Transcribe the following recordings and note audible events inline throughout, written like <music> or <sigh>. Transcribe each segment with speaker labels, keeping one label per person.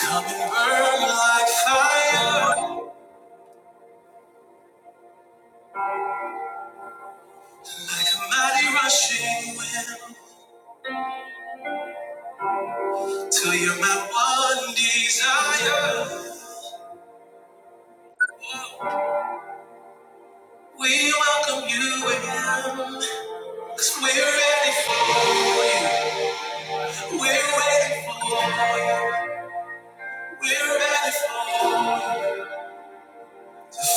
Speaker 1: Come and burn like fire, like a mighty rushing wind, till you're my one desire. We welcome you in, we we're ready for, we're ready for you. We're ready for you.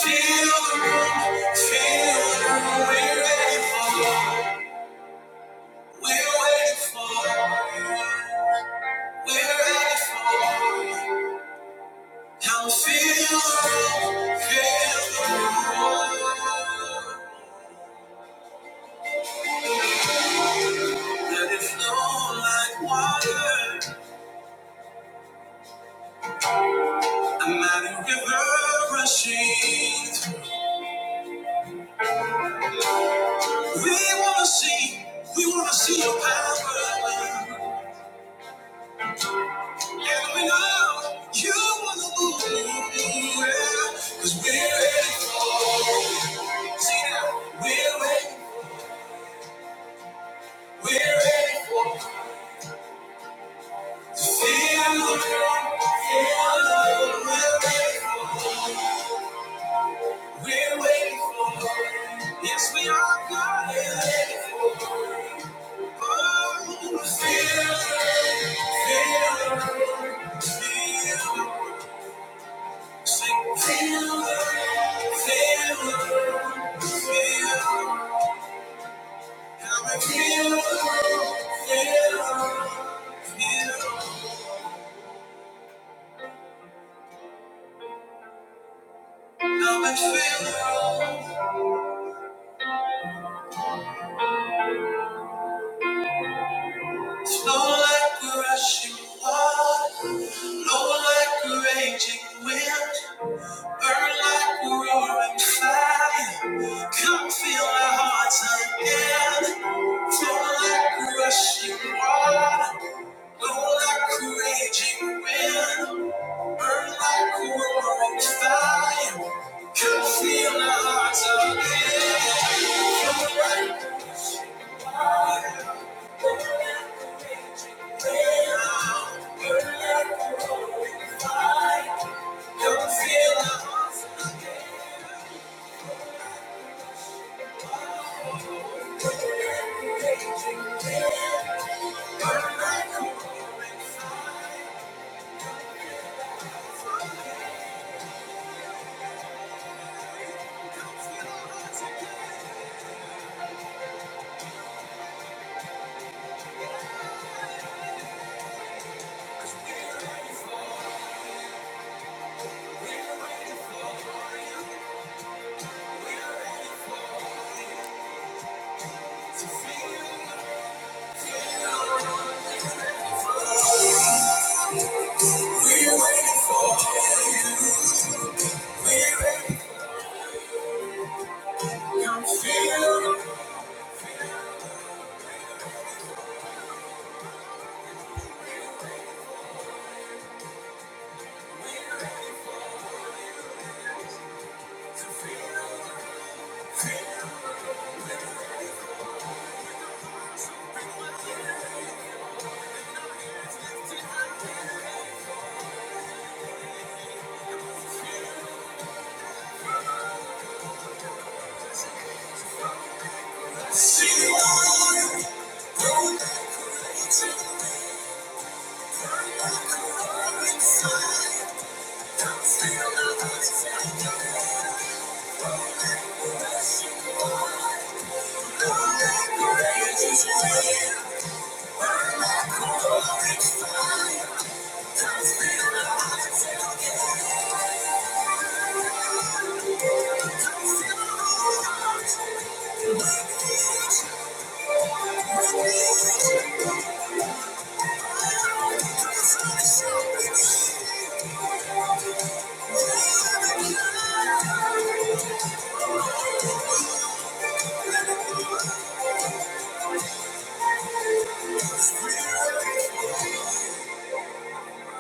Speaker 1: Feel the room, feel the room, we're ready for you. We're waiting for you. We're ready for you. Now feel, the room, feel the roar. Let it flow like water, a mighty river rushing. through. We wanna see, we wanna see your power. And we know you wanna move. well, we we're ready for it. See now, we're ready, we're ready for it. To feel the room, feel the roar, we're ready for. it. We're waiting for more. Yes, we are God. We're waiting for more. Oh, feel, feel, feel. Sing, feel, feel, feel. How I feel, feel, feel. How I feel. Slow like a rushing water, low like a raging wind. Burn like a roaring fire. Come feel our hearts again. Flow like a rushing water. Blow like a raging wind. Burn like a roaring fire. Come feel our hearts again. Right now, burn like a roaring fire. Come feel our hearts.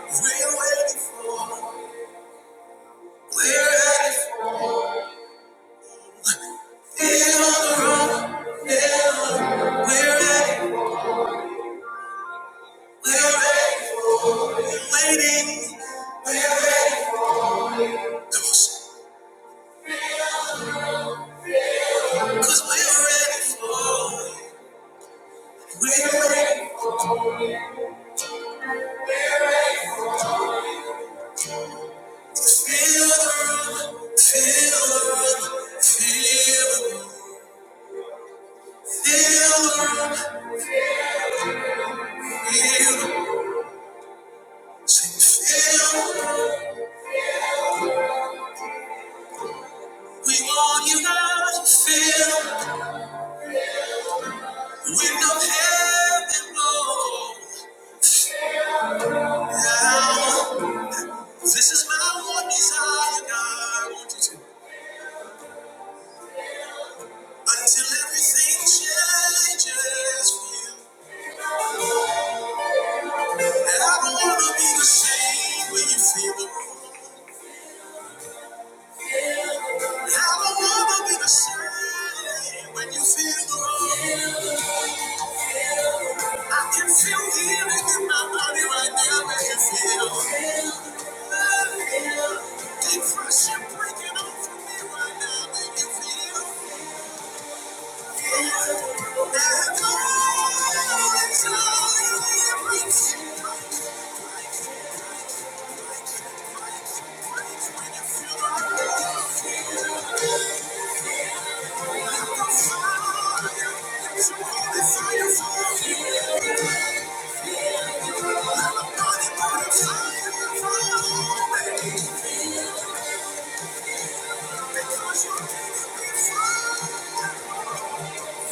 Speaker 1: Feel our hearts. We're ready for it on the road. Yeah. We're ready. We're ready for Waiting. We're ready for it. Cause we're ready for We're ready. Feel the room. Feel the room. Feel the room. Feel the Say, feel the room. We want you now to feel. With no heaven, Lord. This is my one desire, God. I want you to. Until everything changes for you. And I don't want to be the same when you feel the wrong. And I don't want to be the same when you feel the wrong. I can feel healing in my body right now as you feel. Depression breaking off of me right now when you feel. Thank you.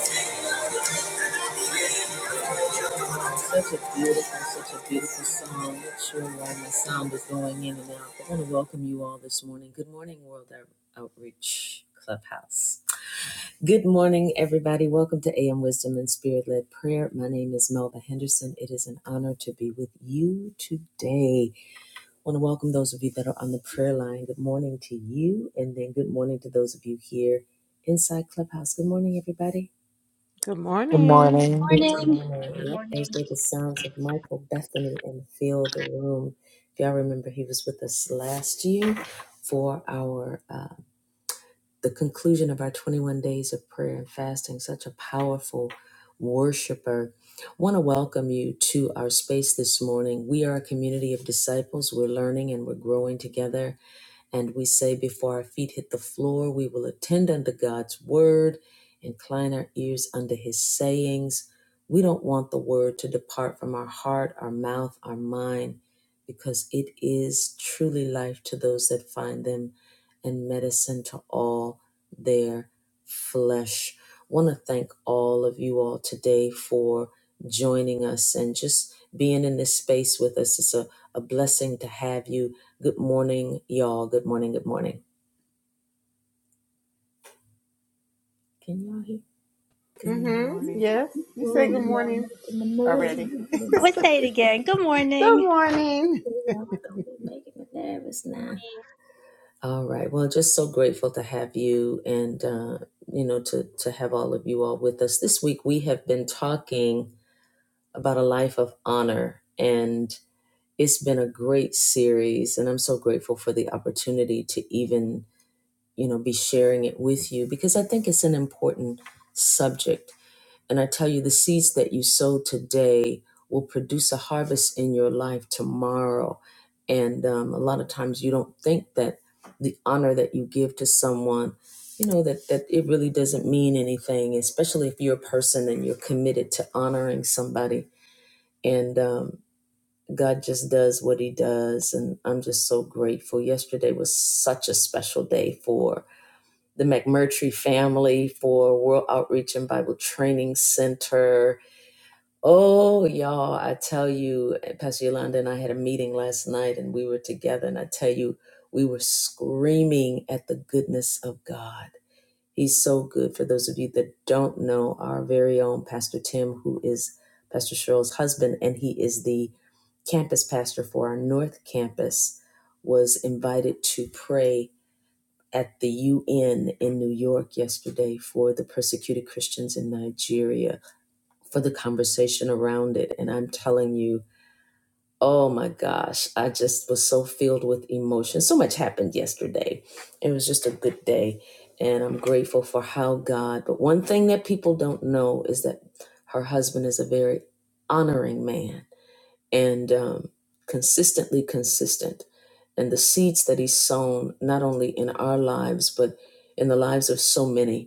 Speaker 1: Such a beautiful, such a beautiful song. Not sure why my sound was going in and out. I want to welcome you all this morning. Good morning, World Out- Outreach Clubhouse. Good morning, everybody. Welcome to AM Wisdom and Spirit Led Prayer. My name is Melva Henderson. It is an honor to be with you today. I want to welcome those of you that are on the prayer line. Good morning to you, and then good morning to those of you here inside Clubhouse. Good morning, everybody.
Speaker 2: Good
Speaker 3: Good
Speaker 2: morning.
Speaker 3: morning.
Speaker 1: Good
Speaker 4: Morning.
Speaker 1: morning.
Speaker 5: Good
Speaker 1: Yep, those
Speaker 5: morning,
Speaker 1: were the sounds of Michael Bethany and Fill the Room. If y'all remember, he was with us last year for our uh, the conclusion of our 21 days of prayer and fasting. Such a powerful worshiper. Want to welcome you to our space this morning. We are a community of disciples. We're learning and we're growing together and we say, before our feet hit the floor, we will attend unto God's word, incline our ears unto his sayings. We don't want the word to depart from our heart, our mouth, our mind, because it is truly life to those that find them and medicine to all their flesh. Want to thank all of you all today for joining us and just being in this space with us. It's a, a blessing to have you Good morning, y'all. Good morning. Good morning. Can y'all hear? Good
Speaker 2: Mm-hmm. Yes. You say
Speaker 1: Oh,
Speaker 2: good
Speaker 1: y'all
Speaker 2: morning
Speaker 1: making me
Speaker 2: already.
Speaker 4: Let's say it again. Good
Speaker 2: Good
Speaker 4: morning.
Speaker 2: morning.
Speaker 1: be making me nervous now. All right. Well, just so grateful to have you, and uh, you know, to to have all of you all with us this week. We have been talking about a life of honor, and it's been a great series. And I'm so grateful for the opportunity to even you know be sharing it with you because I think it's an important subject And I tell you, the seeds that you sow today will produce a harvest in your life tomorrow. And um, a lot of times you don't think that the honor that you give to someone, you know, that, that it really doesn't mean anything, especially if you're a person and you're committed to honoring somebody. And um, God just does what He does. And I'm just so grateful. Yesterday was such a special day for the McMurtry family, for World Outreach and Bible Training Center Oh, y'all, I tell you, eh, Pastor Yolanda and I had a meeting last night and we were together, and I tell you, we were screaming at the goodness of God. He's so good. For those of you that don't know, our very own Pastor Tim, who is Pastor Cheryl's husband, and he is the campus pastor for our North Campus, was invited to pray at the UN in New York yesterday for the persecuted Christians in Nigeria for the conversation around it. And I'm telling you, oh my gosh, I just was so filled with emotion. So much happened yesterday. It was just a good day. And I'm grateful for how God, but one thing that people don't know is that her husband is a very honoring man and um, consistently consistent. And the seeds that he's sown, not only in our lives, but in the lives of so many,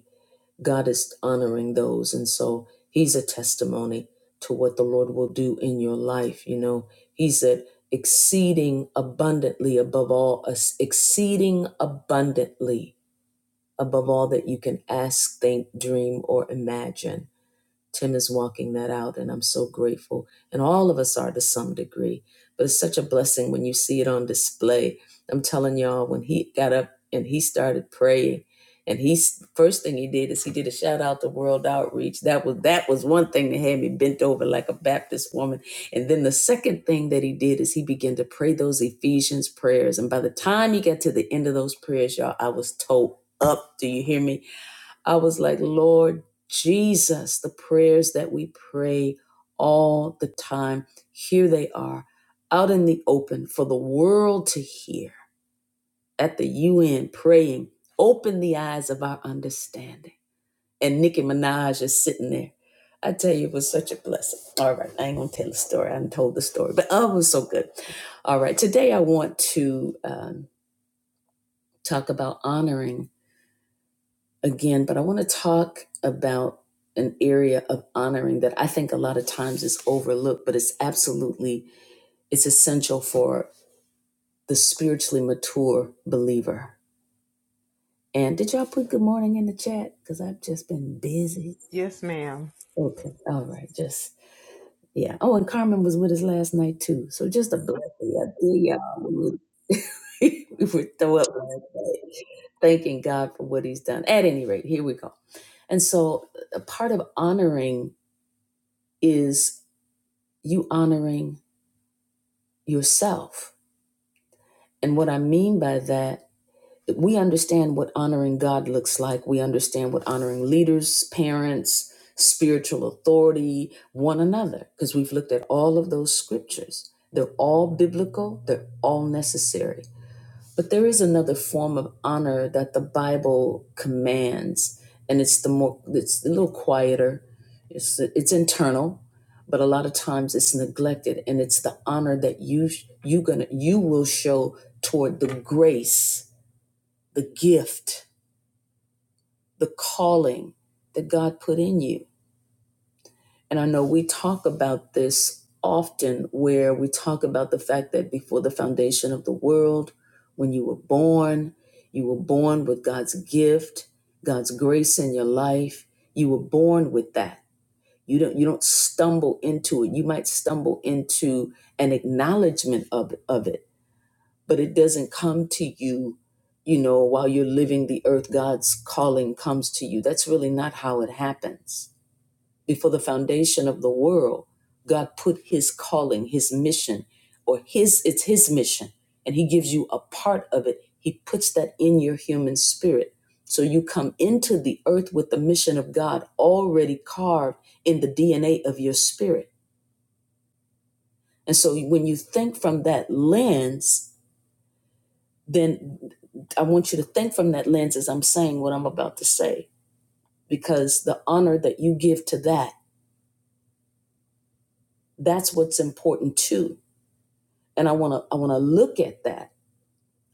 Speaker 1: God is honoring those. And so he's a testimony to what the Lord will do in your life. You know, he said, exceeding abundantly above all, us- exceeding abundantly above all that you can ask, think, dream, or imagine Tim is walking that out, and I'm so grateful. And all of us are to some degree, but it's such a blessing when you see it on display. I'm telling y'all, when he got up and he started praying, and he's first thing he did is he did a shout out to World Outreach. That was that was one thing that had me bent over like a Baptist woman. And then the second thing that he did is he began to pray those Ephesians prayers. And by the time he got to the end of those prayers, y'all, I was told up. Do you hear me? I was like, Lord Jesus, the prayers that we pray all the time, here they are out in the open for the world to hear at the UN praying, open the eyes of our understanding. And Nicki Minaj is sitting there. I tell you, it was such a blessing. All right, I ain't gonna tell the story. I done told the story, but oh, it was so good. All right, today I want to um, talk about honoring again, but I want to talk about an area of honoring that I think a lot of times is overlooked, but it's absolutely it's essential for the spiritually mature believer. And did y'all put good morning in the chat? Because I've just been busy.
Speaker 2: Yes, ma'am.
Speaker 1: Okay. All right. Just yeah. Oh, and Carmen was with us last night too. So just a blessing. I did y'all. <laughs> We would throw up last night, thanking God for what he's done. At any rate, here we go. And so a part of honoring is you honoring yourself. And what I mean by that, we understand what honoring God looks like. We understand what honoring leaders, parents, spiritual authority, one another, because we've looked at all of those scriptures. They're all biblical, they're all necessary. But there is another form of honor that the Bible commands, and it's the more it's a little quieter. It's it's internal, but a lot of times it's neglected, and it's the honor that you you gonna you will show toward the grace, the gift, the calling that God put in you And I know we talk about this often, where we talk about the fact that before the foundation of the world, when you were born, you were born with God's gift, God's grace in your life. You were born with that. You don't you don't stumble into it. You might stumble into an acknowledgement of, of it, but it doesn't come to you, you know, while you're living the earth, God's calling comes to you. That's really not how it happens before the foundation of the world, God put his calling, his mission, or his it's his mission, and he gives you a part of it. He puts that in your human spirit. So you come into the earth with the mission of God already carved in the DNA of your spirit. And so when you think from that lens, then I want you to think from that lens as I'm saying what I'm about to say, because the honor that you give to that, that's what's important too and i want to i want to look at that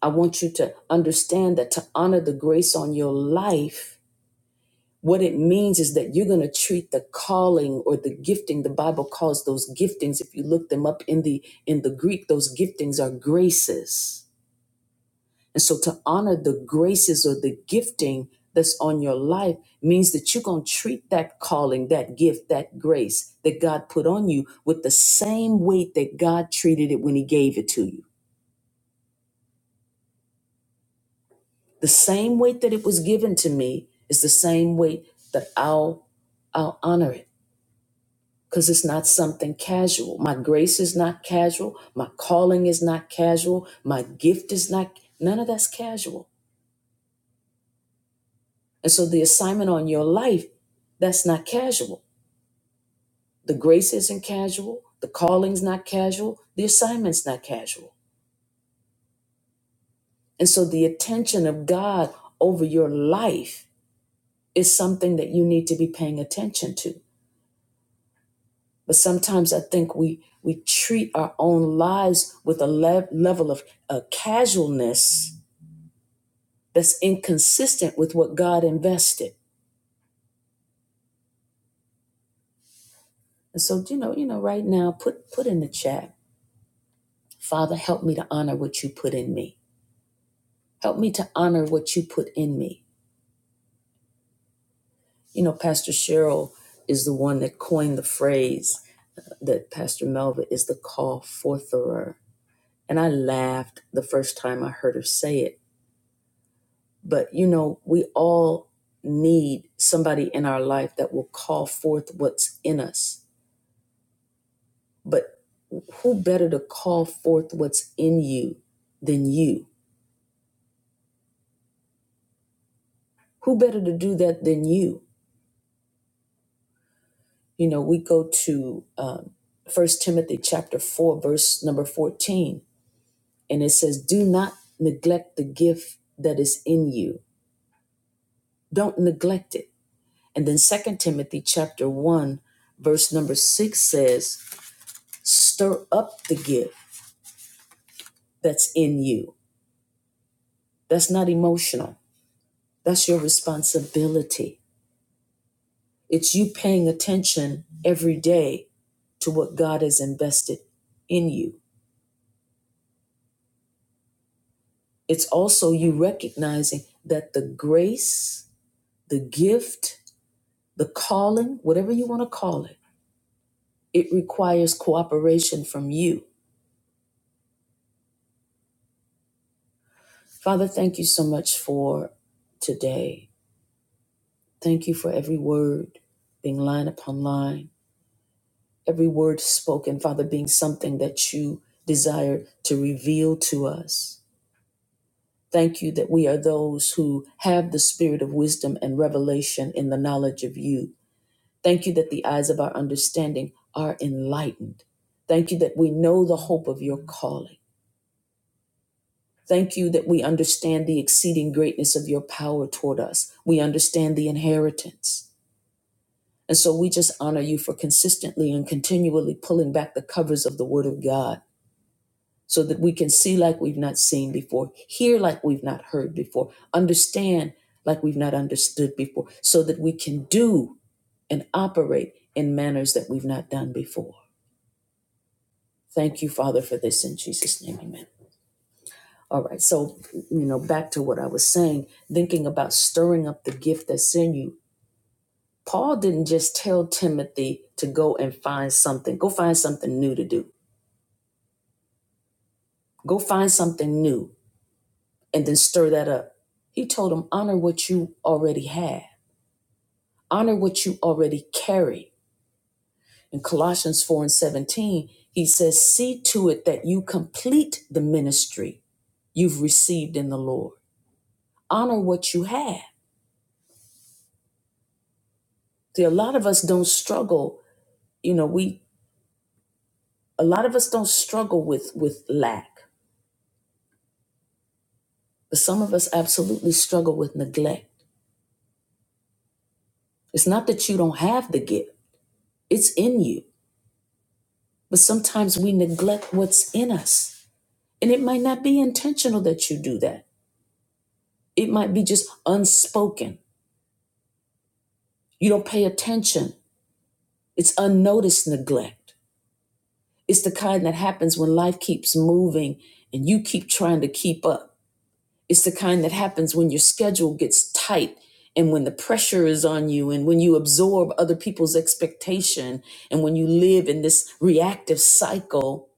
Speaker 1: i want you to understand that to honor the grace on your life what it means is that you're going to treat the calling or the gifting the bible calls those giftings if you look them up in the in the greek those giftings are graces and so to honor the graces or the gifting that's on your life means that you're going to treat that calling that gift that grace that god put on you with the same weight that god treated it when he gave it to you The same weight that it was given to me is the same weight that I'll I'll honor it because it's not something casual. My grace is not casual. My calling is not casual. My gift is not none of that's casual. And so the assignment on your life that's not casual. The grace isn't casual. The calling's not casual. The assignment's not casual. And so the attention of God over your life is something that you need to be paying attention to But sometimes I think we we treat our own lives with a le- level of uh, casualness that's inconsistent with what God invested. And so, you know, you know, right now, put put in the chat, Father, help me to honor what you put in me. Help me to honor what you put in me. You know, Pastor Cheryl is the one that coined the phrase that Pastor Melva is the call fortherer. And I laughed the first time I heard her say it But you know, we all need somebody in our life that will call forth what's in us. But who better to call forth what's in you than you? Who better to do that than you? You know, we go to um, 1 Timothy chapter 4, verse number 14, and it says, Do not neglect the gift that is in you. Don't neglect it. And then Second Timothy chapter 1, verse number 6 says, Stir up the gift that's in you. That's not emotional. That's your responsibility. It's you paying attention every day to what God has invested in you. It's also you recognizing that the grace, the gift, the calling, whatever you want to call it, it requires cooperation from you. Father, thank you so much for today. Thank you for every word being line upon line. every word spoken, Father, being something that you desire to reveal to us. Thank you that we are those who have the spirit of wisdom and revelation in the knowledge of you. Thank you that the eyes of our understanding are enlightened. Thank you that we know the hope of your calling. Thank you that we understand the exceeding greatness of your power toward us. We understand the inheritance. And so we just honor you for consistently and continually pulling back the covers of the Word of God so that we can see like we've not seen before, hear like we've not heard before, understand like we've not understood before, so that we can do and operate in manners that we've not done before. Thank you, Father, for this in Jesus' name, amen. All right, so, you know, back to what I was saying, thinking about stirring up the gift that's in you. Paul didn't just tell Timothy to go and find something, go find something new to do, go find something new and then stir that up. He told them, honor what you already have, honor what you already carry. In Colossians 4 and 17, he says, see to it that you complete the ministry you've received in the Lord. Honor what you have. See, a lot of us don't struggle, you know, we a lot of us don't struggle with with lack, but some of us absolutely struggle with neglect. It's not that you don't have the gift, it's in you. But sometimes we neglect what's in us. And it might not be intentional that you do that. It might be just unspoken. You don't pay attention. It's unnoticed neglect. It's the kind that happens when life keeps moving and you keep trying to keep up. It's the kind that happens when your schedule gets tight and when the pressure is on you and when you absorb other people's expectation and when you live in this reactive cycle,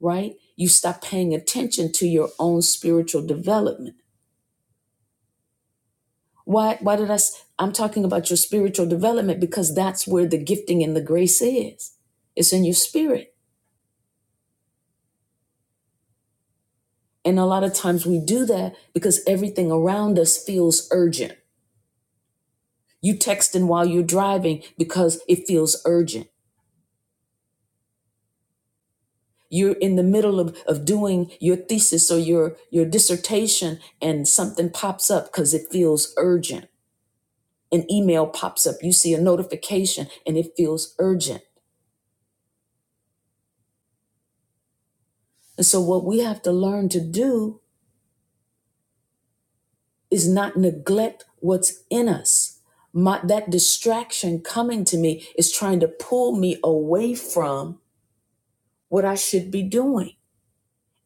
Speaker 1: right? You stop paying attention to your own spiritual development Why, why did I? i s- I'm talking about your spiritual development because that's where the gifting and the grace is. It's in your spirit. And a lot of times we do that because everything around us feels urgent. You texting while you're driving because it feels urgent. You're in the middle of, of doing your thesis or your, your dissertation and something pops up because it feels urgent. An email pops up, you see a notification and it feels urgent. And so what we have to learn to do is not neglect what's in us. My, that distraction coming to me is trying to pull me away from what I should be doing.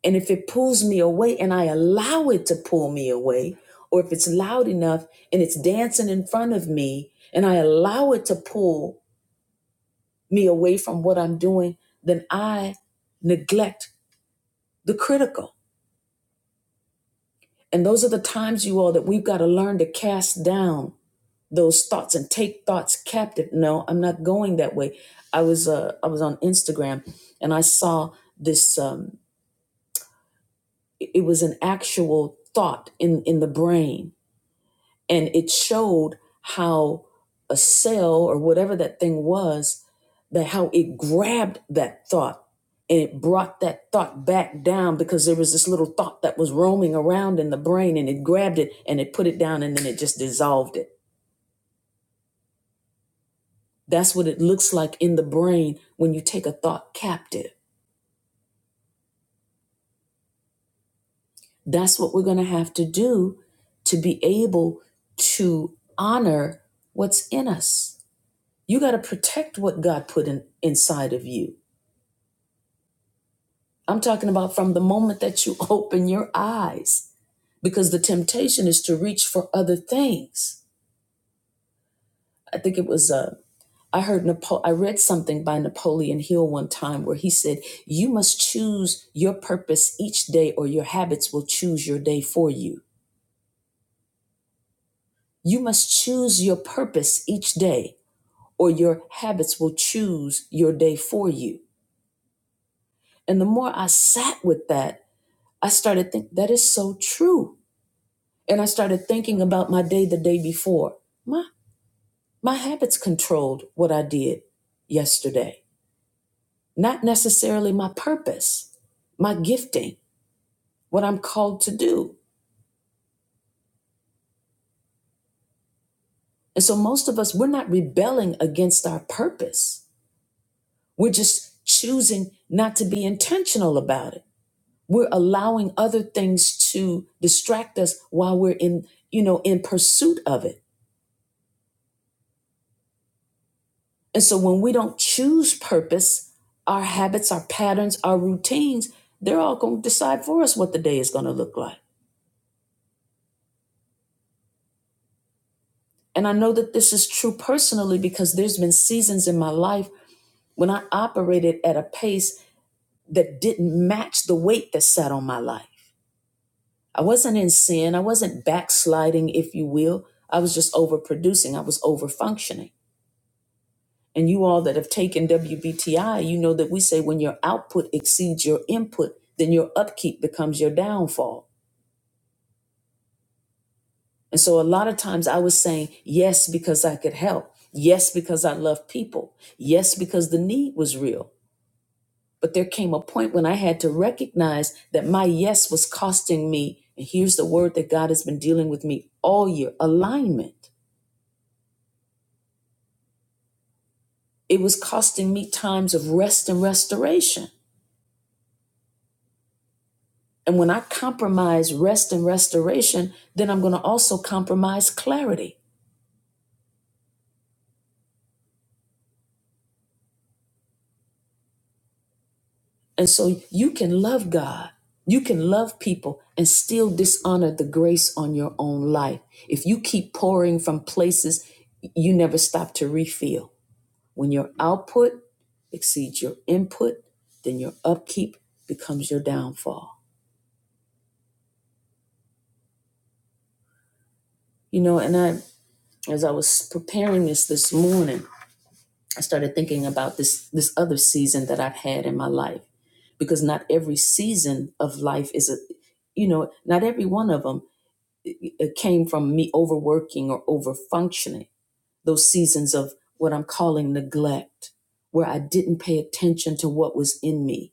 Speaker 1: And if it pulls me away and I allow it to pull me away, or if it's loud enough and it's dancing in front of me and I allow it to pull me away from what I'm doing, then I neglect the critical. And those are the times, you all, that we've got to learn to cast down those thoughts and take thoughts captive. No, I'm not going that way. I was uh, I was on Instagram and I saw this. Um, it it was an actual thought in in the brain, and it showed how a cell or whatever that thing was that how it grabbed that thought and it brought that thought back down because there was this little thought that was roaming around in the brain and it grabbed it and it put it down and then it just dissolved it That's what it looks like in the brain when you take a thought captive. That's what we're going to have to do to be able to honor what's in us. You got to protect what God put in, inside of you. I'm talking about from the moment that you <laughs> open your eyes, because the temptation is to reach for other things. I think it was uh, I heard Napo- I read something by Napoleon Hill one time where he said, "You must choose your purpose each day, or your habits will choose your day for you. You must choose your purpose each day, or your habits will choose your day for you." And the more I sat with that, I started think that is so true. And I started thinking about my day the day before. My my habits controlled what I did yesterday. not necessarily my purpose, my gifting, what I'm called to do. And so most of us, we're not rebelling against our purpose. We're just choosing not to be intentional about it. We're allowing other things to distract us while we're in, you know, in pursuit of it. And so when we don't choose purpose, our habits, our patterns, our routines, they're all going to decide for us what the day is going to look like. And I know that this is true personally because there's been seasons in my life when I operated at a pace that didn't match the weight that sat on my life. I wasn't in sin, I wasn't backsliding, if you will. I was just overproducing, I was overfunctioning. And you all that have taken WBTI, you know that we say when your output exceeds your input, then your upkeep becomes your downfall. And so a lot of times I was saying yes because I could help. Yes, because I love people. Yes, because the need was real. But there came a point when I had to recognize that my yes was costing me. And here's the word that God has been dealing with me all year alignment. It was costing me times of rest and restoration. And when I compromise rest and restoration, then I'm going to also compromise clarity. And so you can love God, you can love people, and still dishonor the grace on your own life. If you keep pouring from places, you never stop to refill. When your output exceeds your input, then your upkeep becomes your downfall. You know, and I, as I was preparing this this morning, I started thinking about this this other season that I've had in my life, because not every season of life is a, you know, not every one of them came from me overworking or overfunctioning. Those seasons of what I'm calling neglect, where I didn't pay attention to what was in me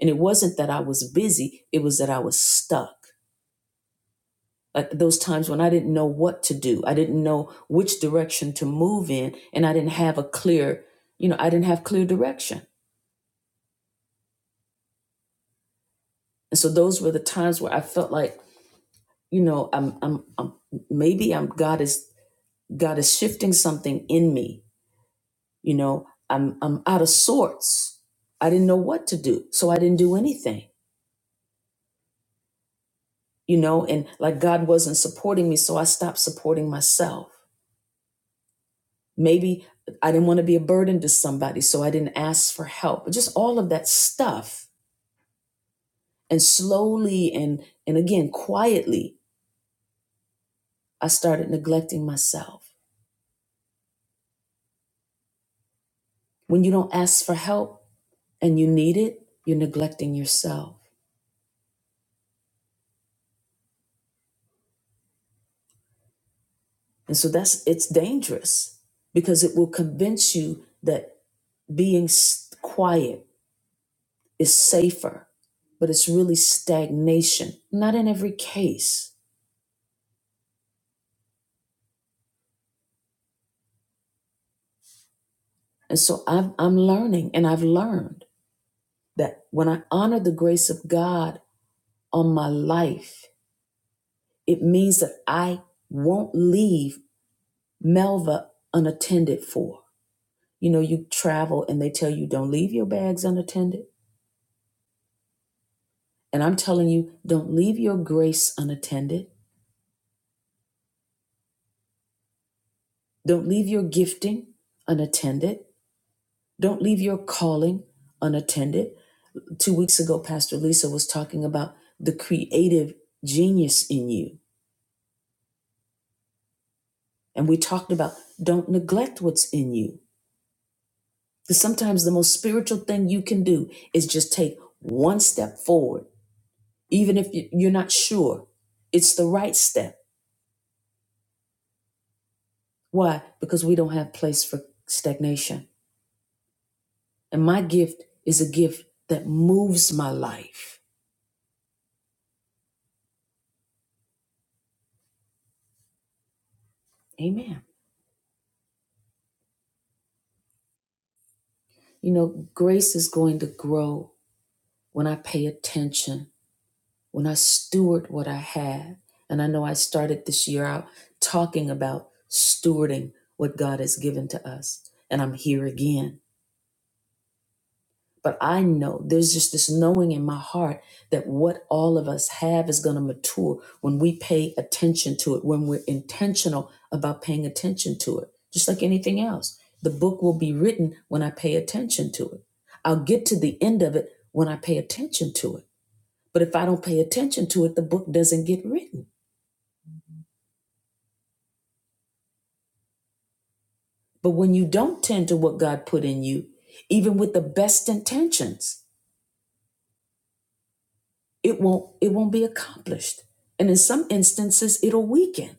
Speaker 1: And it wasn't that I was busy, it was that I was stuck. Like those times when I didn't know what to do, I didn't know which direction to move in, and I didn't have a clear, you know, I didn't have clear direction. And so those were the times where I felt like, you know, I'm I'm, I'm maybe I'm God is God is shifting something in me, you know, I'm I'm out of sorts. I didn't know what to do, so I didn't do anything, you know, and like God wasn't supporting me, so I stopped supporting myself Maybe I didn't want to be a burden to somebody, so I didn't ask for help. Just all of that stuff. And slowly and and again quietly, I started neglecting myself. When you don't ask for help and you need it, you're neglecting yourself. And so that's it's dangerous because it will convince you that being s- quiet is safer, but it's really stagnation. Not in every case. And so I've, I'm learning and I've learned. That when I honor the grace of God on my life, it means that I won't leave Melva unattended for. You know, you travel and they tell you don't leave your bags unattended. And I'm telling you, don't leave your grace unattended. Don't leave your gifting unattended. Don't leave your calling unattended two weeks ago, Pastor Lisa was talking about the creative genius in you. And we talked about don't neglect what's in you Because sometimes the most spiritual thing you can do is just take one step forward, even if you- you're not sure it's the right step. Why? Because we don't have place for stagnation. And my gift is a gift that moves my life. Amen. You know, grace is going to grow when I pay attention, when I steward what I have. And I know I started this year out talking about stewarding what God has given to us. And I'm here again But I know there's just this knowing in my heart that what all of us have is going to mature when we pay attention to it, when we're intentional about paying attention to it, just like anything else. The book will be written when I pay attention to it. I'll get to the end of it when I pay attention to it. But if I don't pay attention to it, the book doesn't get written. But when you don't tend to what God put in you, even with the best intentions, it won't it won't be accomplished. And in some instances, it'll weaken.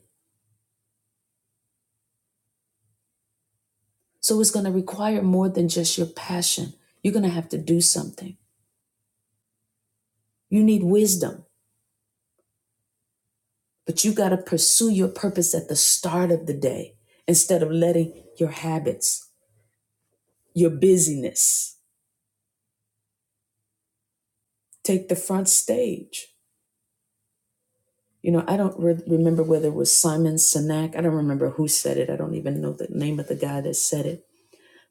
Speaker 1: So it's going to require more than just your passion. You're going to have to do something. You need wisdom, but you got to pursue your purpose at the start of the day instead of letting your habits, your busyness take the front stage. You know, I don't re- remember whether it was Simon Sinek. I don't remember who said it. I don't even know the name of the guy that said it.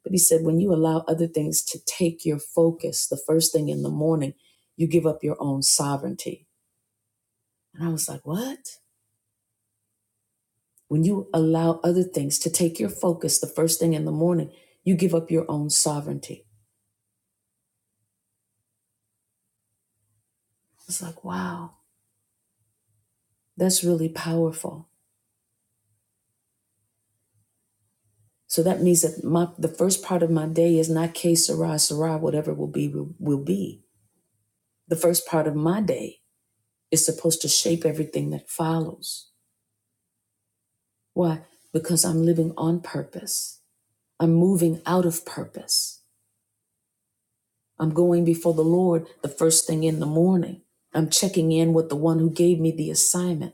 Speaker 1: But he said, when you allow other things to take your focus the first thing in the morning, you give up your own sovereignty. And I was like, what? When you allow other things to take your focus the first thing in the morning, you give up your own sovereignty. It's like, wow, that's really powerful. So that means that my the first part of my day is not K Sarah Sarah, whatever will be will, will be. The first part of my day is supposed to shape everything that follows. Why? Because I'm living on purpose. I'm moving out of purpose. I'm going before the Lord the first thing in the morning. I'm checking in with the one who gave me the assignment.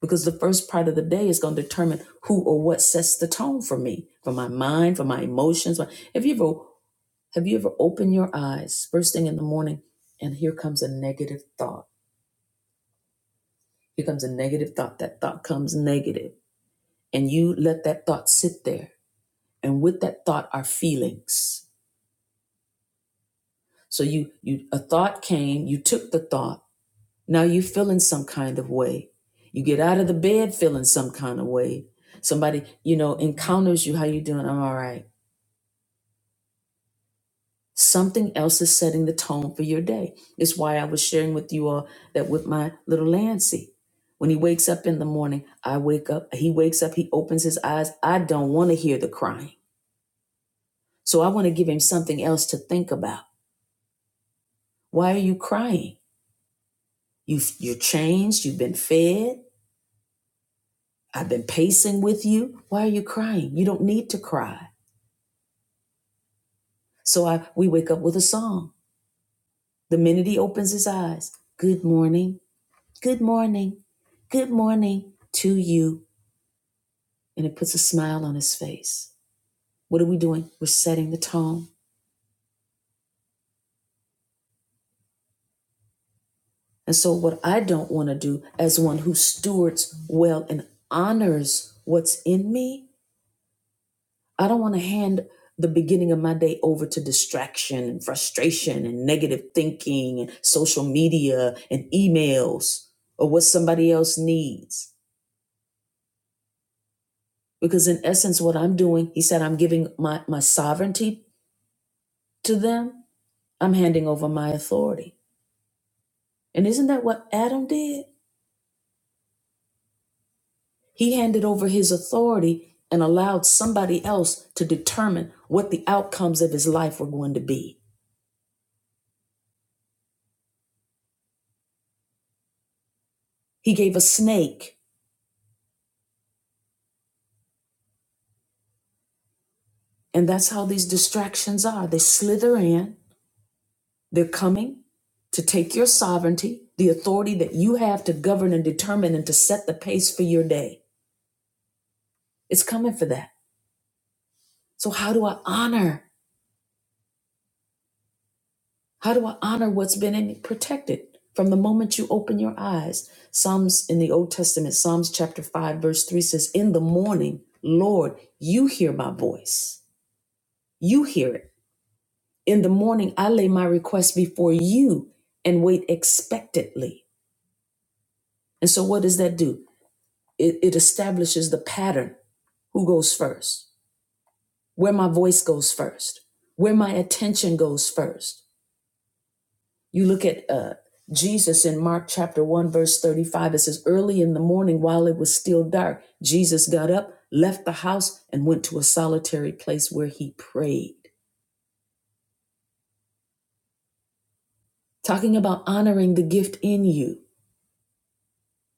Speaker 1: because the first part of the day is going to determine who or what sets the tone for me, for my mind, for my emotions. Have you ever have you ever opened your eyes first thing in the morning and here comes a negative thought? Here comes a negative thought. That thought comes negative, and you let that thought sit there. And with that thought are feelings. So you you a thought came, you took the thought. Now you're feeling some kind of way. You get out of the bed feeling some kind of way. Somebody you know encounters you. How you doing? I'm all right Something else is setting the tone for your day. It's why I was sharing with you all that with my little Lancy. When he wakes up in the morning, I wake up, he wakes up, he opens his eyes. I don't want to hear the crying. So I want to give him something else to think about. Why are you crying? You've, you're changed, you've been fed, I've been pacing with you. Why are you crying? You don't need to cry. So I, we wake up with a song. The minute he opens his eyes, good morning. Good morning. Good morning to you. And it puts a smile on his face. What are we doing? We're setting the tone. And so, what I don't want to do as one who stewards well and honors what's in me, I don't want to hand the beginning of my day over to distraction and frustration and negative thinking and social media and emails or what somebody else needs. Because, in essence, what I'm doing, he said, I'm giving my, my sovereignty to them I'm handing over my authority. And isn't that what Adam did? He handed over his authority and allowed somebody else to determine what the outcomes of his life were going to be. He gave a snake, and that's how these distractions are. They slither in, they're coming to take your sovereignty, the authority that you have to govern and determine and to set the pace for your day. It's coming for that. So, how do I honor? How do I honor what's been in, protected from the moment you open your eyes? Psalms in the Old Testament, Psalms chapter 5, verse 3 says, In the morning, Lord, you hear my voice. You hear it. In the morning, I lay my request before you and wait expectantly. And so, what does that do? It, it establishes the pattern who goes first, where my voice goes first, where my attention goes first You look at uh, Jesus in Mark chapter 1, verse 35. It says, Early in the morning, while it was still dark, Jesus got up, left the house, and went to a solitary place where he prayed. Talking about honoring the gift in you.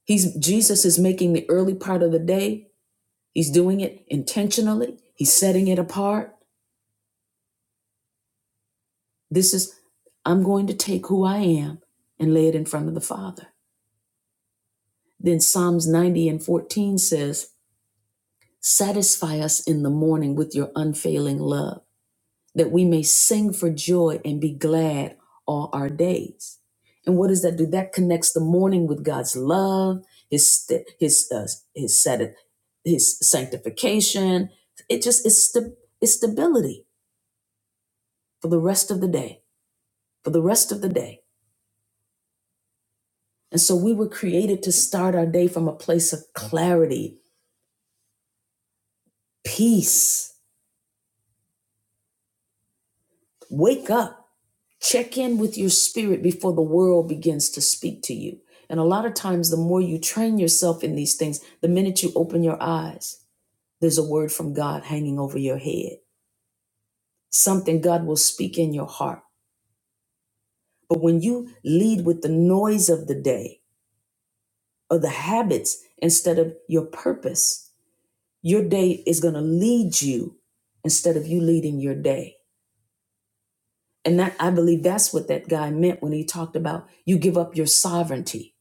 Speaker 1: He's, Jesus is making the early part of the day, he's doing it intentionally, he's setting it apart. This is, I'm going to take who I am and lay it in front of the Father. Then Psalms 90 and 14 says, Satisfy us in the morning with your unfailing love, that we may sing for joy and be glad all our days. And what does that do? That connects the morning with God's love, His st- His uh, His sati- His sanctification. It just it's sta- it's stability for the rest of the day, for the rest of the day. And so we were created to start our day from a place of clarity, peace. Wake up Check in with your spirit before the world begins to speak to you. And a lot of times, the more you train yourself in these things, the minute you open your eyes, there's a word from God hanging over your head. Something God will speak in your heart. But when you lead with the noise of the day or the habits instead of your purpose, your day is going to lead you instead of you leading your day. And that I believe that's what that guy meant when he talked about you give up your sovereignty.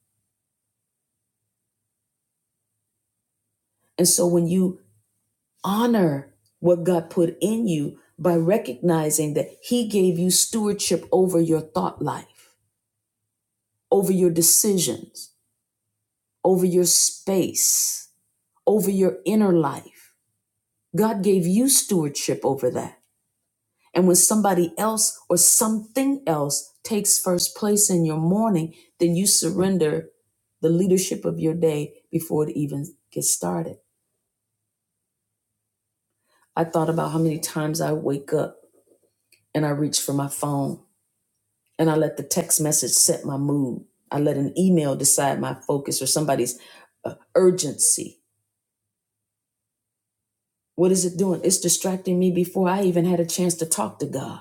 Speaker 1: And so when you honor what God put in you by recognizing that He gave you stewardship over your thought life, over your decisions, over your space, over your inner life. God gave you stewardship over that. And when somebody else or something else takes first place in your morning, then you surrender the leadership of your day before it even gets started. I thought about how many times I wake up and I reach for my phone and I let the text message set my mood. I let an email decide my focus or somebody's uh, urgency. What is it doing? It's distracting me before I even had a chance to talk to God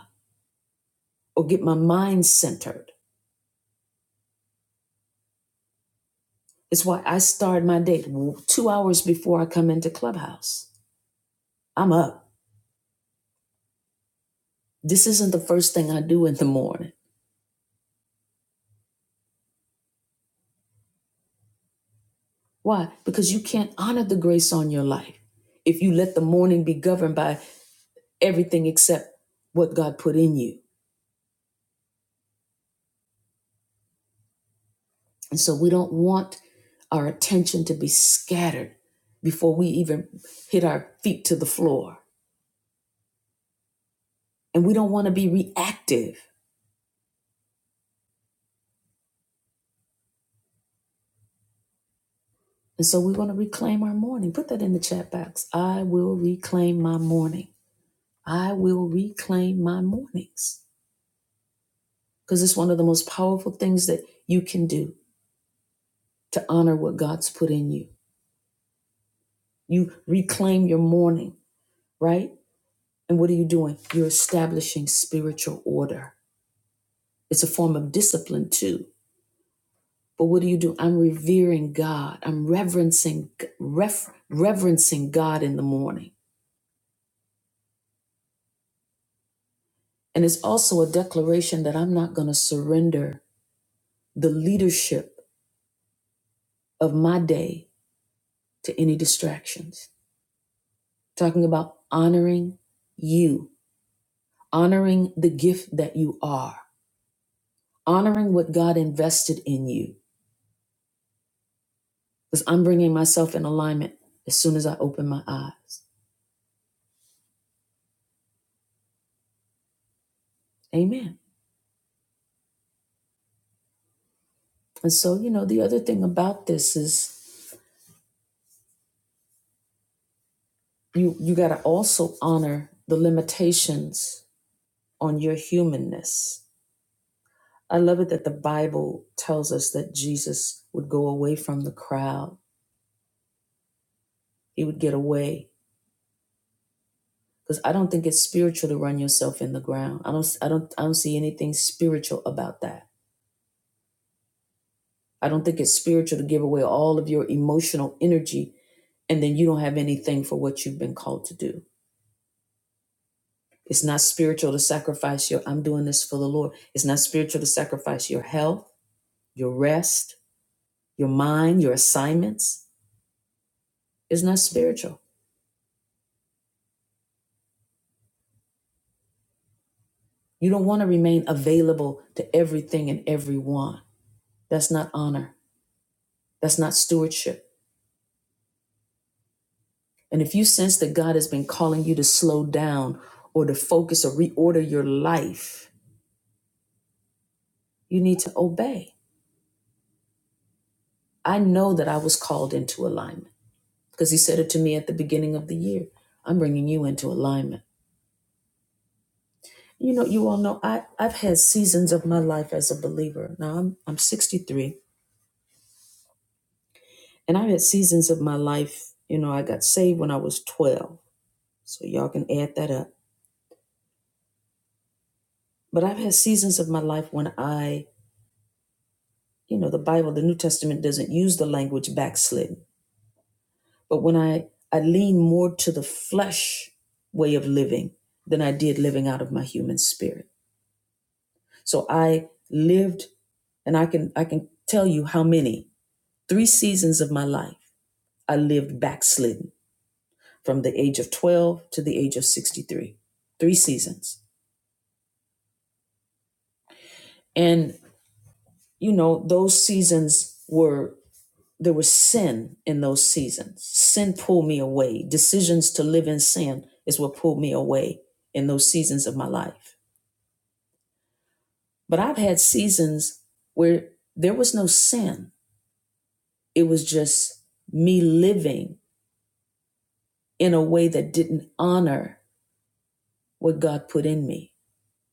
Speaker 1: or get my mind centered. It's why I start my day two hours before I come into Clubhouse. I'm up. This isn't the first thing I do in the morning. Why? Because you can't honor the grace on your life if you let the morning be governed by everything except what God put in you. And so we don't want our attention to be scattered before we even hit our feet to the floor. And we don't want to be reactive. And so we want to reclaim our morning. Put that in the chat box. I will reclaim my morning. I will reclaim my mornings. Because it's one of the most powerful things that you can do to honor what God's put in you. You reclaim your morning, right? And what are you doing? You're establishing spiritual order. It's a form of discipline, too But what do you do? I'm revering God. I'm reverencing ref, reverencing God in the morning. And it's also a declaration that I'm not going to surrender the leadership of my day to any distractions. Talking about honoring you, honoring the gift that you are, honoring what God invested in you. Because I'm bringing myself in alignment as soon as I open my eyes. Amen. And so, you know, the other thing about this is you you got to also honor the limitations on your humanness i love it that the bible tells us that jesus would go away from the crowd he would get away because i don't think it's spiritual to run yourself in the ground i don't i don't i don't see anything spiritual about that i don't think it's spiritual to give away all of your emotional energy and then you don't have anything for what you've been called to do it's not spiritual to sacrifice your i'm doing this for the lord it's not spiritual to sacrifice your health your rest, your mind, your assignments is not spiritual. You don't want to remain available to everything and everyone. That's not honor. That's not stewardship. And if you sense that God has been calling you to slow down or to focus or reorder your life, you need to obey. I know that I was called into alignment because He said it to me at the beginning of the year. I'm bringing you into alignment. You know, you all know I, I've had seasons of my life as a believer. Now I'm, I'm 63 And I've had seasons of my life, you know, I got saved when I was 12. So y'all can add that up. But I've had seasons of my life when I, you know, the Bible, the New Testament doesn't use the language backslidden. But when I, I lean more to the flesh way of living than I did living out of my human spirit. So I lived, and I can I can tell you how many, three seasons of my life, I lived backslidden from the age of 12 to the age of 63. Three seasons And, you know, those seasons were, there was sin in those seasons. Sin pulled me away. Decisions to live in sin is what pulled me away in those seasons of my life. But I've had seasons where there was no sin, it was just me living in a way that didn't honor what God put in me.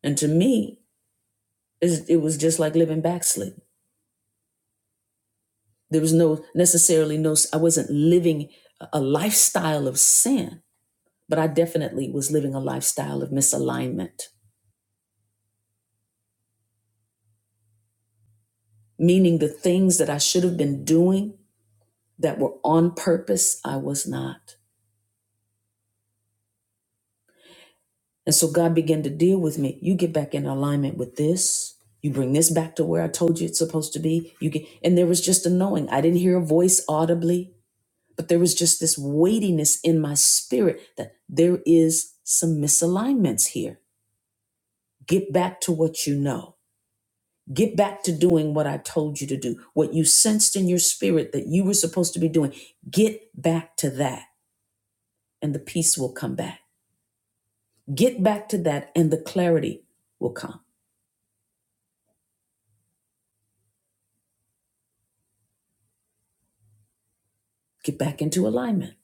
Speaker 1: And to me, it was just like living backslid. There was no necessarily no, I wasn't living a lifestyle of sin but I definitely was living a lifestyle of misalignment, meaning the things that I should have been doing that were on purpose, I was not. And so God began to deal with me. You get back in alignment with this. You bring this back to where I told you it's supposed to be. You get, and there was just a knowing. I didn't hear a voice audibly, but there was just this weightiness in my spirit that there is some misalignments here. Get back to what you know Get back to doing what I told you to do, what you sensed in your spirit that you were supposed to be doing. Get back to that, and the peace will come back. Get back to that, and the clarity will come. Get back into alignment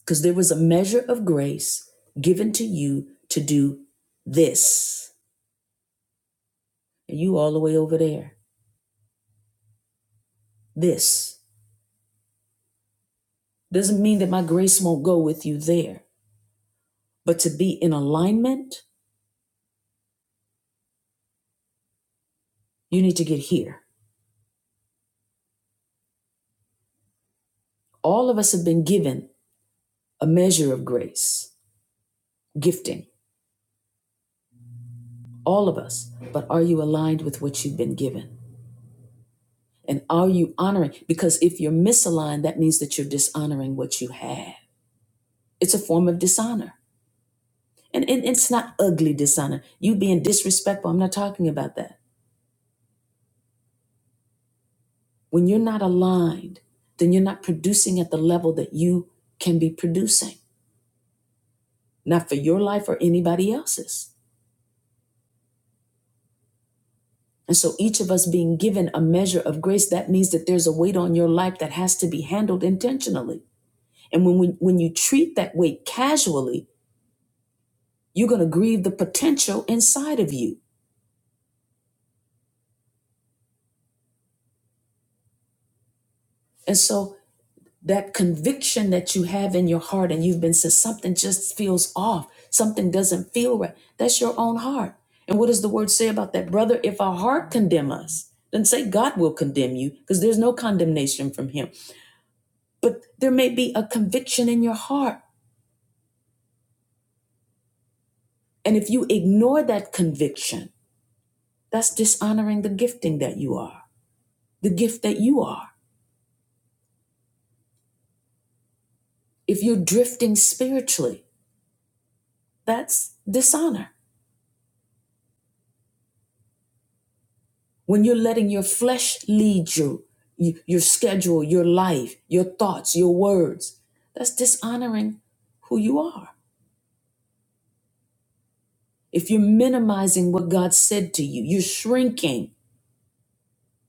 Speaker 1: because there was a measure of grace given to you to do this. And you all the way over there. This doesn't mean that my grace won't go with you there, but to be in alignment, you need to get here. All of us have been given a measure of grace. gifting, all of us. But are you aligned with what you've been given? And are you honoring? Because if you're misaligned, that means that you're dishonoring what you have. It's a form of dishonor. And, and it's not ugly dishonor. You being disrespectful, I'm not talking about that. When you're not aligned, then you're not producing at the level that you can be producing, not for your life or anybody else's. And so each of us being given a measure of grace, that means that there's a weight on your life that has to be handled intentionally And when we, when you treat that weight casually, you're going to grieve the potential inside of you. And so that conviction that you have in your heart and you've been said something just feels off, something doesn't feel right. That's your own heart. And what does the word say about that? Brother, if our heart condemn us, then say God will condemn you because there's no condemnation from him. But there may be a conviction in your heart. And if you ignore that conviction, that's dishonoring the gifting that you are, the gift that you are. If you're drifting spiritually, that's dishonor. When you're letting your flesh lead you, y- your schedule, your life, your thoughts, your words, that's dishonoring who you are. If you're minimizing what God said to you, you're shrinking,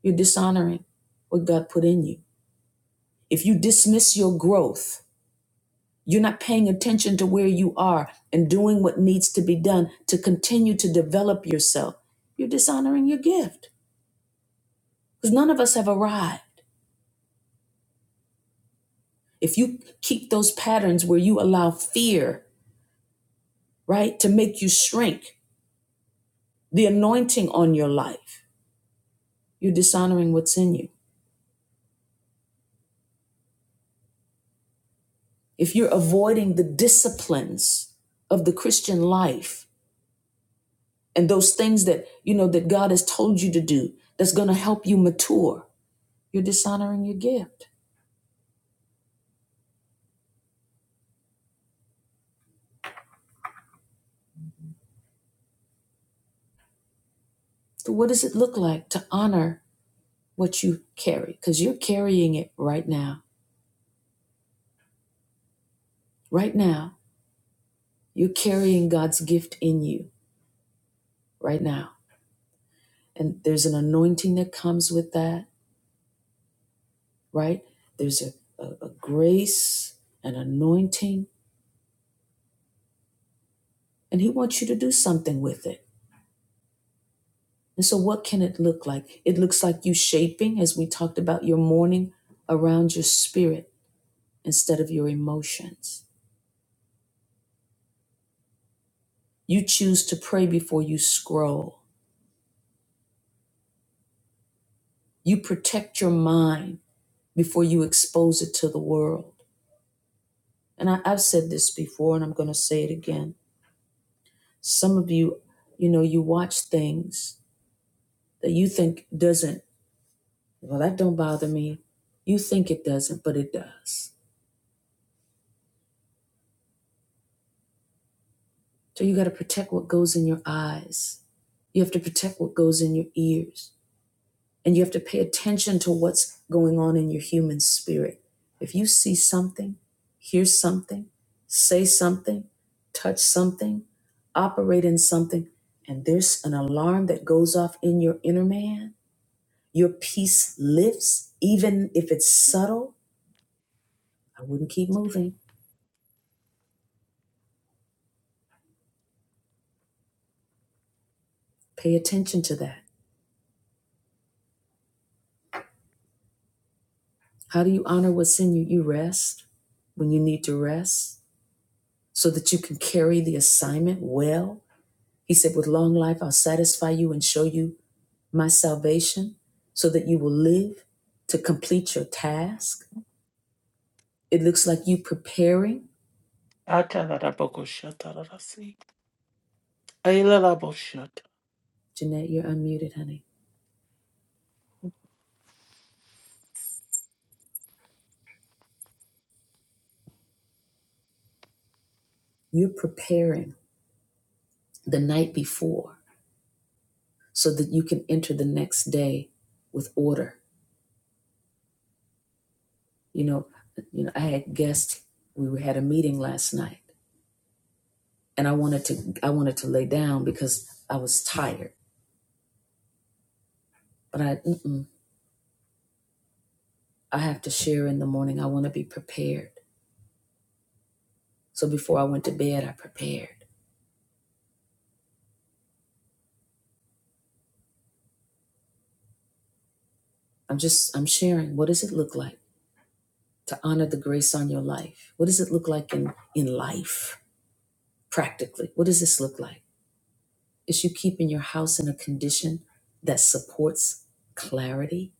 Speaker 1: you're dishonoring what God put in you. If you dismiss your growth, you're not paying attention to where you are and doing what needs to be done to continue to develop yourself, you're dishonoring your gift. Because none of us have arrived. If you keep those patterns where you allow fear, right, to make you shrink the anointing on your life, you're dishonoring what's in you. If you're avoiding the disciplines of the Christian life and those things that, you know, that God has told you to do that's going to help you mature, you're dishonoring your gift. So, what does it look like to honor what you carry? Because you're carrying it right now. Right now, you're carrying God's gift in you right now. And there's an anointing that comes with that, right? There's a, a, a grace, an anointing, and He wants you to do something with it. And so, what can it look like? It looks like you shaping, as we talked about, your morning around your spirit instead of your emotions. You choose to pray before you scroll. You protect your mind before you expose it to the world. And I, I've said this before, and I'm going to say it again. Some of you, you know, you watch things that you think doesn't, well, that don't bother me. You think it doesn't, but it does. So you got to protect what goes in your eyes. You have to protect what goes in your ears. And you have to pay attention to what's going on in your human spirit. If you see something, hear something, say something, touch something, operate in something, and there's an alarm that goes off in your inner man, Your peace lifts, even if it's subtle. I wouldn't keep moving. Pay attention to that. How do you honor what's in you? You rest when you need to rest so that you can carry the assignment well. He said, With long life, I'll satisfy you and show you my salvation so that you will live to complete your task. It looks like you preparing.
Speaker 3: Atarabokoshatarasi. Ailalaboshat.
Speaker 1: Jeanette, you're unmuted, honey. You're preparing the night before so that you can enter the next day with order you know you know i had guests we had a meeting last night and i wanted to i wanted to lay down because i was tired but i mm-mm, i have to share in the morning i want to be prepared so before i went to bed i prepared i'm just i'm sharing what does it look like to honor the grace on your life what does it look like in in life practically what does this look like is you keeping your house in a condition that supports clarity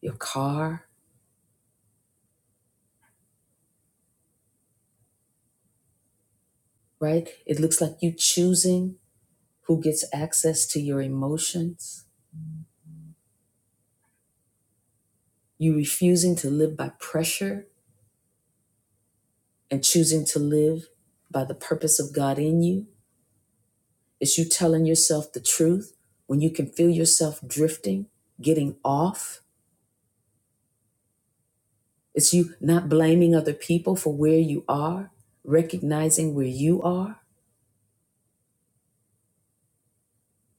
Speaker 1: your car right it looks like you choosing who gets access to your emotions, you refusing to live by pressure and choosing to live by the purpose of God in you. It's you telling yourself the truth when you can feel yourself drifting, getting off. It's you not blaming other people for where you are, recognizing where you are.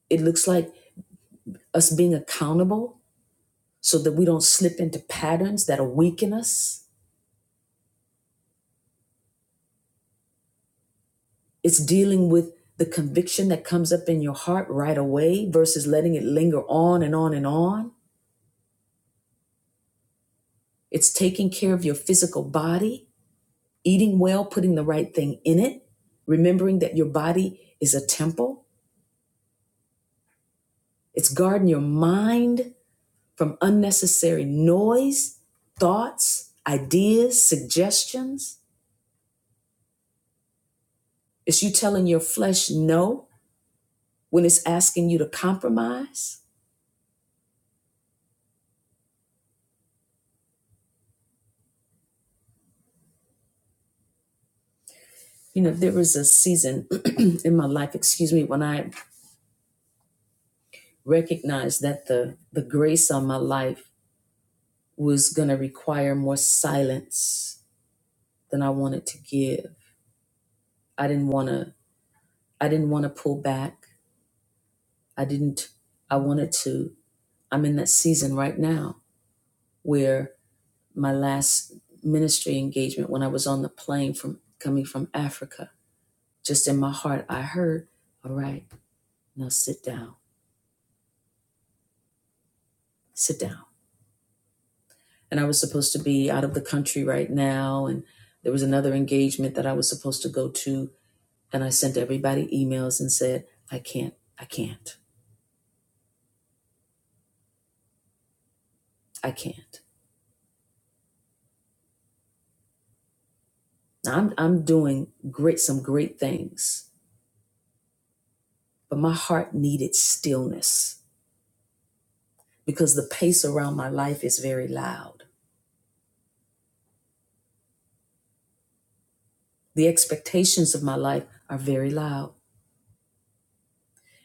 Speaker 1: It looks like us being accountable so that we don't slip into patterns that'll weaken us It's dealing with the conviction that comes up in your heart right away versus letting it linger on and on and on. It's taking care of your physical body, eating well, putting the right thing in it, remembering that your body is a temple. It's guarding your mind from unnecessary noise, thoughts, ideas, suggestions. It's you telling your flesh no when it's asking you to compromise. You know, there was a season <clears throat> in my life, excuse me, when I recognize that the the grace on my life was going to require more silence than I wanted to give. I didn't want to I didn't want to pull back. I didn't I wanted to I'm in that season right now where my last ministry engagement when I was on the plane from coming from Africa, just in my heart I heard, all right, now sit down. Sit down. and I was supposed to be out of the country right now. And there was another engagement that I was supposed to go to. And I sent everybody emails and said, I can't, I can't, I can't. Now I'm, I'm doing great, some great things, but my heart needed stillness because the pace around my life is very loud. The expectations of my life are very loud.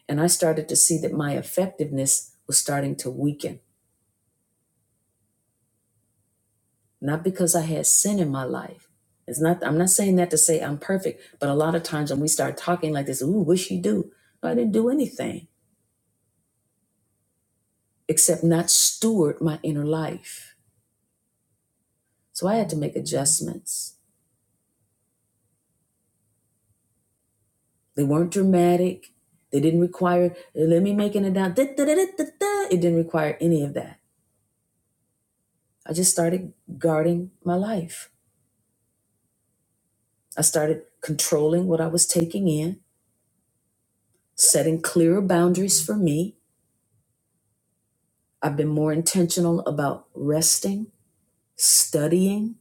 Speaker 1: And I started to see that my effectiveness was starting to weaken not because I had sin in my life. It's not. I'm not saying that to say I'm perfect, but a lot of times when we start talking like this, ooh, wish you do. No, I didn't do anything except not steward my inner life. So I had to make adjustments. They weren't dramatic. They didn't require "Hey, let me make it down. da, da, da, da, da, da." It didn't require any of that. I just started guarding my life. I started controlling what I was taking in, setting clearer boundaries for me. I've been more intentional about resting studying.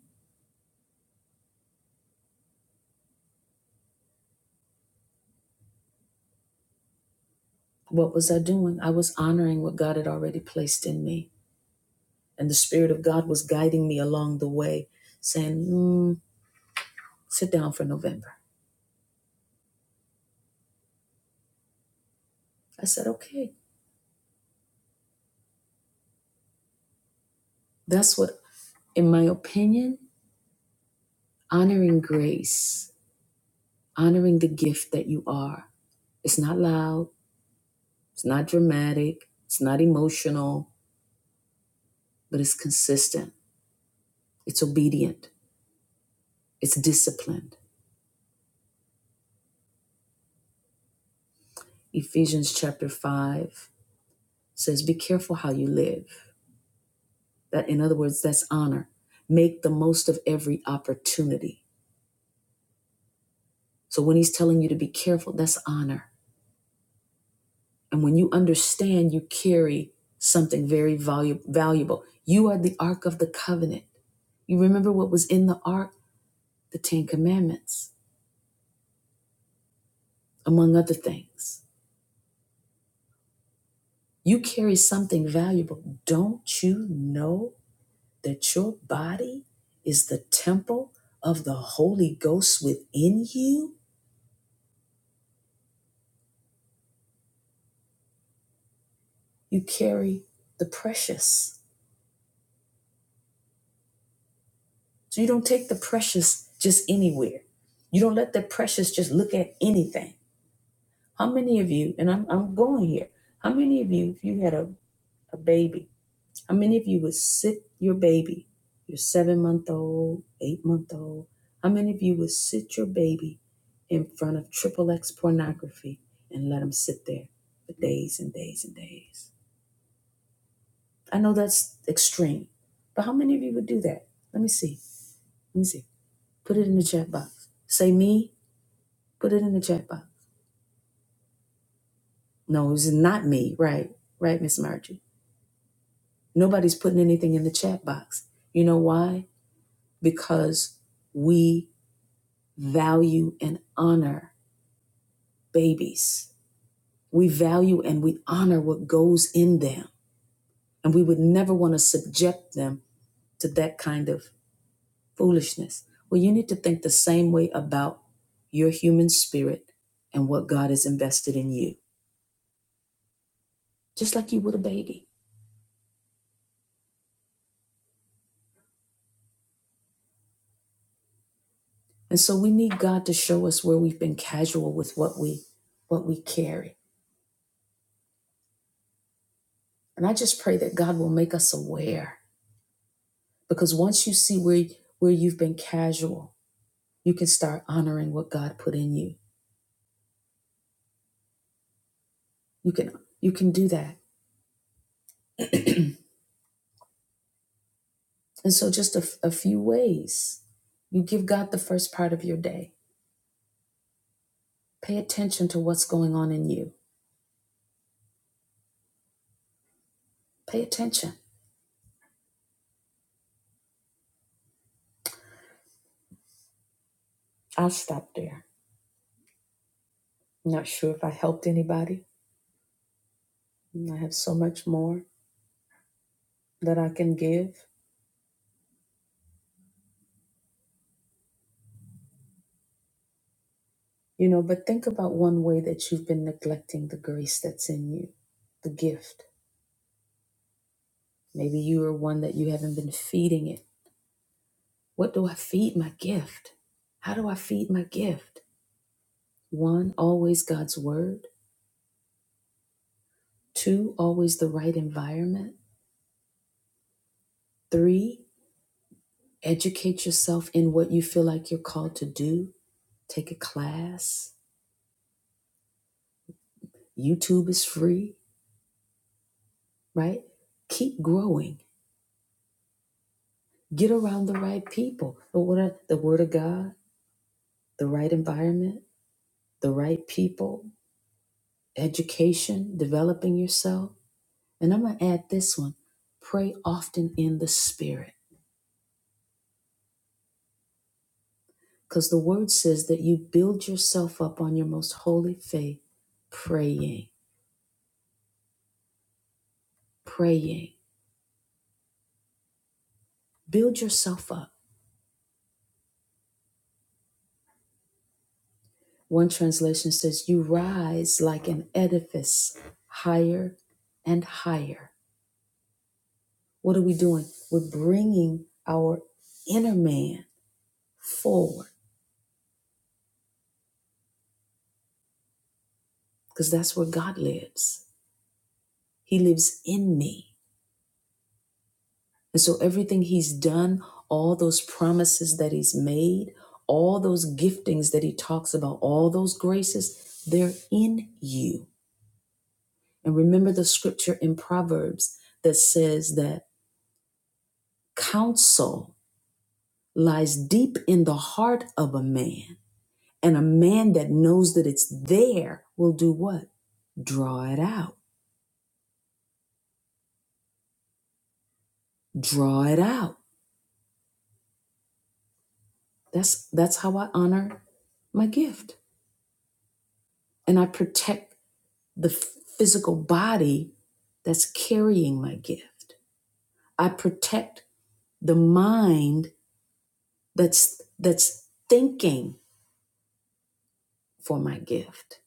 Speaker 1: What was I doing? I was honoring what God had already placed in me. And the Spirit of God was guiding me along the way, saying, mm, sit down for November. I said, okay. That's what, in my opinion, honoring grace, honoring the gift that you are. It's not loud, it's not dramatic, it's not emotional, but it's consistent, it's obedient, it's disciplined. Ephesians chapter 5 says, Be careful how you live That, in other words, that's honor. Make the most of every opportunity. So when he's telling you to be careful, that's honor. And when you understand, you carry something very valu- valuable. You are the Ark of the Covenant. You remember what was in the Ark? The Ten Commandments, among other things. You carry something valuable. Don't you know that your body is the temple of the Holy Ghost within you? You carry the precious. So you don't take the precious just anywhere. You don't let the precious just look at anything. How many of you, and I'm, I'm going here, how many of you, if you had a, a baby, how many of you would sit your baby, your seven month old, eight month old, how many of you would sit your baby in front of triple X pornography and let them sit there for days and days and days? I know that's extreme, but how many of you would do that? Let me see. Let me see. Put it in the chat box. Say me, Put it in the chat box. No, it's not me, right? Right, Miss Margie. Nobody's putting anything in the chat box. You know why? Because we value and honor babies. We value and we honor what goes in them. And we would never want to subject them to that kind of foolishness. Well, you need to think the same way about your human spirit and what God has invested in you, just like you would a baby. And so we need God to show us where we've been casual with what we what we carry. And I just pray that God will make us aware because once you see where where you've been casual, you can start honoring what God put in you. You can you can do that. And so just a a few ways. You give God the first part of your day. Pay attention to what's going on in you. Pay attention. I'll stop there. I'm not sure if I helped anybody. I have so much more that I can give. You know, but think about one way that you've been neglecting the grace that's in you, the gift. Maybe you are one that you haven't been feeding it. What do I feed my gift? How do I feed my gift? One, always God's word. Two, always the right environment. Three, educate yourself in what you feel like you're called to do. Take a class. YouTube is free, right? Keep growing. Get around the right people. The word of, the word of God, the right environment the right people, education, developing yourself. And I'm going to add this one pray often in the Spirit, because the word says that you build yourself up on your most holy faith, praying, praying. Build yourself up. One translation says, You rise like an edifice higher and higher. What are we doing? We're bringing our inner man forward because that's where God lives. He lives in me. And so everything he's done, all those promises that he's made, all those giftings that he talks about, all those graces, they're in you. And remember the scripture in Proverbs that says that counsel lies deep in the heart of a man. And a man that knows that it's there will do what? Draw it out. Draw it out. That's that's how I honor my gift. And I protect the physical body that's carrying my gift. I protect the mind that's that's thinking for my gift.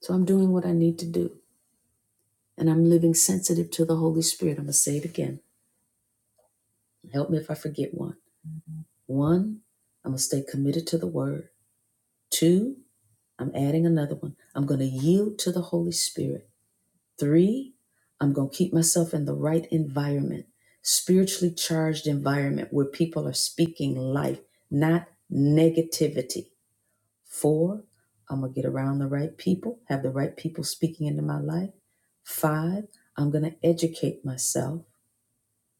Speaker 1: So I'm doing what I need to do and I'm living sensitive to the Holy Spirit. I'm going to say it again. Help me if I forget one. One, I'm going to stay committed to the word. Two, I'm adding another one. I'm going to yield to the Holy Spirit. Three, I'm going to keep myself in the right environment, spiritually charged environment where people are speaking life, not negativity. Four, I'm going to get around the right people, have the right people speaking into my life. Five, I'm going to educate myself.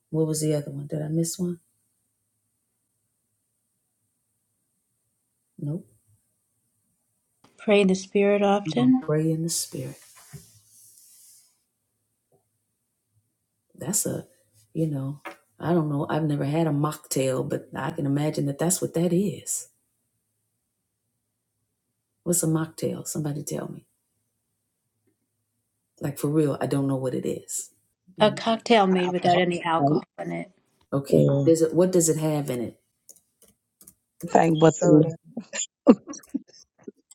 Speaker 1: What was the other one? Did I miss one? Nope.
Speaker 4: Pray in the spirit
Speaker 1: I'm going to
Speaker 4: often.
Speaker 1: pray in the spirit. That's a, you know, I don't know. I've never had a mocktail, but I can imagine that that's what that is. What's a mocktail? Somebody tell me. Like for real, I don't know what it is.
Speaker 4: A cocktail
Speaker 6: not
Speaker 4: made without
Speaker 6: alcohol,
Speaker 4: any
Speaker 6: right?
Speaker 4: alcohol in it.
Speaker 1: Okay.
Speaker 6: Yeah.
Speaker 1: Does it what does it have in it?
Speaker 6: Thank but the
Speaker 7: soda,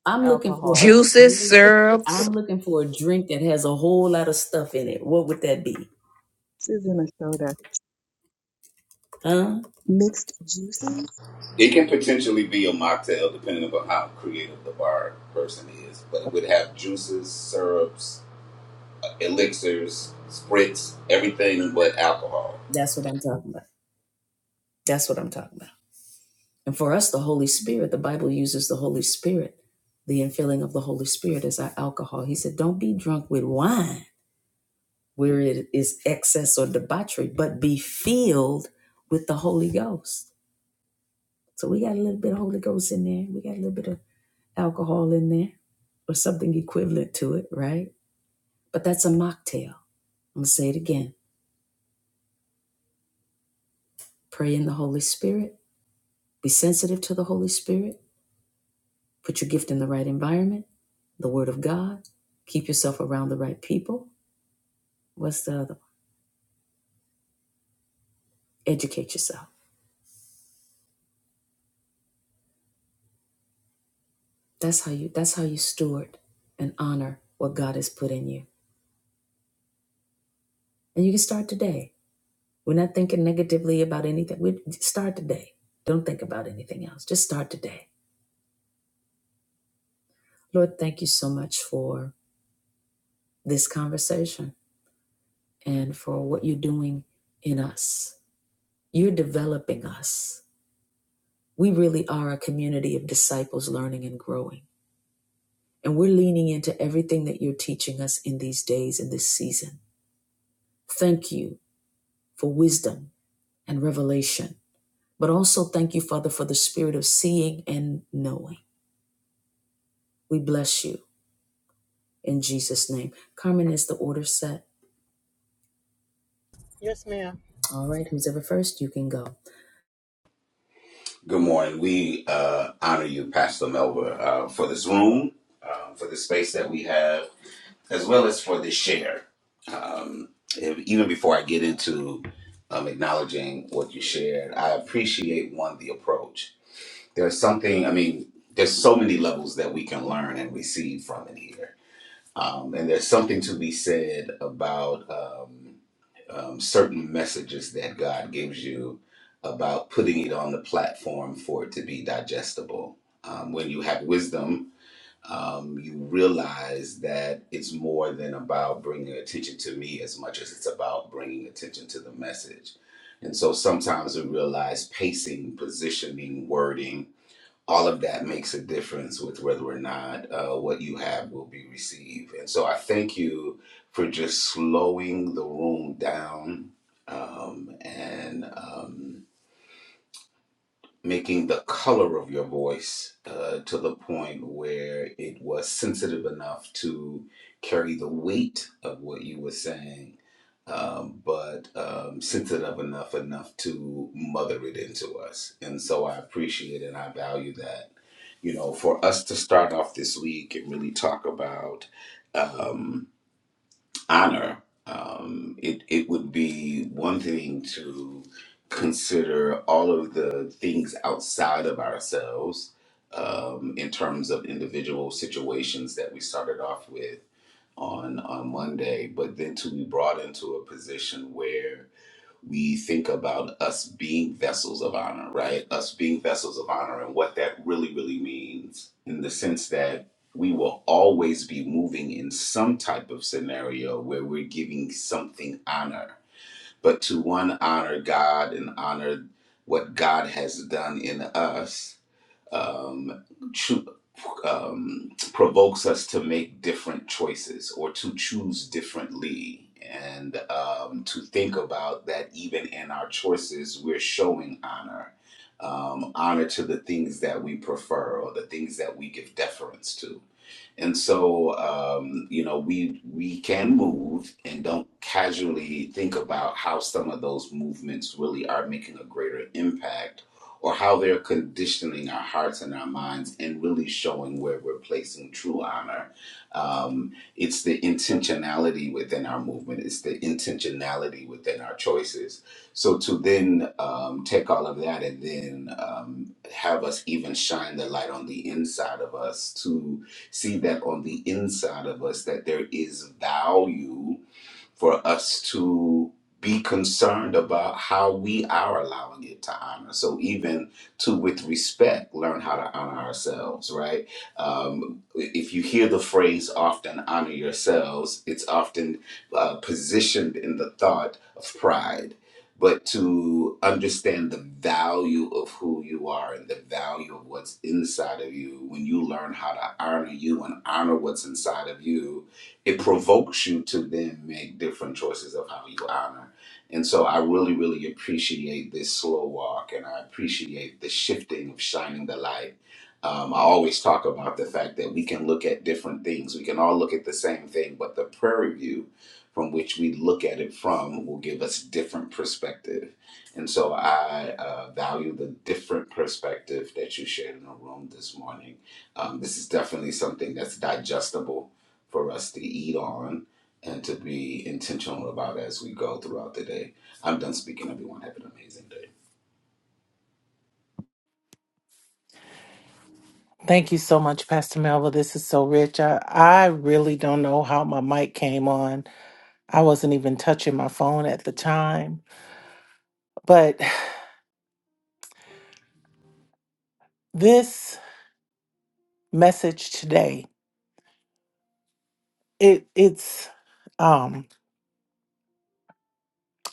Speaker 1: I'm looking for a
Speaker 8: alcohol,
Speaker 9: juices,
Speaker 1: drink.
Speaker 9: syrups.
Speaker 1: I'm looking for a drink that has a whole lot of stuff in it. What would that be?
Speaker 7: Susan soda,
Speaker 1: Huh?
Speaker 7: mixed juices.
Speaker 10: It can potentially be a mocktail depending upon how creative the bar person is, but it would have juices, syrups, elixirs, spritz, everything but alcohol.
Speaker 1: That's what I'm talking about. That's what I'm talking about. And for us, the Holy Spirit, the Bible uses the Holy Spirit, the infilling of the Holy Spirit as our alcohol. He said, Don't be drunk with wine where it is excess or debauchery, but be filled with the Holy Ghost. So we got a little bit of Holy Ghost in there. We got a little bit of alcohol in there or something equivalent to it, right? But that's a mocktail. I'm going to say it again. Pray in the Holy Spirit. Be sensitive to the Holy Spirit. Put your gift in the right environment, the Word of God. Keep yourself around the right people. What's the other one? Educate yourself. That's how you that's how you steward and honor what God has put in you. And you can start today. We're not thinking negatively about anything. We start today. Don't think about anything else. Just start today. Lord, thank you so much for this conversation and for what you're doing in us. You're developing us. We really are a community of disciples learning and growing. And we're leaning into everything that you're teaching us in these days, in this season. Thank you for wisdom and revelation, but also thank you, Father, for the spirit of seeing and knowing. We bless you in Jesus' name. Carmen, is the order set?
Speaker 2: Yes, ma'am.
Speaker 1: All right, who's ever first, you can go.
Speaker 10: Good morning. We uh, honor you, Pastor Melba, uh, for this room, um, for the space that we have, as well as for this share. Um, if- even before I get into um, acknowledging what you shared, I appreciate one, the approach there's something i mean there's so many levels that we can learn and receive from it here um, and there's something to be said about um, um, certain messages that god gives you about putting it on the platform for it to be digestible um, when you have wisdom um, you realize that it's more than about bringing attention to me as much as it's about bringing attention to the message and so sometimes we realize pacing positioning wording all of that makes a difference with whether or not uh, what you have will be received. And so I thank you for just slowing the room down um, and. Um, making the color of your voice uh, to the point where it was sensitive enough to carry the weight of what you were saying, um, but um, sensitive enough enough to mother it into us. And so I appreciate and I value that. You know, for us to start off this week and really talk about. Um, honor, um, it, it would be one thing to consider all of the things outside of ourselves um, in terms of individual situations that we started off with on, on Monday, but then to be brought into a position where we think about us being vessels of honor, right? Us being vessels of honor and what that really, really means in the sense that we will always be moving in some type of scenario where we're giving something honor. But to one, honor God and honor what God has done in us um, cho- um, provokes us to make different choices or to choose differently and um, to think about that even in our choices, we're showing honor. Um, honor to the things that we prefer or the things that we give deference to. And so, um, you know, we we can move and don't casually think about how some of those movements really are making a greater impact or how they're conditioning our hearts and our minds and really showing where we're placing true honor. Um, it's the intentionality within our movement, it's the intentionality within our choices. So to then um, take all of that and then um, have us even shine the light on the inside of us to see that on the inside of us that there is value for us to be concerned about how we are allowing it to honor. So even to with respect, learn how to honor ourselves, right? Um, if you hear the phrase often honor yourselves, it's often uh, positioned in the thought of pride. But to understand the value of who you are and the value of what's inside of you, when you learn how to honor you and honor what's inside of you, it provokes you to then make different choices of how you honor. And so I really, really appreciate this slow walk and I appreciate the shifting of shining the light. Um, I always talk about the fact that we can look at different things. We can all look at the same thing, but the prairie view from which we look at it from will give us different perspective. And so I uh, value the different perspective that you shared in the room this morning um, this is definitely something that's digestible for us to eat on and to be intentional about as we go throughout the day. I'm done speaking, everyone. Have an amazing day.
Speaker 3: Thank you so much, Pastor Melva. This is so rich. I, I really don't know how my mic came on. I wasn't even touching my phone at the time. But <sighs> this message today, it it's um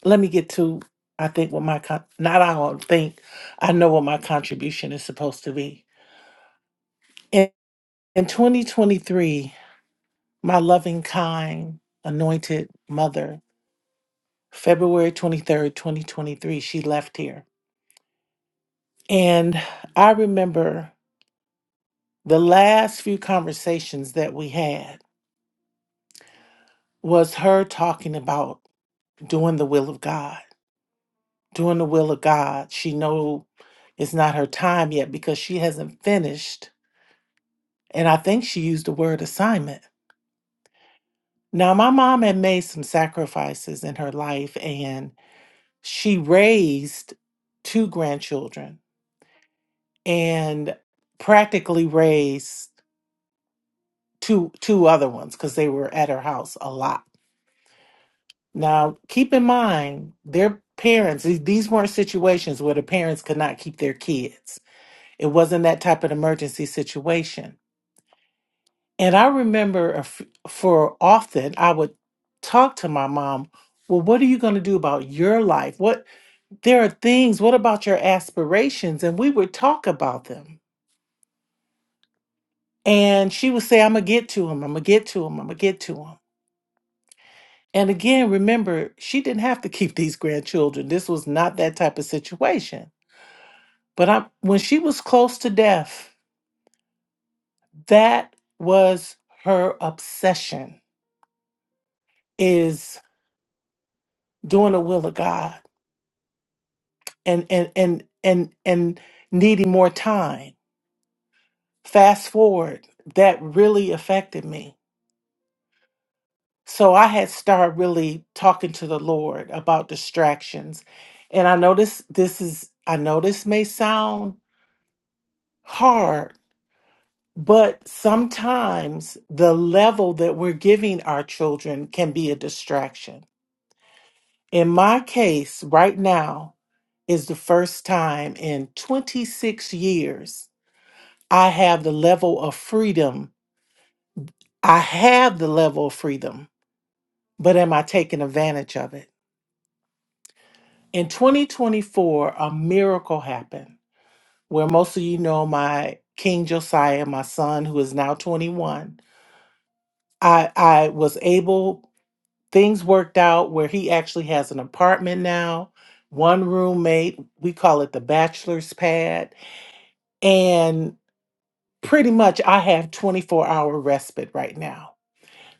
Speaker 3: let me get to I think what my con- not I don't think I know what my contribution is supposed to be. In, in 2023, my loving kind anointed mother February 23rd, 2023, she left here. And I remember the last few conversations that we had was her talking about doing the will of God. Doing the will of God. She know it's not her time yet because she hasn't finished. And I think she used the word assignment. Now my mom had made some sacrifices in her life and she raised two grandchildren and practically raised two two other ones because they were at her house a lot. Now, keep in mind, their parents; these these weren't situations where the parents could not keep their kids. It wasn't that type of emergency situation. And I remember a f- for often, I would talk to my mom. Well, what are you going to do about your life? What there are things. What about your aspirations? And we would talk about them. And she would say, "I'm gonna get to him. I'm gonna get to him. I'm gonna get to him." And again, remember, she didn't have to keep these grandchildren. This was not that type of situation. But i when she was close to death, that was her obsession is doing the will of God and and and and and needing more time. Fast forward, that really affected me. So I had started really talking to the Lord about distractions. And I know this this is I know this may sound hard But sometimes the level that we're giving our children can be a distraction. In my case, right now is the first time in 26 years I have the level of freedom. I have the level of freedom, but am I taking advantage of it? In 2024, a miracle happened where most of you know my King Josiah, my son, who is now 21. I, I was able things worked out where he actually has an apartment now, one roommate. We call it the bachelor's pad. And pretty much I have 24 hour respite right now.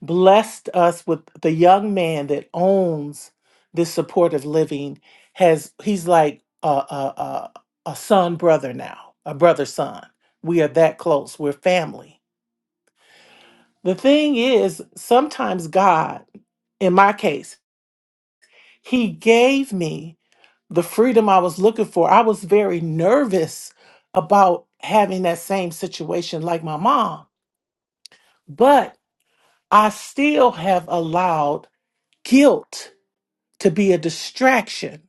Speaker 3: Blessed us with the young man that owns this supportive living has he's like a, a, a, a son brother now, a brother son. We are that close. We're family. The thing is, sometimes God, in my case, he gave me the freedom I was looking for, I was very nervous about having that same situation like my mom. But I still have allowed guilt to be a distraction.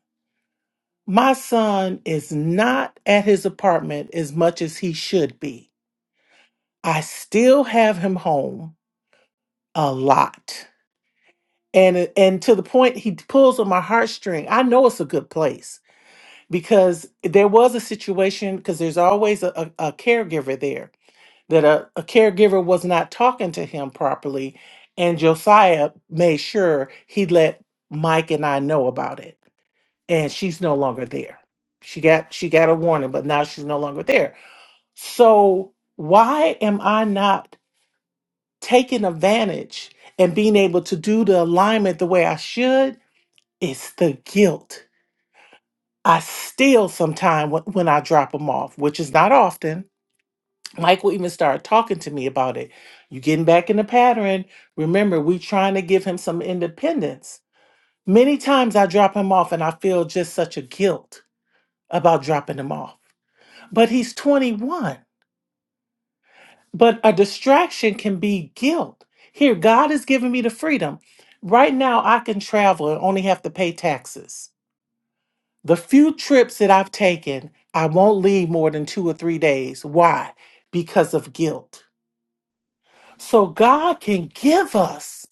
Speaker 3: My son is not at his apartment as much as he should be. I still have him home a lot. And, and to the point he pulls on my heartstring. I know it's a good place because there was a situation because there's always a, a, a caregiver there that a, a caregiver was not talking to him properly, and Josiah made sure he let Mike and I know about it. And she's no longer there. She got she got a warning, but now she's no longer there. So why am I not taking advantage and being able to do the alignment the way I should? It's the guilt. I still sometimes when, when I drop them off, which is not often, Michael even started talking to me about it. You getting back in the pattern. Remember, we trying to give him some independence. Many times I drop him off and I feel just such a guilt about dropping him off. But he's 21. But a distraction can be guilt. Here, God has given me the freedom. Right now, I can travel and only have to pay taxes. The few trips that I've taken, I won't leave more than two or three days. Why? Because of guilt. So God can give us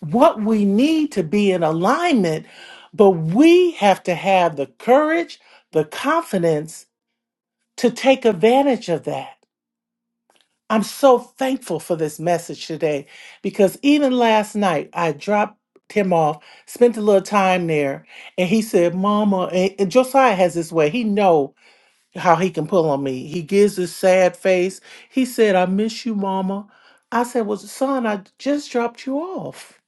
Speaker 3: what we need to be in alignment, but we have to have the courage, the confidence to take advantage of that. I'm so thankful for this message today because even last night I dropped him off, spent a little time there, and he said, "Mama," and and Josiah has this way. He know how he can pull on me. He gives this sad face. He said, I miss you, mama. I said, Well, son, I just dropped you off.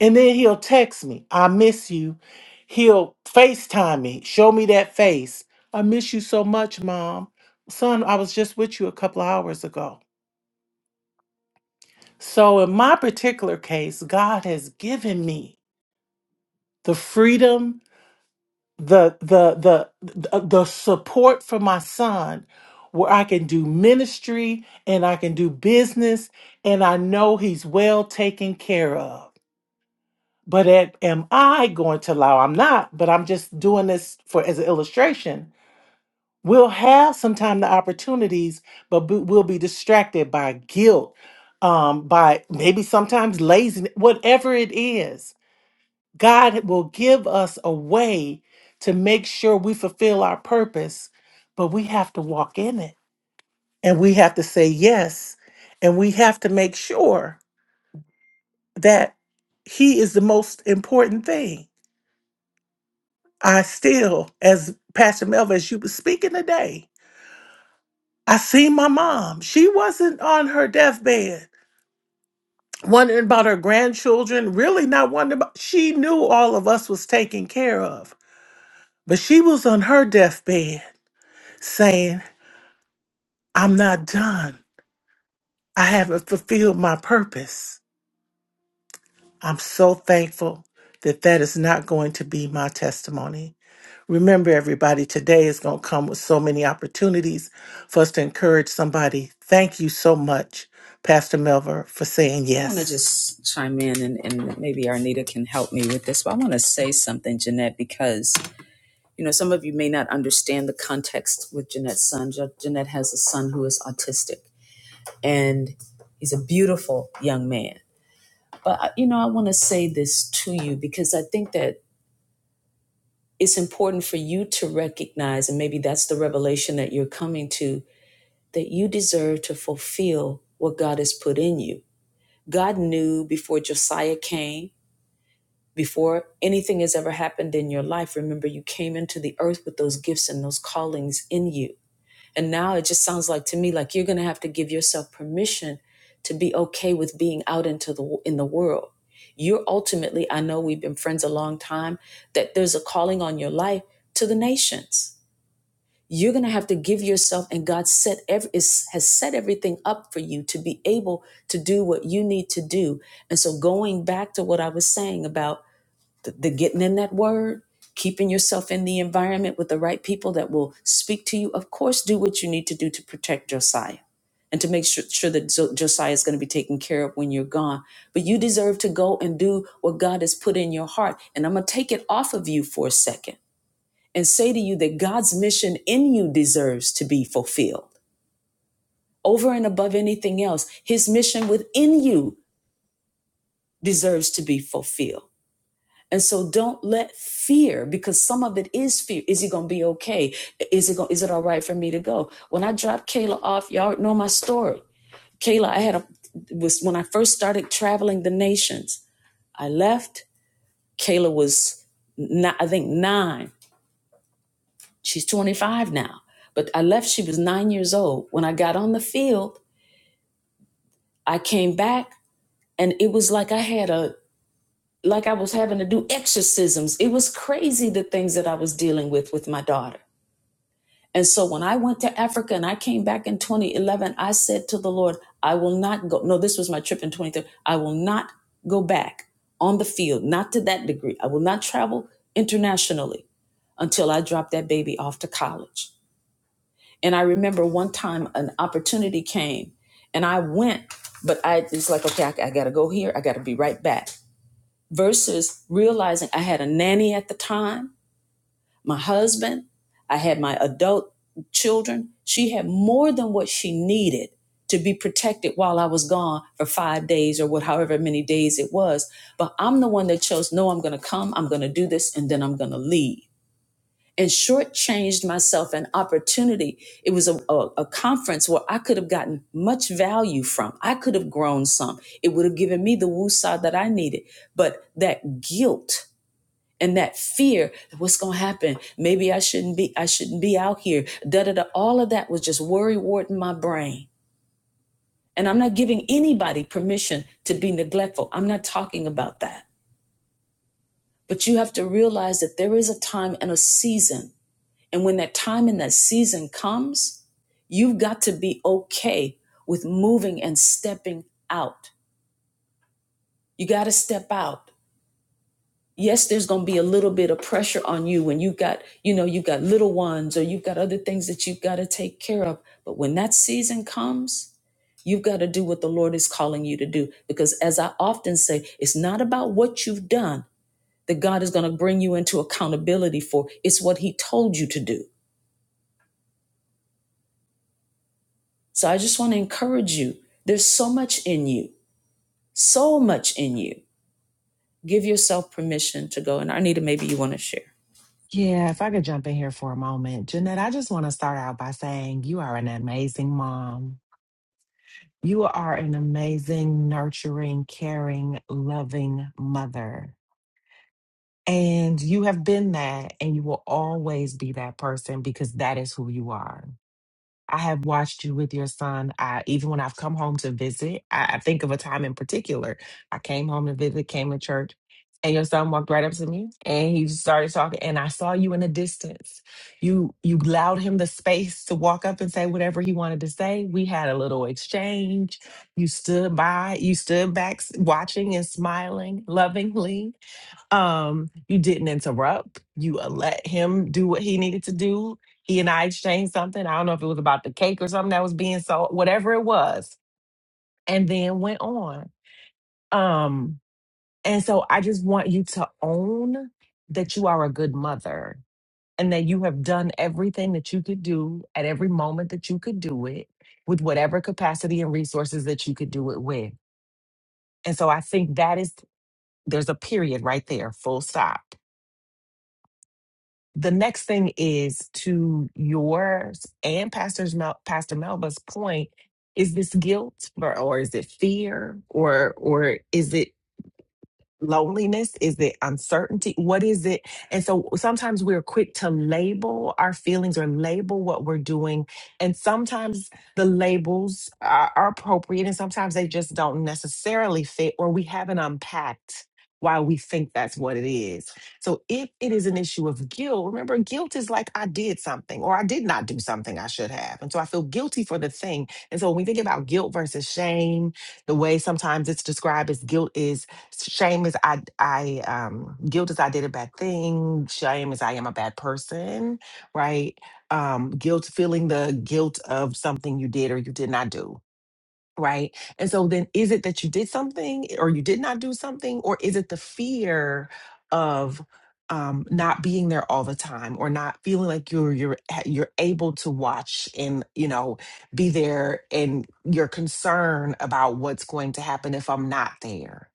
Speaker 3: And then he'll text me, I miss you. He'll FaceTime me, show me that face. I miss you so much, mom. Son, I was just with you a couple of hours ago. So, in my particular case, God has given me the freedom the the the the support for my son where I can do ministry and I can do business and I know he's well taken care of. But at, am I going to allow? I'm not, but I'm just doing this for as an illustration. We'll have sometime the opportunities, but b- we'll be distracted by guilt, um, by maybe sometimes laziness, whatever it is. God will give us a way to make sure we fulfill our purpose, but we have to walk in it and we have to say yes. And we have to make sure that He is the most important thing. I still, as Pastor Melvin, as you were speaking today, I seen my mom. She wasn't on her deathbed, wondering about her grandchildren, really not wondering about, she knew all of us was taken care of, but she was on her deathbed saying, I'm not done. I haven't fulfilled my purpose. I'm so thankful that that is not going to be my testimony. Remember, everybody, today is going to come with so many opportunities for us to encourage somebody. Thank you so much, Pastor Melva, for saying
Speaker 1: I want to
Speaker 3: yes.
Speaker 1: just chime in and, and maybe Arnita can help me with this, but I want to say something, Jeanette, because, you know, some of you may not understand the context with Jeanette's son. Je- Jeanette has a son who is autistic and he's a beautiful young man. But, I- you know, I want to say this to you because I think that it's important for you to recognize, and maybe that's the revelation that you're coming to, that you deserve to fulfill what God has put in you. God knew before Josiah came Before anything has ever happened in your life, remember you came into the earth with those gifts and those callings in you. And now it just sounds like to me like you're going to have to give yourself permission to be okay with being out into the in the world. You're ultimately, I know we've been friends a long time, that there's a calling on your life to the nations. You're going to have to give yourself and God set every, is, has set everything up for you to be able to do what you need to do. And so going back to what I was saying about the, the getting in that word, keeping yourself in the environment with the right people that will speak to you. Of course, do what you need to do to protect Josiah and to make sure, sure that Jo- Josiah is going to be taken care of when you're gone. But you deserve to go and do what God has put in your heart. And I'm going to take it off of you for a second and say to you that God's mission in you deserves to be fulfilled. Over and above anything else, his mission within you deserves to be fulfilled. And so don't let fear, because some of it is fear. Is he gonna be okay? Is it going is it all right for me to go? When I dropped Kayla off, y'all know my story. Kayla, I had a was when I first started traveling the nations. I left. Kayla was not, I think nine. She's 25 now. But I left, she was nine years old. When I got on the field, I came back and it was like I had a like I was having to do exorcisms. It was crazy the things that I was dealing with with my daughter And so when I went to Africa and I came back in 2011, I said to the Lord, I will not go. No, this was my trip in 23. I will not go back on the field, not to that degree. I will not travel internationally until I drop that baby off to college. And I remember one time an opportunity came and I went, but I it's like, okay, I, I got to go here. I got to be right back. Versus realizing I had a nanny at the time my husband, I had my adult children. She had more than what she needed to be protected while I was gone for five days or what, however many days it was. But I'm the one that chose, no, I'm going to come, I'm going to do this, and then I'm going to leave. And shortchanged myself an opportunity. It was a, a, a conference where I could have gotten much value from. I could have grown some. It would have given me the woosah that I needed. But that guilt, and that fear that what's going to happen maybe i shouldn't be i shouldn't be out here da da da all of that was just worry wart in my brain and i'm not giving anybody permission to be neglectful i'm not talking about that but you have to realize that there is a time and a season and when that time and that season comes you've got to be okay with moving and stepping out you got to step out yes there's going to be a little bit of pressure on you when you got you know you've got little ones or you've got other things that you've got to take care of but when that season comes you've got to do what the lord is calling you to do because as i often say it's not about what you've done that god is going to bring you into accountability for it's what he told you to do so i just want to encourage you there's so much in you so much in you give yourself permission to go and arnita maybe you want to share
Speaker 11: Yeah, if I could jump in here for a moment. Jeanette, I just want to start out by saying you are an amazing mom. You are an amazing, nurturing, caring, loving mother. And you have been that, and you will always be that person because that is who you are. I have watched you with your son. I, even when I've come home to visit, I, I think of a time in particular. I came home to visit, came to church, and your son walked right up to me and he just started talking. And I saw you in the distance. You you allowed him the space to walk up and say whatever he wanted to say. We had a little exchange. You stood by, you stood back s- watching and smiling lovingly um, you didn't interrupt. You uh, let him do what he needed to do. He and I exchanged something. I don't know if it was about the cake or something that was being sold, whatever it was, and then went on. Um, and so I just want you to own that you are a good mother and that you have done everything that you could do at every moment that you could do it with whatever capacity and resources that you could do it with. And so I think that is, there's a period right there, full stop the next thing is to yours and pastor's Mel, pastor melba's point is this guilt or, or is it fear or or is it loneliness? Is it uncertainty? What is it? And so sometimes we're quick to label our feelings or label what we're doing. And sometimes the labels are, are appropriate and sometimes they just don't necessarily fit or we haven't unpacked why we think that's what it is. So if it is an issue of guilt, remember guilt is like I did something or I did not do something I should have. And so I feel guilty for the thing. And so when we think about guilt versus shame, the way sometimes it's described as guilt is Shame is I I um guilt is I did a bad thing. Shame is I am a bad person, right? Um guilt feeling the guilt of something you did or you did not do, right? And so then is it that you did something or you did not do something or is it the fear of um not being there all the time or not feeling like you're you're you're able to watch and you know be there and your concern about what's going to happen if I'm not there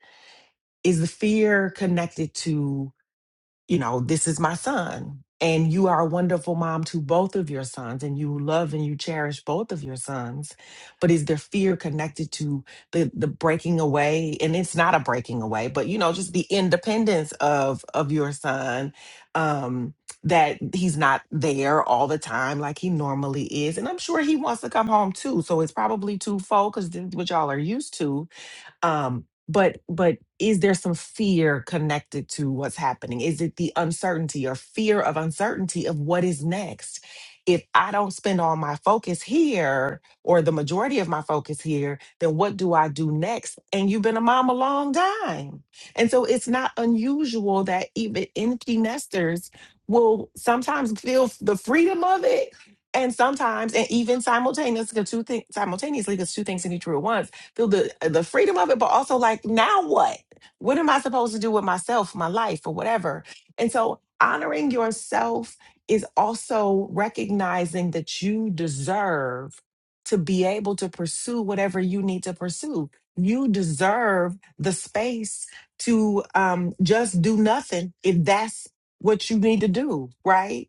Speaker 11: is the fear connected to you know this is my son and you are a wonderful mom to both of your sons and you love and you cherish both of your sons but is there fear connected to the the breaking away and it's not a breaking away but you know just the independence of of your son um that he's not there all the time like he normally is and i'm sure he wants to come home too so it's probably twofold because this is what y'all are used to um but but is there some fear connected to what's happening is it the uncertainty or fear of uncertainty of what is next if i don't spend all my focus here or the majority of my focus here then what do i do next and you've been a mom a long time and so it's not unusual that even empty nesters will sometimes feel the freedom of it and sometimes and even simultaneously the two things simultaneously because two things can be true at once through the the freedom of it, but also like now what? What am I supposed to do with myself, my life, or whatever? And so honoring yourself is also recognizing that you deserve to be able to pursue whatever you need to pursue. You deserve the space to um, just do nothing if that's what you need to do, right?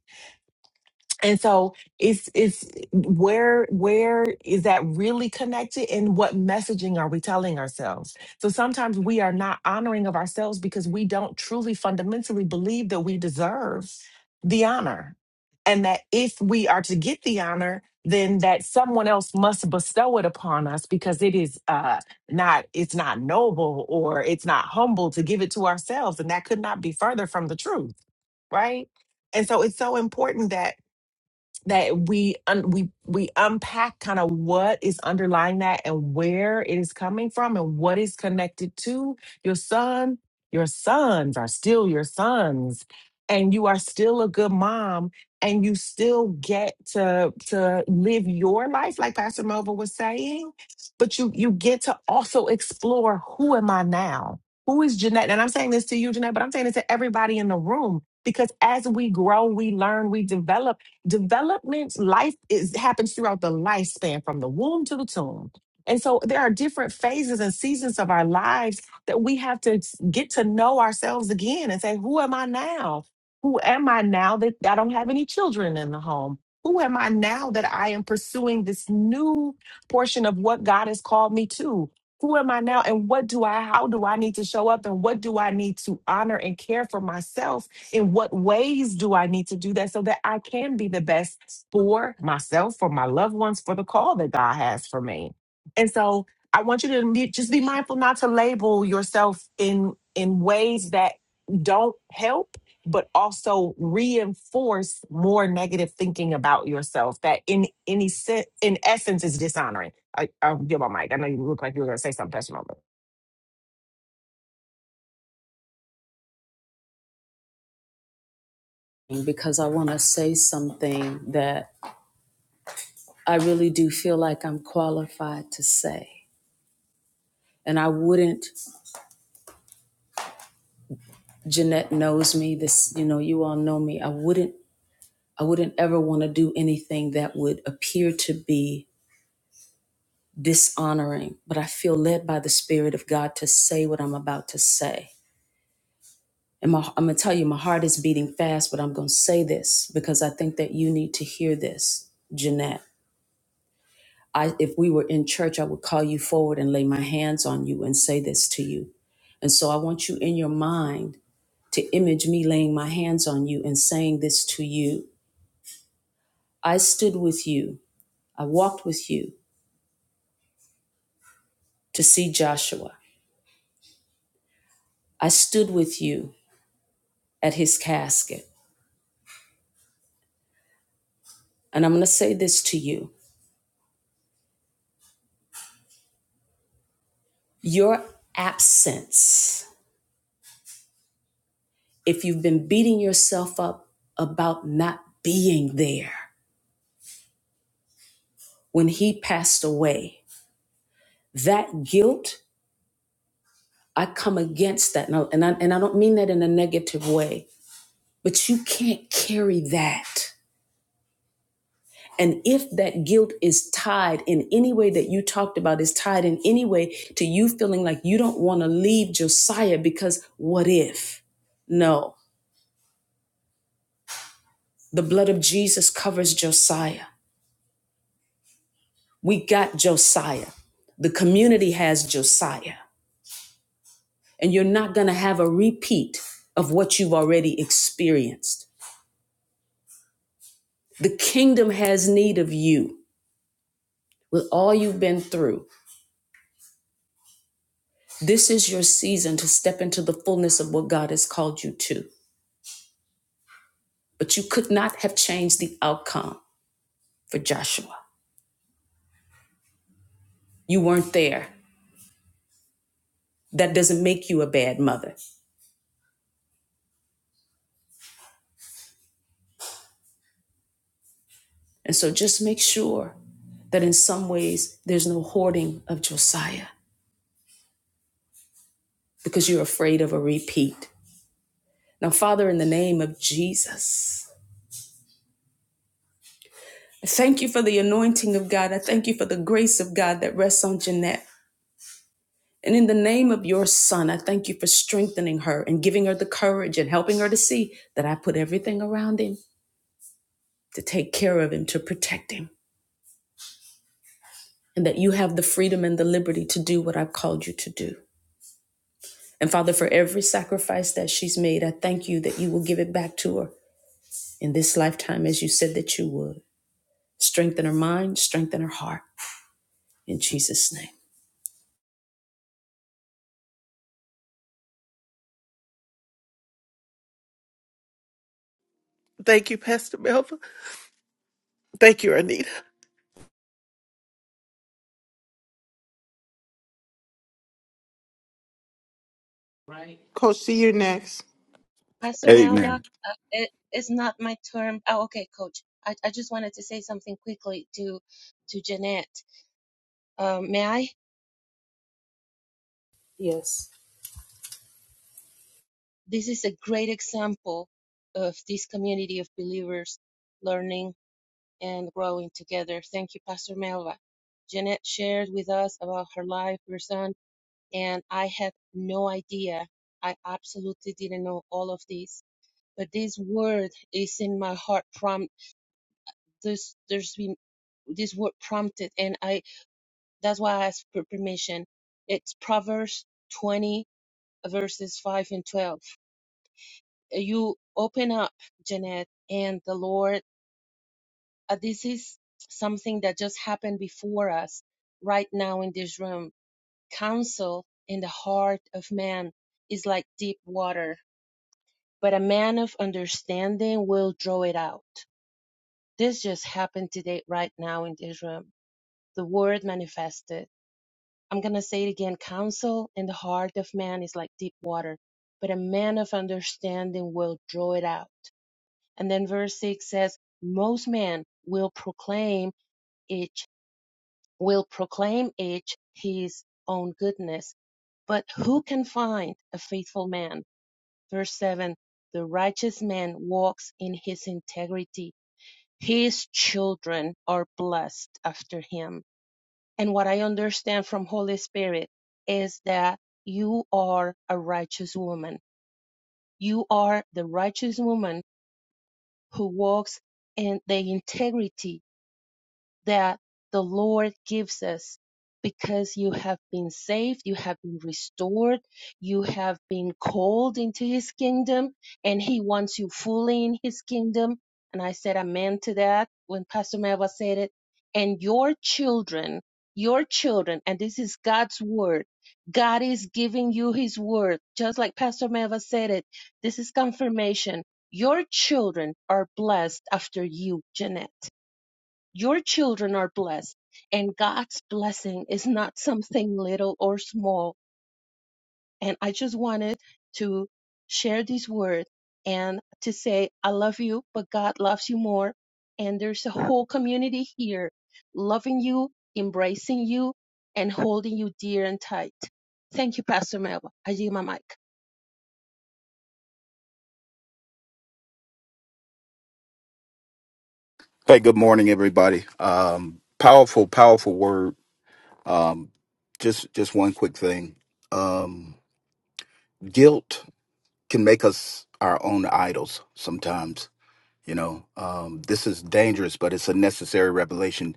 Speaker 11: and so it's it's where where is that really connected and what messaging are we telling ourselves? So sometimes we are not honoring of ourselves because we don't truly fundamentally believe that we deserve the honor. And that if we are to get the honor, then that someone else must bestow it upon us because it is uh not it's not noble or it's not humble to give it to ourselves. And that could not be further from the truth, right? And so it's so important that that we un- we we unpack kind of what is underlying that and where it is coming from and what is connected to your son your sons are still your sons and you are still a good mom and you still get to to live your life like pastor mova was saying but you you get to also explore who am i now who is jeanette and i'm saying this to you jeanette but i'm saying it to everybody in the room because as we grow we learn we develop development life is happens throughout the lifespan from the womb to the tomb and so there are different phases and seasons of our lives that we have to s- get to know ourselves again and say who am i now who am i now that i don't have any children in the home who am i now that i am pursuing this new portion of what god has called me to who am i now and what do i how do i need to show up and what do i need to honor and care for myself in what ways do I need to do that so that I can be the best for myself, for my loved ones, for the call that God has for me? And so I want you to be, just be mindful not to label yourself in in ways that don't help but also reinforce more negative thinking about yourself that in any sense in essence is dishonoring. I, I'll give my mic. I know you look like you were going to say something, Pastor Mom.
Speaker 1: because i want to say something that I really do feel like I'm qualified to say. And I wouldn't, Jeanette knows me, this, you know, you all know me. I wouldn't, I wouldn't ever want to do anything that would appear to be dishonoring, but I feel led by the Spirit of God to say what I'm about to say. And my, I'm going to tell you, my heart is beating fast, but I'm going to say this because I think that you need to hear this, Jeanette. I, if we were in church, I would call you forward and lay my hands on you and say this to you. And so I want you in your mind to image me laying my hands on you and saying this to you. I stood with you. I walked with you to see Joshua. I stood with you at his casket. And I'm going to say this to you your absence, if you've been beating yourself up about not being there when he passed away, that guilt I come against that. And I, and I, and I don't mean that in a negative way, but you can't carry that. And if that guilt is tied in any way that you talked about, is tied in any way to you feeling like you don't want to leave Josiah because what if? No, the blood of Jesus covers Josiah. We got Josiah. The community has Josiah. And you're not going to have a repeat of what you've already experienced. The kingdom has need of you. with all you've been through, this is your season to step into the fullness of what God has called you to. But you could not have changed the outcome for Joshua. You weren't there. That doesn't make you a bad mother. And so just make sure that in some ways there's no hoarding of Josiah because you're afraid of a repeat. Now, Father, in the name of Jesus, I thank you for the anointing of God. I thank you for the grace of God that rests on Jeanette. And in the name of your son, I thank you for strengthening her and giving her the courage and helping her to see that I put everything around him to take care of him, to protect him, and that you have the freedom and the liberty to do what I've called you to do. And Father, for every sacrifice that she's made, I thank you that you will give it back to her in this lifetime as you said that you would. Strengthen her mind, strengthen her heart in Jesus' name.
Speaker 3: Thank you, Pastor Melva. Thank you, Anita.
Speaker 2: Coach, see you next.
Speaker 5: Pastor Melba.
Speaker 12: Amen.
Speaker 5: Uh, it, it's not my turn. Oh, okay, Coach. I, I just wanted to say something quickly to to Jeanette. Um, may I? This is a great example of this community of believers learning and growing together. Thank you, Pastor Melba. Jeanette shared with us about her life, her son, and I had no idea. I absolutely didn't know all of this. But this word is in my heart this there's been this word prompted and i that's why i asked for permission it's proverbs 20 verses 5 and 12 Uh, you open up jeanette and the lord uh, this is something that just happened before us right now in this room counsel in the heart of man is like deep water but a man of understanding will draw it out this just happened today right now in this room the word manifested I'm going to say it again. Counsel in the heart of man is like deep water, but a man of understanding will draw it out. And then verse 6 says, most men will proclaim each, will proclaim each his own goodness. But who can find a faithful man? Verse 7 The righteous man walks in his integrity. His children are blessed after him. And what I understand from Holy Spirit is that you are a righteous woman. You are the righteous woman who walks in the integrity that the Lord gives us because you have been saved, you have been restored, you have been called into his kingdom, and he wants you fully in his kingdom. And I said amen to that when Pastor Melva said it. And your children, your children, and this is God's word. God is giving you his word. Just like Pastor Melva said it, this is confirmation. Your children are blessed after you, Jeanette your children are blessed, and God's blessing is not something little or small. And I just wanted to share this word and to say, I love you, but God loves you more. And there's a whole community here loving you, embracing you, and holding you dear and tight. Thank you, Pastor Melba. I yield my mic.
Speaker 12: Hey, good morning, everybody. Um, powerful, powerful word. Um, just, just one quick thing. Um, guilt can make us our own idols sometimes. You know, um, this is dangerous, but it's a necessary revelation.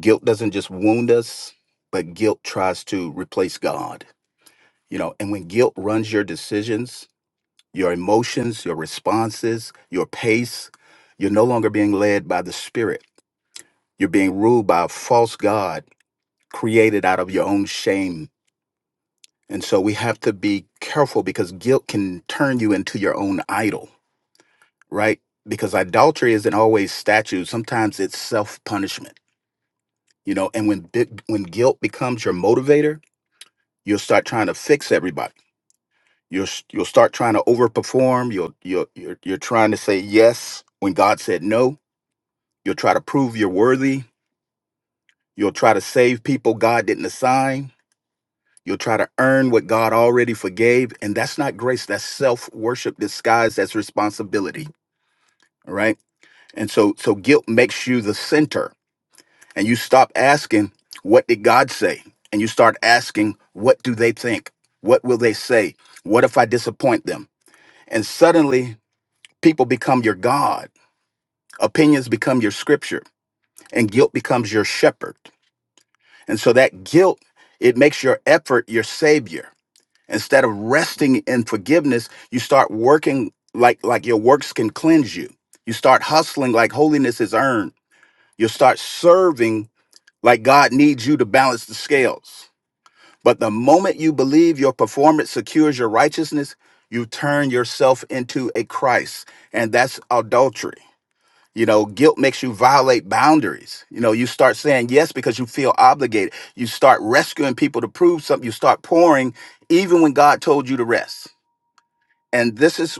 Speaker 12: Guilt doesn't just wound us, but guilt tries to replace God. You know, and when guilt runs your decisions, your emotions, your responses, your pace, you're no longer being led by the Spirit You're being ruled by a false God created out of your own shame. And so we have to be careful because guilt can turn you into your own idol, right? Because idolatry isn't always statues; Sometimes it's self-punishment, you know. And when bi- when guilt becomes your motivator, you'll start trying to fix everybody. You'll s- you'll start trying to overperform. You'll you'll you're, you're trying to say yes when God said no. You'll try to prove you're worthy. You'll try to save people God didn't assign You'll try to earn what God already forgave. And that's not grace. That's self worship disguised as responsibility. All right. And so, so guilt makes you the center and you stop asking, what did God say? And you start asking, what do they think? What will they say? What if I disappoint them? And suddenly people become your God. Opinions become your scripture and guilt becomes your shepherd. And so that guilt, it makes your effort your savior Instead of resting in forgiveness, you start working like like your works can cleanse you. You start hustling like holiness is earned. You start serving like God needs you to balance the scales. But the moment you believe your performance secures your righteousness, you turn yourself into a Christ, and that's adultery. You know, guilt makes you violate boundaries. You know, you start saying yes because you feel obligated. You start rescuing people to prove something. You start pouring even when God told you to rest and this is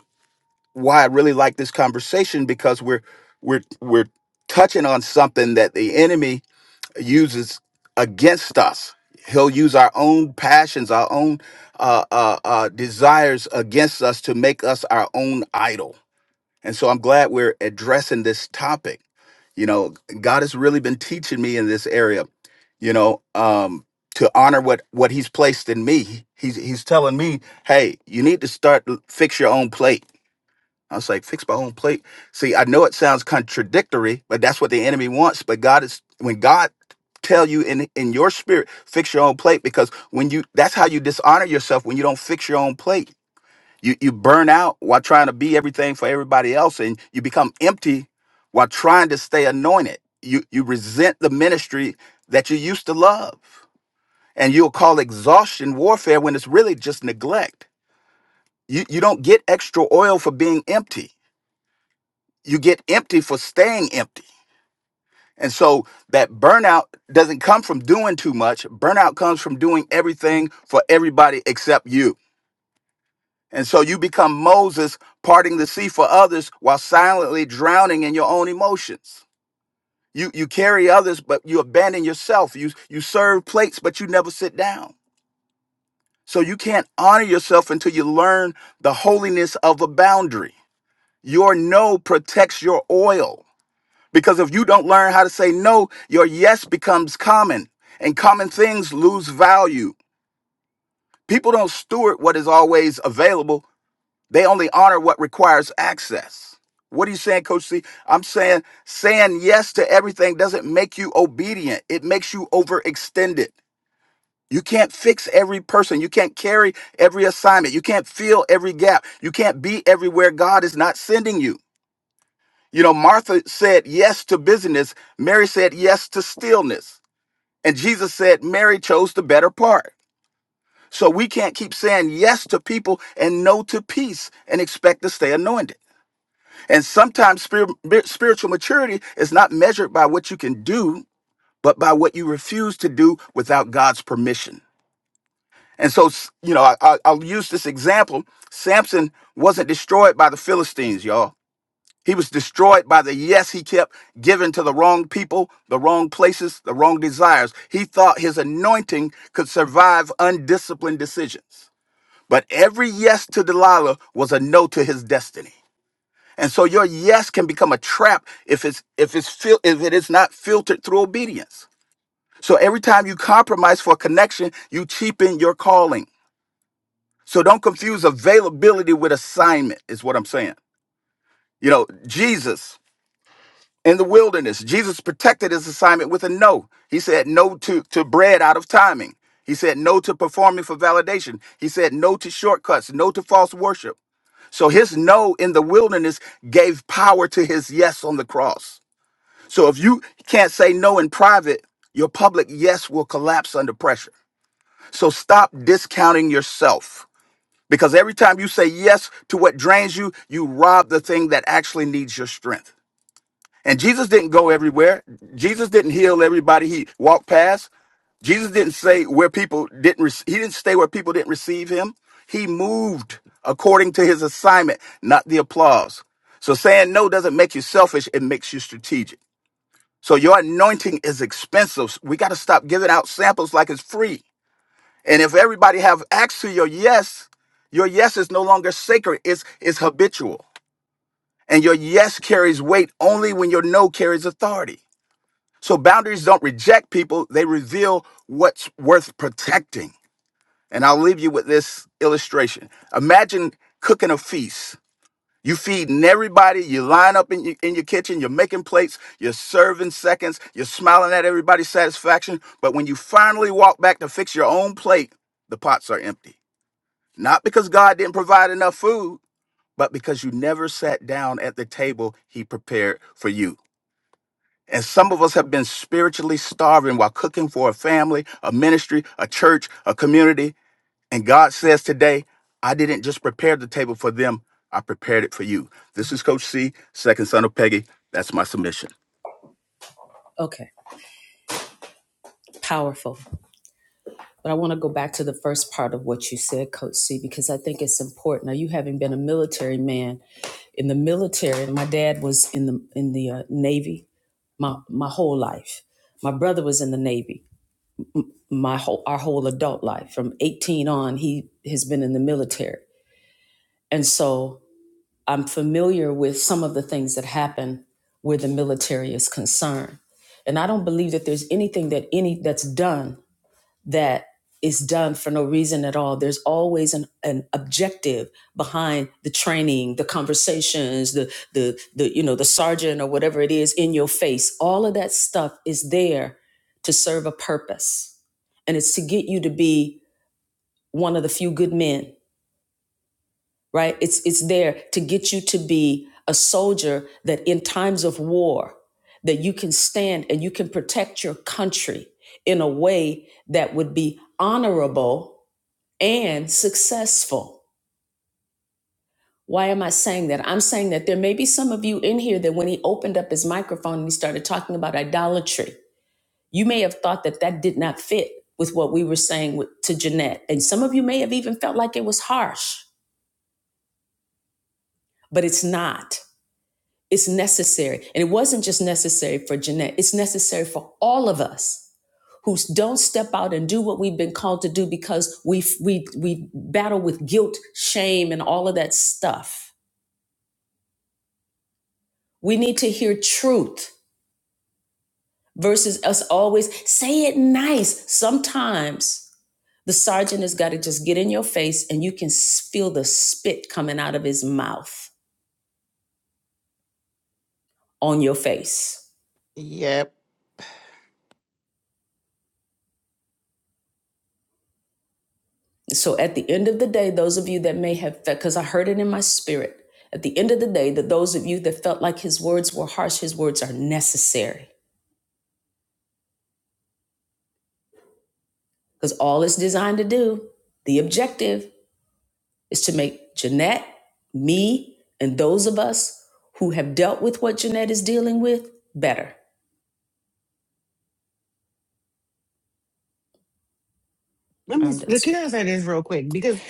Speaker 12: why I really like this conversation because we're we're we're touching on something that the enemy uses against us. He'll use our own passions, our own uh, uh, uh, desires against us to make us our own idol. And so I'm glad we're addressing this topic. You know, God has really been teaching me in this area. You know, um, to honor what what He's placed in me. He's He's telling me, hey, you need to start fix your own plate I was like, fix my own plate. See, I know it sounds contradictory, but that's what the enemy wants. But God is when God tell you in in your spirit, fix your own plate, because when you that's how you dishonor yourself when you don't fix your own plate. You you burn out while trying to be everything for everybody else, and you become empty while trying to stay anointed. You you resent the ministry that you used to love. And you'll call exhaustion warfare when it's really just neglect. You you don't get extra oil for being empty you get empty for staying empty. And so that burnout doesn't come from doing too much. Burnout comes from doing everything for everybody except you. And so you become Moses parting the sea for others while silently drowning in your own emotions. You you carry others but you abandon yourself. You you serve plates but you never sit down. So you can't honor yourself until you learn the holiness of a boundary. Your no protects your oil. Because if you don't learn how to say no, your yes becomes common and common things lose value. People don't steward what is always available, they only honor what requires access. What are you saying, Coach C? I'm saying saying yes to everything doesn't make you obedient, it makes you overextended. You can't fix every person. You can't carry every assignment. You can't fill every gap. You can't be everywhere God is not sending you. You know, Martha said yes to busyness, Mary said yes to stillness. And Jesus said Mary chose the better part. So we can't keep saying yes to people and no to peace and expect to stay anointed. And sometimes spir- bi- spiritual maturity is not measured by what you can do, but by what you refuse to do without God's permission. And so, s- you know, I, I- I'll use this example. Samson wasn't destroyed by the Philistines, y'all. He was destroyed by the yes he kept giving to the wrong people, the wrong places, the wrong desires. He thought his anointing could survive undisciplined decisions. But every yes to Delilah was a no to his destiny. And so your yes can become a trap if it's if it's fil- if it is not filtered through obedience. So every time you compromise for connection, you cheapen your calling. So don't confuse availability with assignment is what I'm saying. You know, Jesus in the wilderness. Jesus protected his assignment with a no. He said no to, to bread out of timing. He said no to performing for validation. He said no to shortcuts, no to false worship. So his no in the wilderness gave power to his yes on the cross. So if you can't say no in private, your public yes will collapse under pressure. So stop discounting yourself because every time you say yes to what drains you, you rob the thing that actually needs your strength. And Jesus didn't go everywhere. Jesus didn't heal everybody he walked past. Jesus didn't say where people didn't rec- he didn't stay where people didn't receive him. He moved according to his assignment, not the applause. So saying no doesn't make you selfish, it makes you strategic. So your anointing is expensive. We got to stop giving out samples like it's free. And if everybody have access to your yes, your yes is no longer sacred. It's it's habitual. And your yes carries weight only when your no carries authority. So boundaries don't reject people, they reveal what's worth protecting. And I'll leave you with this illustration. Imagine cooking a feast. You feeding everybody, you line up in your, in your kitchen, you're making plates, you're serving seconds, you're smiling at everybody's satisfaction. But when you finally walk back to fix your own plate, the pots are empty. Not because God didn't provide enough food, but because you never sat down at the table he prepared for you. And some of us have been spiritually starving while cooking for a family, a ministry, a church, a community. And God says today, I didn't just prepare the table for them, I prepared it for you. This is Coach C, second son of Peggy. That's my submission.
Speaker 1: Okay, powerful. But I want to go back to the first part of what you said, Coach C, because I think it's important. Now, you having been a military man in the military, and my dad was in the in the uh, Navy my my whole life. My brother was in the Navy my whole our whole adult life. From 18 on, he has been in the military, and so I'm familiar with some of the things that happen where the military is concerned. And I don't believe that there's anything that any that's done that is done for no reason at all. There's always an, an objective behind the training, the conversations, the the the you know the sergeant or whatever it is in your face. All of that stuff is there to serve a purpose, and it's to get you to be one of the few good men, right? It's it's there to get you to be a soldier that in times of war that you can stand and you can protect your country in a way that would be honorable and successful. Why am I saying that? I'm saying that there may be some of you in here that when he opened up his microphone and he started talking about idolatry, you may have thought that that did not fit with what we were saying with, to Jeanette. And some of you may have even felt like it was harsh, but it's not. It's necessary. And it wasn't just necessary for Jeanette, it's necessary for all of us who don't step out and do what we've been called to do because we, we, we battle with guilt, shame, and all of that stuff We need to hear truth versus us always say it nice. Sometimes the sergeant has got to just get in your face and you can feel the spit coming out of his mouth on your face.
Speaker 2: Yep.
Speaker 1: So at the end of the day, those of you that may have felt, because I heard it in my spirit, at the end of the day, that those of you that felt like his words were harsh, his words are necessary because all it's designed to do, the objective is to make Jeanette, me, and those of us who have dealt with what Jeanette is dealing with better.
Speaker 11: Let me.
Speaker 1: I'm
Speaker 11: s-
Speaker 1: done
Speaker 11: Can I
Speaker 1: speaking.
Speaker 11: say this real quick? Because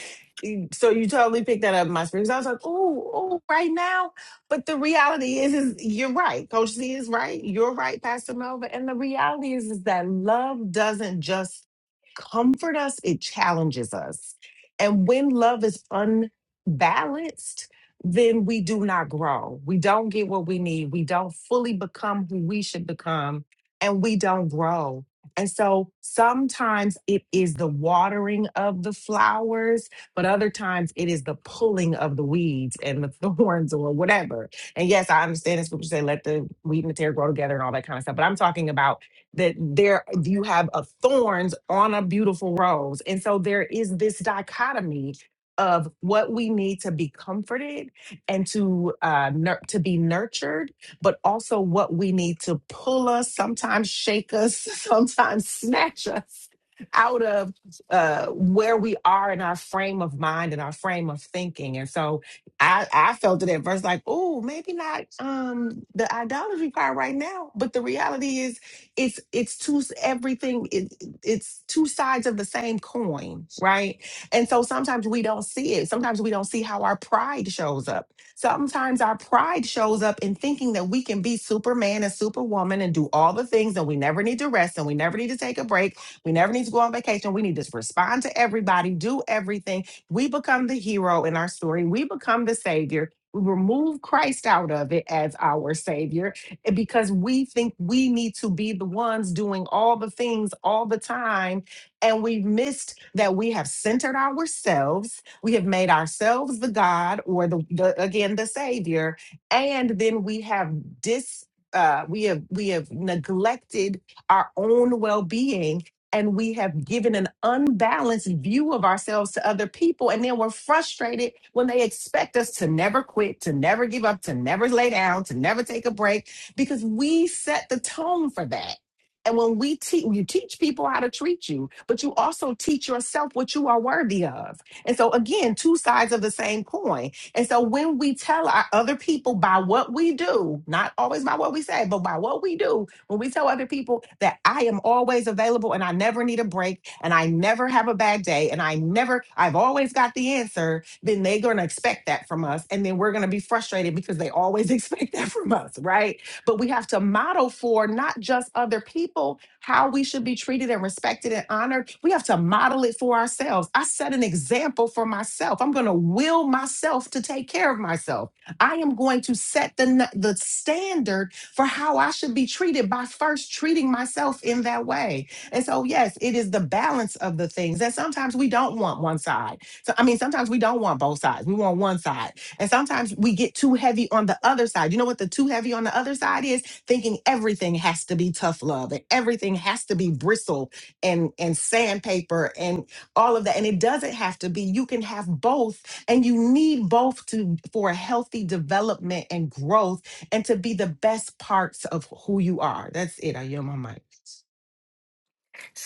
Speaker 11: eh, so you totally picked that up in my spirit. 'Cause I was like, oh, oh, right now. But the reality is, is you're right. Coach Z is right. You're right, Pastor Melva. And the reality is, is that love doesn't just comfort us; it challenges us. And when love is unbalanced, then we do not grow. We don't get what we need. We don't fully become who we should become, and we don't grow. And so sometimes it is the watering of the flowers, but other times it is the pulling of the weeds and the <laughs> thorns or whatever. And yes, I understand the scripture say, let the wheat and the tear grow together and all that kind of stuff. But I'm talking about that there you have a thorns on a beautiful rose. And so there is this dichotomy of what we need to be comforted and to uh, nur- to be nurtured but also what we need to pull us, sometimes shake us, <laughs> sometimes snatch us out of uh, where we are in our frame of mind and our frame of thinking. And so I, I felt it at first like, oh, maybe not um, the idolatry part right now, but the reality is it's it's two everything it, it's two sides of the same coin, right? And so sometimes we don't see it. Sometimes we don't see how our pride shows up Sometimes our pride shows up in thinking that we can be Superman and Superwoman and do all the things, and we never need to rest, and we never need to take a break. We never need to go on vacation. We need to respond to everybody, do everything. We become the hero in our story, we become the savior. We remove Christ out of it as our savior eh, because we think we need to be the ones doing all the things all the time and we've missed that we have centered ourselves. We have made ourselves the God or the, the again the Savior. And then we have dis uh, we have we have neglected our own well-being and we have given an unbalanced view of ourselves to other people and then we're frustrated when they expect us to never quit to never give up to never lay down to never take a break because we set the tone for that and when we teach, you teach people how to treat you, but you also teach yourself what you are worthy of. And so, again, two sides of the same coin. And so, when we tell our other people by what we do, not always by what we say, but by what we do, when we tell other people that I am always available and I never need a break and I never have a bad day and I never, I've always got the answer, then they're going to expect that from us. And then we're going to be frustrated because they always <laughs> expect that from us, right? but we have to model for not just other people how we should be treated and respected and honored. We have to model it for ourselves. I set an example for myself. I'm going to will myself to take care of myself. I am going to set the n- the standard for how I should be treated by first treating myself in that way. And so yes, it is the balance of the things. that sometimes we don't want one side. So I mean, sometimes we don't want both sides. We want one side and sometimes we get too heavy on the other side. You know what the too heavy on the other side is? Thinking everything has to be tough love and everything has to be bristle and and sandpaper and all of that. And it doesn't have to be. You can have both and you need both to for a healthy development and growth and to be the best parts of who you are. That's it. I yield my mic.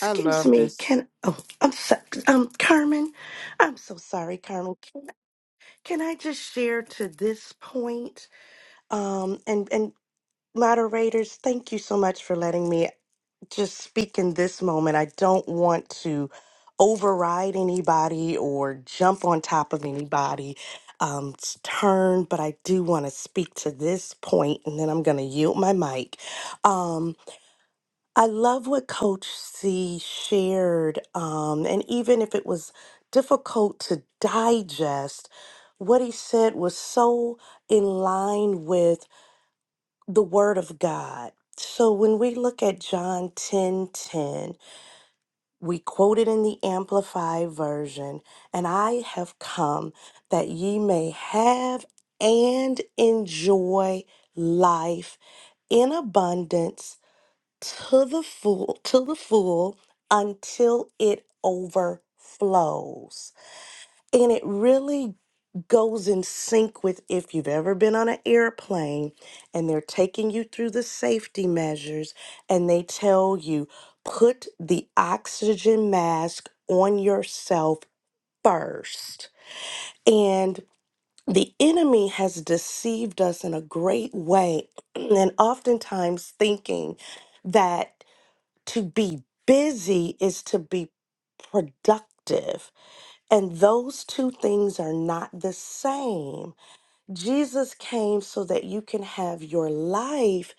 Speaker 2: I love
Speaker 13: me,
Speaker 2: this.
Speaker 13: can oh I'm so, um Carmen, I'm so sorry, Carmen. Can, can I just share to this point? Um and and moderators, thank you so much for letting me just speak in this moment. I don't want to override anybody or jump on top of anybody. Um, s- turn, but I do want to speak to this point, and then I'm going to yield my mic. Um, I love what Coach C shared. Um, and even if it was difficult to digest, what he said was so in line with the Word of God. So when we look at John 10 10, we quote it in the Amplified Version, and I have come that ye may have and enjoy life in abundance to the full to the full until it overflows and it really goes in sync with if you've ever been on an airplane and they're taking you through the safety measures and they tell you put the oxygen mask on yourself first and the enemy has deceived us in a great way <clears throat> and oftentimes thinking that to be busy is to be productive. And those two things are not the same. Jesus came so that you can have your life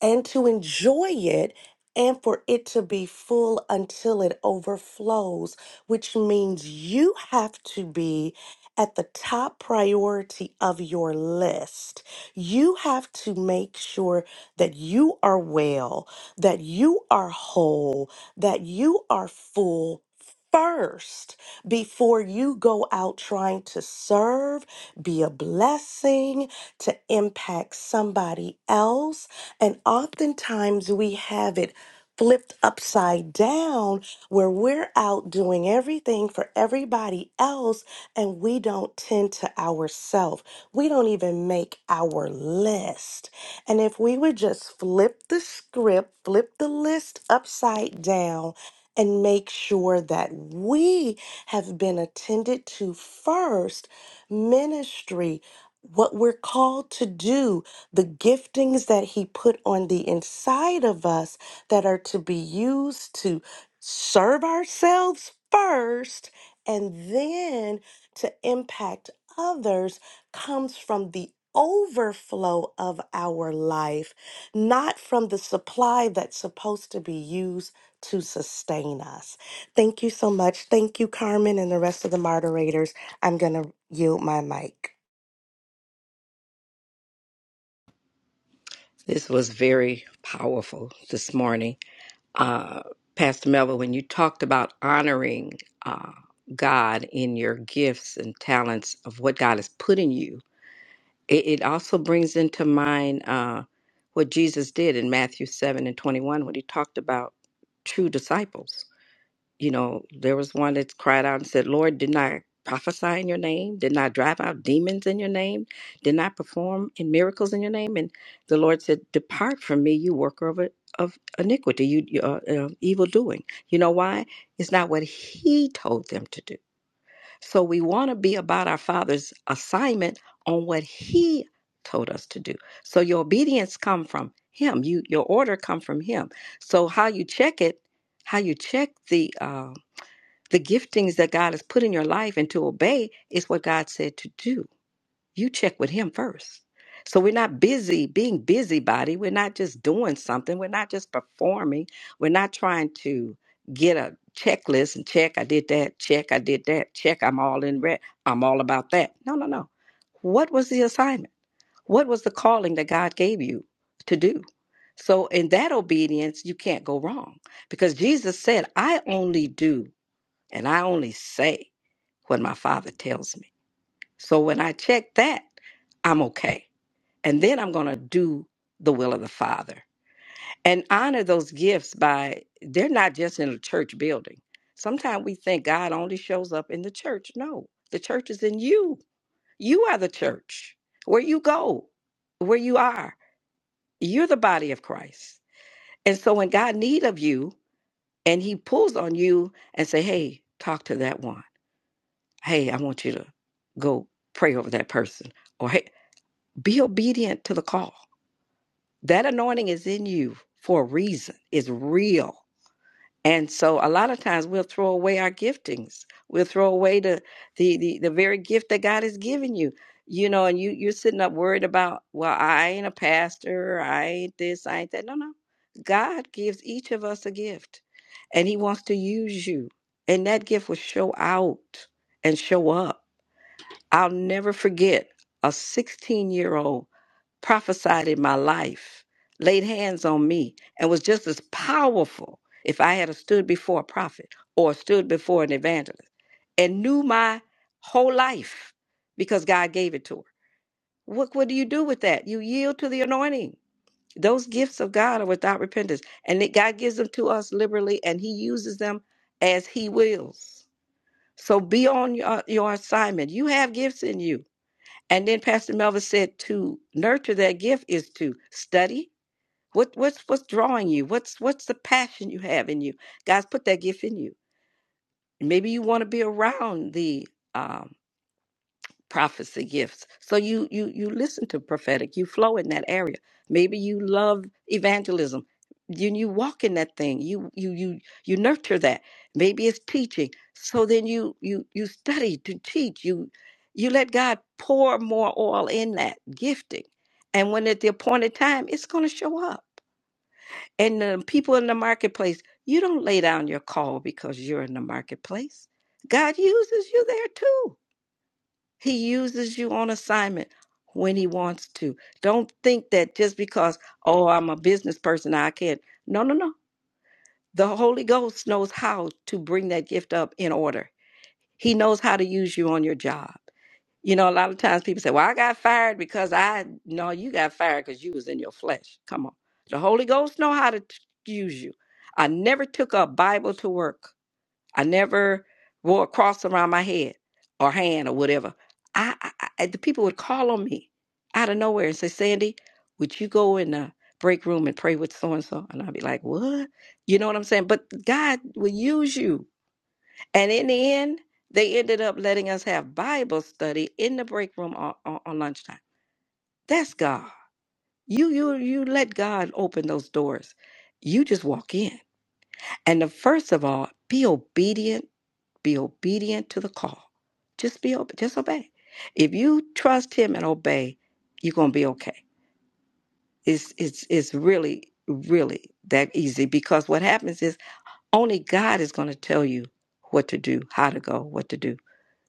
Speaker 13: and to enjoy it and for it to be full until it overflows, which means you have to be at the top priority of your list. You have to make sure that you are well, that you are whole, that you are full. First, before you go out trying to serve, be a blessing, to impact somebody else, and oftentimes we have it flipped upside down where we're out doing everything for everybody else and we don't tend to ourselves. We don't even make our list. And if we would just flip the script, flip the list upside down, and make sure that we have been attended to first, ministry, what we're called to do, the giftings that He put on the inside of us that are to be used to serve ourselves first and then to impact others comes from the overflow of our life, not from the supply that's supposed to be used to sustain us. Thank you so much. Thank you, Carmen, and the rest of the moderators. I'm going to yield my mic.
Speaker 14: This was very powerful this morning. Uh, Pastor Melville, when you talked about honoring uh, God in your gifts and talents of what God has put in you, it, it also brings into mind uh, what Jesus did in Matthew 7 and 21 when he talked about true disciples you know, there was one that cried out and said, Lord, didn't I prophesy in your name? Didn't I drive out demons in your name? Didn't I perform in miracles in your name? And the Lord said, Depart from me, you worker of, of iniquity, you you, uh, uh, evil doing. You know why? It's not what He told them to do. So we want to be about our Father's assignment on what He told us to do. So your obedience come from Him. You your order come from Him. So how you check it, how you check the. uh, the giftings that God has put in your life and to obey is what God said to do. You check with Him first. So we're not busy being busybody. We're not just doing something. We're not just performing. We're not trying to get a checklist and check, I did that, check, I did that, check, I'm all in red, I'm all about that. No, no, no. What was the assignment? What was the calling that God gave you to do? So in that obedience, you can't go wrong because Jesus said, I only do and I only say what my father tells me. So when I check that, I'm okay. And then I'm going to do the will of the Father and honor those gifts by, they're not just in a church building. Sometimes we think God only shows up in the church. No, the church is in you. You are the church. Where you go, where you are, you're the body of Christ. And so when God need of you and he pulls on you and say, hey, talk to that one hey, I want you to go pray over that person, or hey, be obedient to the call. That anointing is in you for a reason, it's real. And so a lot of times we'll throw away our giftings. We'll throw away the the the, the very gift that God has given you. You know, and you you're sitting up worried about, well, I ain't a pastor, I ain't this, I ain't that. No, no. God gives each of us a gift and he wants to use you. And that gift will show out and show up I'll never forget a 16 year old prophesied in my life, laid hands on me, and was just as powerful if I had a stood before a prophet or stood before an evangelist and knew my whole life because God gave it to her. What, what do you do with that? You yield to the anointing. Those gifts of God are without repentance, and that God gives them to us liberally, and He uses them as He wills. So be on your, your assignment. You have gifts in you and then Pastor Melvin said to nurture that gift is to study. What what's what's drawing you? What's what's the passion you have in you? God's put that gift in you. And maybe you want to be around the uh, prophecy gifts. So you you you listen to prophetic, you flow in that area. Maybe you love evangelism. You you walk in that thing. You you you you nurture that. Maybe it's teaching. So then you you you study to teach. You you let God pour more oil in that gifting. And when at the appointed time, it's going to show up. And the people in the marketplace, you don't lay down your call because you're in the marketplace. God uses you there too. He uses you on assignment when he wants to. Don't think that just because, oh, I'm a business person, I can't. No, no, no. The Holy Ghost knows how to bring that gift up in order. He knows how to use you on your job. You know, a lot of times people say, well, I got fired because I, no, you got fired because you was in your flesh. Come on. The Holy Ghost know how to t- use you. I never took a Bible to work I never wore a cross around my head or hand or whatever. I, I, I the people would call on me out of nowhere and say, "Sandy, would you go in the break room and pray with so and so?" And I'd be like, "What?" You know what I'm saying? But God will use you. And in the end, they ended up letting us have Bible study in the break room on, on, on lunchtime. That's God. You you you let God open those doors. You just walk in. And the first of all, be obedient be obedient to the call. Just be ob- just obey. If you trust him and obey, you're gonna be okay. It's it's it's really, really that easy because what happens is only God is gonna tell you what to do, how to go, what to do.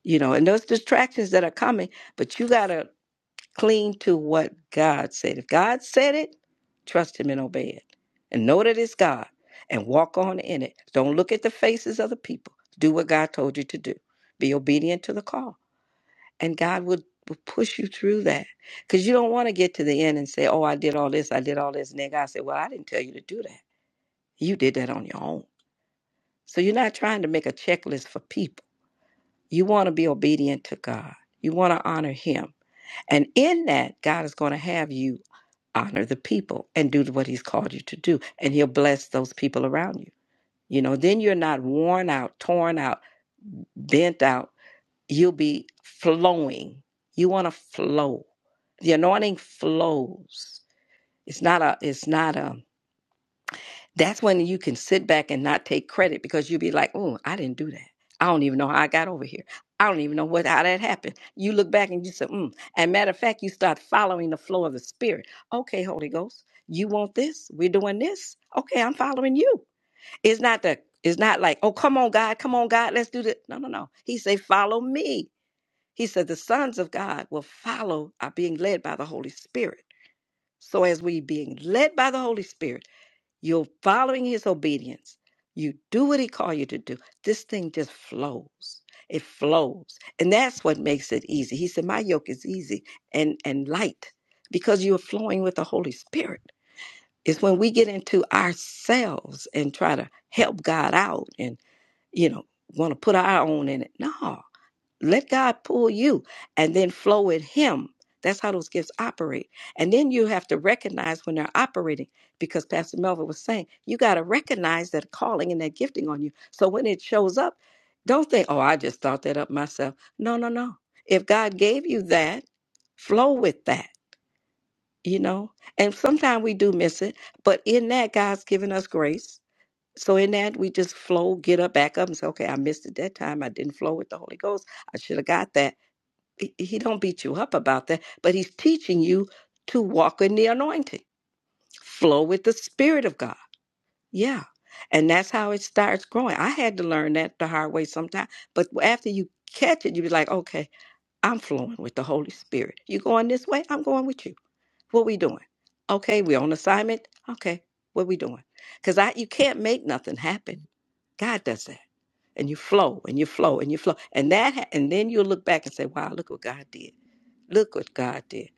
Speaker 14: You know, and those distractions that are coming, but you gotta Cling to what God said. If God said it, trust Him and obey it. And know that it's God and walk on in it. Don't look at the faces of the people. Do what God told you to do. Be obedient to the call. And God will, will push you through that. Because you don't want to get to the end and say, oh, I did all this, I did all this. And then God said, well, I didn't tell you to do that. You did that on your own. So you're not trying to make a checklist for people. You want to be obedient to God, you want to honor Him. And in that, God is going to have you honor the people and do what he's called you to do and he'll bless those people around you you know then you're not worn out torn out bent out you'll be flowing you want to flow the anointing flows it's not a it's not a that's when you can sit back and not take credit because you'll be like, oh, I didn't do that. I don't even know how I got over here. I don't even know what how that happened. You look back and you say, mm. And matter of fact, you start following the flow of the spirit. Okay, Holy Ghost, you want this? We're doing this. Okay, I'm following you. It's not the it's not like, oh, come on, God, come on, God, let's do this. No, no, no. He said, follow me. He said, the sons of God will follow are being led by the Holy Spirit. So as we being led by the Holy Spirit you're following his obedience. You do what he called you to do. This thing just flows. It flows. And that's what makes it easy. He said, My yoke is easy and, and light because you're flowing with the Holy Spirit. It's when we get into ourselves and try to help God out and, you know, want to put our own in it. No, let God pull you and then flow with Him. That's how those gifts operate. And then you have to recognize when they're operating, because Pastor Melvin was saying, you got to recognize that calling and that gifting on you. So when it shows up, don't think, oh, I just thought that up myself. No, no, no. If God gave you that, flow with that, you know? And sometimes we do miss it, but in that, God's given us grace. So in that, we just flow, get up, back up, and say, okay, I missed it that time. I didn't flow with the Holy Ghost. I should have got that he he don't beat you up about that, but he's teaching you to walk in the anointing, flow with the spirit of God. Yeah. And that's how it starts growing. I had to learn that the hard way sometimes, But after you catch it, you be like, okay, I'm flowing with the Holy Spirit. You going this way? I'm going with you. What we doing? Okay, we on assignment. Okay, what we doing? Because I you can't make nothing happen. God does that. And you flow and you flow and you flow. And that ha- and then you'll look back and say, wow, look what God did Look what God did.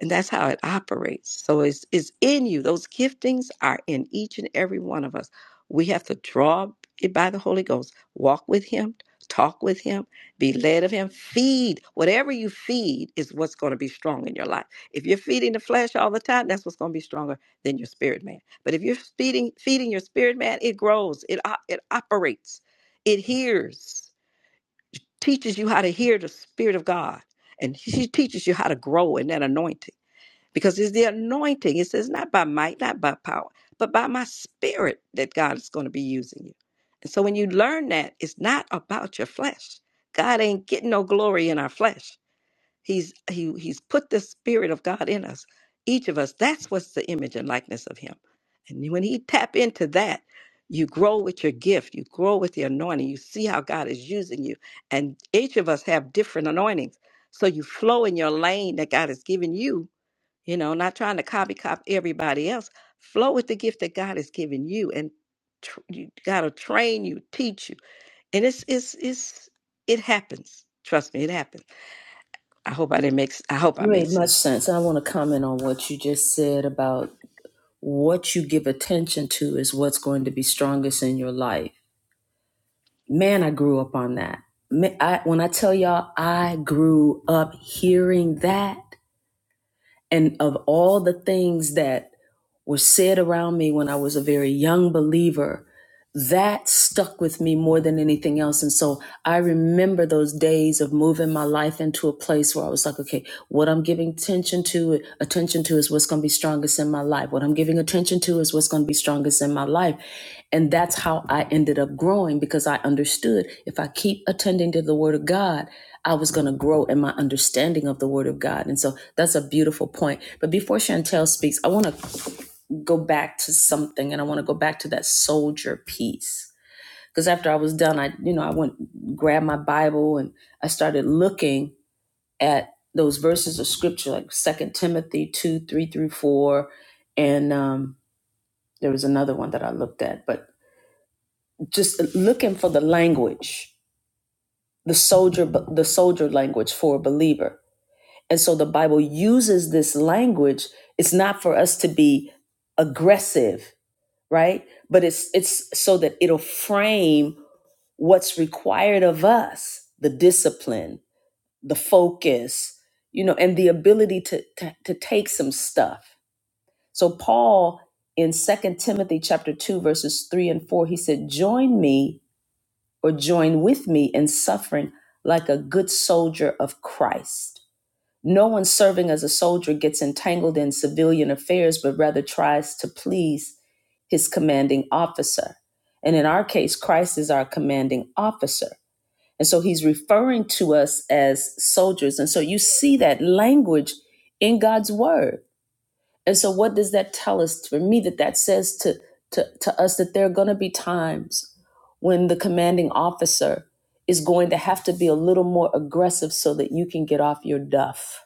Speaker 14: And that's how it operates. So it's, it's in you. Those giftings are in each and every one of us. We have to draw it by the Holy Ghost, walk with Him, talk with Him, be led of Him, feed. Whatever you feed is what's going to be strong in your life. If you're feeding the flesh all the time, that's what's going to be stronger than your spirit man. But if you're feeding, feeding your spirit man, it grows, it, it operates, it hears teaches you how to hear the Spirit of God. And she teaches you how to grow in that anointing. Because it's the anointing. It says, not by might, not by power, but by my spirit that God is going to be using you. And so when you learn that, it's not about your flesh. God ain't getting no glory in our flesh. He's he he's put the spirit of God in us. Each of us, that's what's the image and likeness of him. And when he tap into that, you grow with your gift, you grow with the anointing, you see how God is using you. And each of us have different anointings. So you flow in your lane that God has given you, you know, not trying to copy cop everybody else. Flow with the gift that God has given you and tr- you got to train you, teach you. And it's it's it's it happens. Trust me, it happens I hope I didn't make. I hope I
Speaker 1: You
Speaker 14: made
Speaker 1: made much
Speaker 14: sense.
Speaker 1: sense. I want to comment on what you just said about what you give attention to is what's going to be strongest in your life. Man, I grew up on that. Ma- I, when I tell y'all, I grew up hearing that. And of all the things that were said around me when I was a very young believer, that stuck with me more than anything else. And so I remember those days of moving my life into a place where I was like, okay, what I'm giving attention to, attention to is what's going to be strongest in my life. What I'm giving attention to is what's going to be strongest in my life. And that's how I ended up growing because I understood if I keep attending to the word of God, I was going to grow in my understanding of the word of God. And so that's a beautiful point. But before Chantel speaks, I want to go back to something and I want to go back to that soldier piece because after I was done, I you know I went grabbed my Bible and I started looking at those verses of scripture like Second Timothy two three through four, and um, there was another one that I looked at, but just looking for the language, the soldier the soldier language for a believer, and so the Bible uses this language. It's not for us to be aggressive, right? But it's it's so that it'll frame what's required of us the discipline the focus you know and the ability to to, to take some stuff so paul in Second timothy chapter 2 verses 3 and 4 he said join me or join with me in suffering like a good soldier of christ no one serving as a soldier gets entangled in civilian affairs but rather tries to please his commanding officer and in our case christ is our commanding officer and so he's referring to us as soldiers. And so you see that language in God's word. And so what does that tell us? For me, that that says to, to, to us that there are going to be times when the commanding officer is going to have to be a little more aggressive so that you can get off your duff,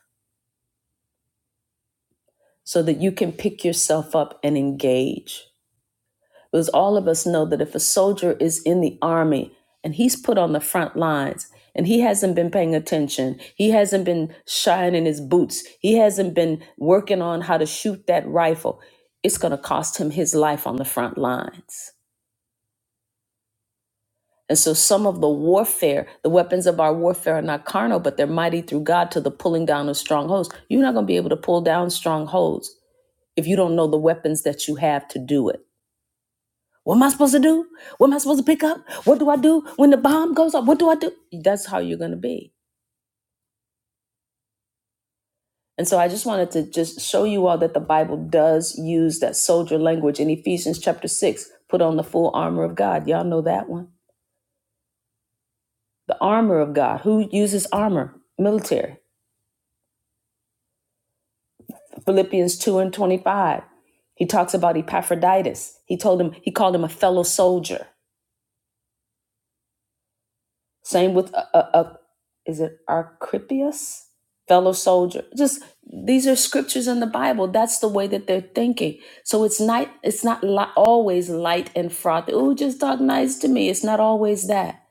Speaker 1: so that you can pick yourself up and engage. because all of us know that if a soldier is in the army and he's put on the front lines and he hasn't been paying attention, he hasn't been shining his boots, he hasn't been working on how to shoot that rifle, it's going to cost him his life on the front lines. And so, some of the warfare, the weapons of our warfare are not carnal, but they're mighty through God to the pulling down of strongholds. You're not going to be able to pull down strongholds if you don't know the weapons that you have to do it. What am I supposed to do? What am I supposed to pick up? What do I do when the bomb goes up? What do I do? That's how you're going to be. And so I just wanted to just show you all that the Bible does use that soldier language in Ephesians chapter 6. Put on the full armor of God. Y'all know that one. The armor of God. Who uses armor? Military. Philippians 2 and 25. He talks about Epaphroditus. He told him, he called him a fellow soldier. Same with a, a, a is it Archippus, fellow soldier. Just these are scriptures in the Bible. That's the way that they're thinking. So it's not it's not li- always light and frothy. Oh, just talk nice to me. It's not always that.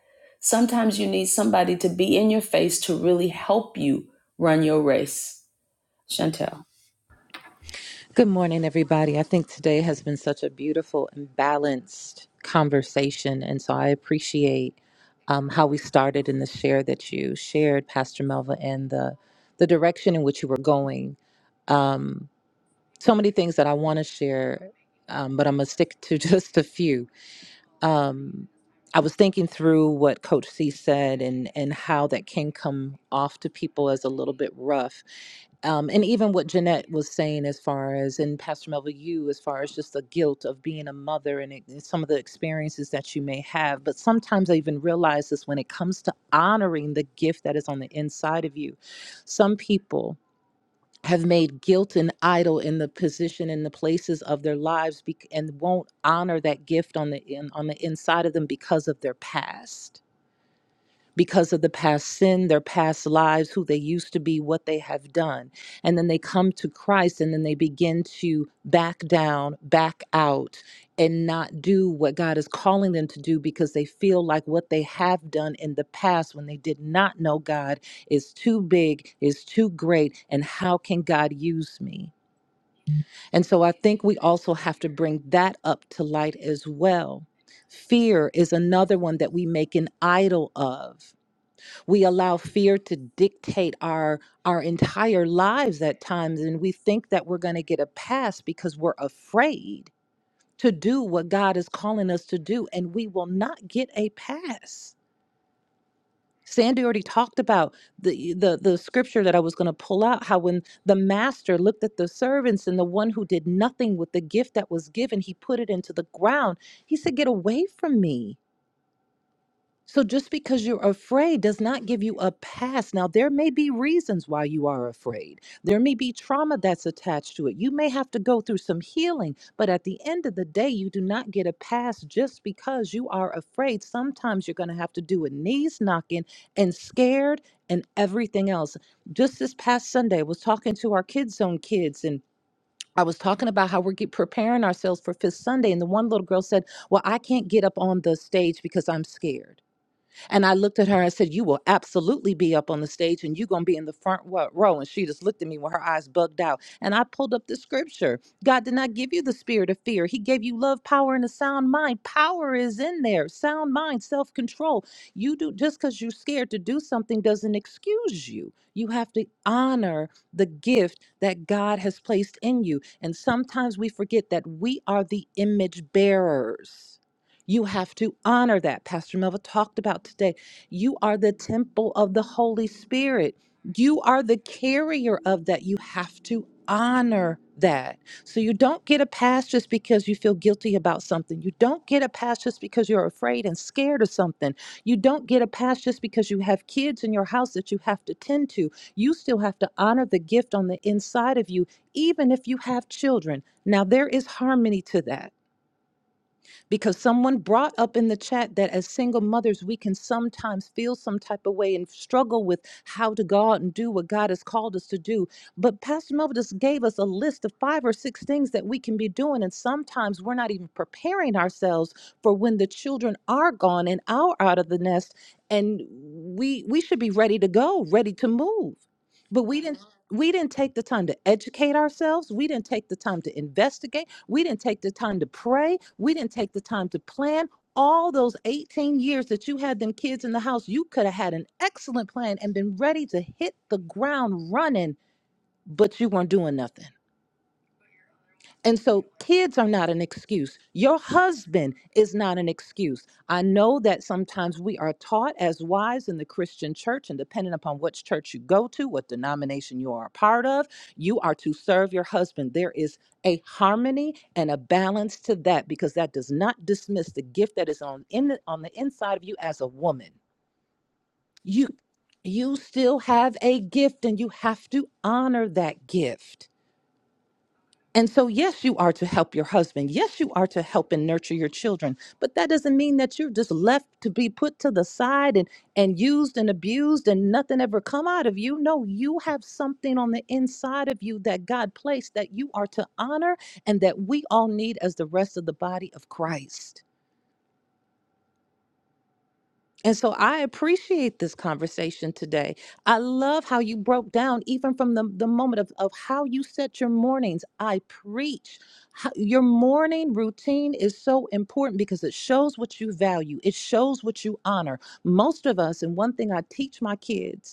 Speaker 1: Sometimes you need somebody to be in your face to really help you run your race. Chantel.
Speaker 15: Good morning, everybody. I think today has been such a beautiful and balanced conversation. And so I appreciate um, how we started in the share that you shared, Pastor Melva, and the, the direction in which you were going. Um, so many things that I want to share, um, but I'm going to stick to <laughs> just a few um, I was thinking through what Coach C said and and how that can come off to people as a little bit rough, um, and even what Jeanette was saying as far as and Pastor Melville, you as far as just the guilt of being a mother and, it, and some of the experiences that you may have. But sometimes I even realize this when it comes to honoring the gift that is on the inside of you. Some people have made guilt and idol in the position and the places of their lives bec- and won't honor that gift on the in, on the inside of them because of their past because of the past sin, their past lives, who they used to be, what they have done. And then they come to Christ and then they begin to back down, back out, and not do what God is calling them to do because they feel like what they have done in the past when they did not know God is too big, is too great, and how can God use me? And so I think we also have to bring that up to light as well. Fear is another one that we make an idol of we allow fear to dictate our our entire lives at times and we think that we're going to get a pass because we're afraid to do what God is calling us to do and we will not get a pass. Sandy already talked about the the the scripture that I was going to pull out how when the master looked at the servants and the one who did nothing with the gift that was given he put it into the ground. He said get away from me. So just because you're afraid does not give you a pass. Now, there may be reasons why you are afraid. There may be trauma that's attached to it. You may have to go through some healing, but at the end of the day, you do not get a pass just because you are afraid. Sometimes you're going to have to do a knees knocking and scared and everything else. Just this past Sunday, I was talking to our kids' own kids and I was talking about how we're get, preparing ourselves for Fifth Sunday, and the one little girl said, Well, I can't get up on the stage because I'm scared. And I looked at her and said, You will absolutely be up on the stage and you're going to be in the front wo- row. And she just looked at me with her eyes bugged out. And I pulled up the scripture God did not give you the spirit of fear, He gave you love, power, and a sound mind. Power is in there, sound mind, self control. You do just because you're scared to do something doesn't excuse you. You have to honor the gift that God has placed in you. And sometimes we forget that we are the image bearers you have to honor that. Pastor Melva talked about today. You are the temple of the Holy Spirit. You are the carrier of that. You have to honor that. So you don't get a pass just because you feel guilty about something. You don't get a pass just because you're afraid and scared of something. You don't get a pass just because you have kids in your house that you have to tend to. You still have to honor the gift on the inside of you, even if you have children. Now, there is harmony to that because someone brought up in the chat that as single mothers we can sometimes feel some type of way and struggle with how to go out and do what god has called us to do but pastor melvin just gave us a list of five or six things that we can be doing and sometimes we're not even preparing ourselves for when the children are gone and are out of the nest and we we should be ready to go ready to move but we didn't we didn't take the time to educate ourselves we didn't take the time to investigate we didn't take the time to pray. We didn't take the time to plan. All those 18 years that you had them kids in the house, you could have had an excellent plan and been ready to hit the ground running, but you weren't doing nothing. And so kids are not an excuse. Your husband is not an excuse. I know that sometimes we are taught as wives in the Christian church, and depending upon which church you go to, what denomination you are a part of, you are to serve your husband. There is a harmony and a balance to that because that does not dismiss the gift that is on in the, on the inside of you as a woman. You you still have a gift and you have to honor that gift. And so, yes, you are to help your husband. Yes, you are to help and nurture your children. But that doesn't mean that you're just left to be put to the side and, and used and abused and nothing ever come out of you. No, you have something on the inside of you that God placed that you are to honor and that we all need as the rest of the body of Christ. And so I appreciate this conversation today. I love how you broke down, even from the, the moment of, of how you set your mornings. I preach. How, your morning routine is so important because it shows what you value, it shows what you honor. Most of us, and one thing I teach my kids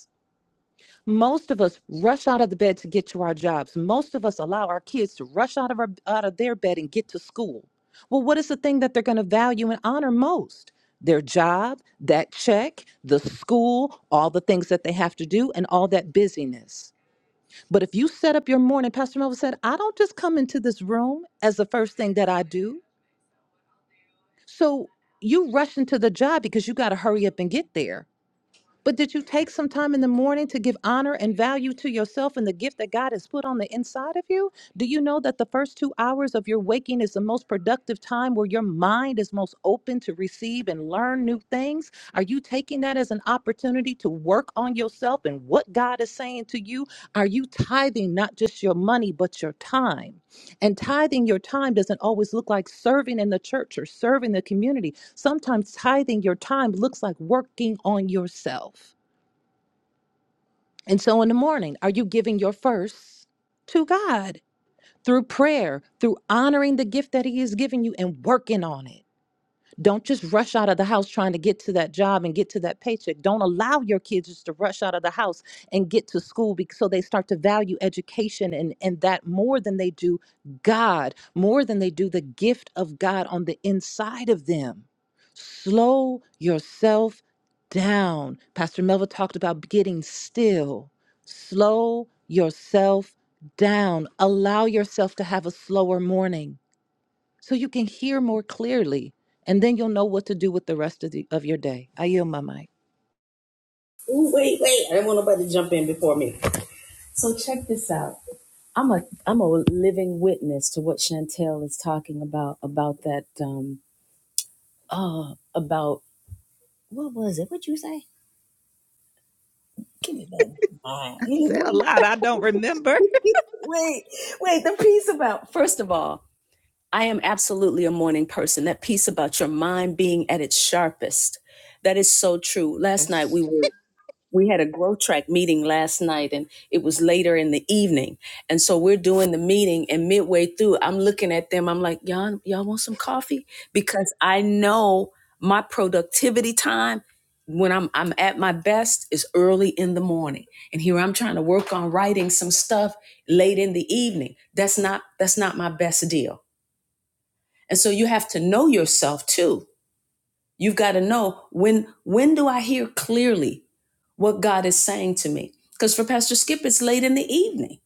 Speaker 15: most of us rush out of the bed to get to our jobs. Most of us allow our kids to rush out of our, out of their bed and get to school. Well, what is the thing that they're going to value and honor most? Their job, that check, the school, all the things that they have to do, and all that busyness. But if you set up your morning, Pastor Melvin said, I don't just come into this room as the first thing that I do. So you rush into the job because you got to hurry up and get there but did you take some time in the morning to give honor and value to yourself and the gift that God has put on the inside of you? Do you know that the first two hours of your waking is the most productive time where your mind is most open to receive and learn new things? Are you taking that as an opportunity to work on yourself and what God is saying to you? Are you tithing not just your money, but your time? And tithing your time doesn't always look like serving in the church or serving the community. Sometimes tithing your time looks like working on yourself. And so in the morning, are you giving your first to God through prayer, through honoring the gift that He has given you and working on it? Don't just rush out of the house trying to get to that job and get to that paycheck. Don't allow your kids just to rush out of the house and get to school because so they start to value education and, and that more than they do God, more than they do the gift of God on the inside of them. Slow yourself down. Pastor Melva talked about getting still. Slow yourself down. Allow yourself to have a slower morning so you can hear more clearly. And then you'll know what to do with the rest of, the, of your day. I yield my mic.
Speaker 1: So check this out. I'm a I'm a living witness to what Chantel is talking about about that um uh about what was it? What you say? Give me that mind.
Speaker 15: Said a
Speaker 1: Wait,
Speaker 15: lot I don't remember.
Speaker 1: <laughs>
Speaker 15: <laughs>
Speaker 1: wait, wait. The piece about, first of all, I am absolutely a morning person. That piece about your mind being at its sharpest. That is so true. Last night
Speaker 2: Yes.
Speaker 1: we were we had a growth track meeting last night and it was later in the evening and so we're doing the meeting and midway through i'm looking at them i'm like y'all y'all want some coffee because i know my productivity time when i'm i'm at my best is early in the morning and here i'm trying to work on writing some stuff late in the evening that's not that's not my best deal and so you have to know yourself too You've got to know when when do I hear clearly what God is saying to me? Because for Pastor Skip, it's late in the evening.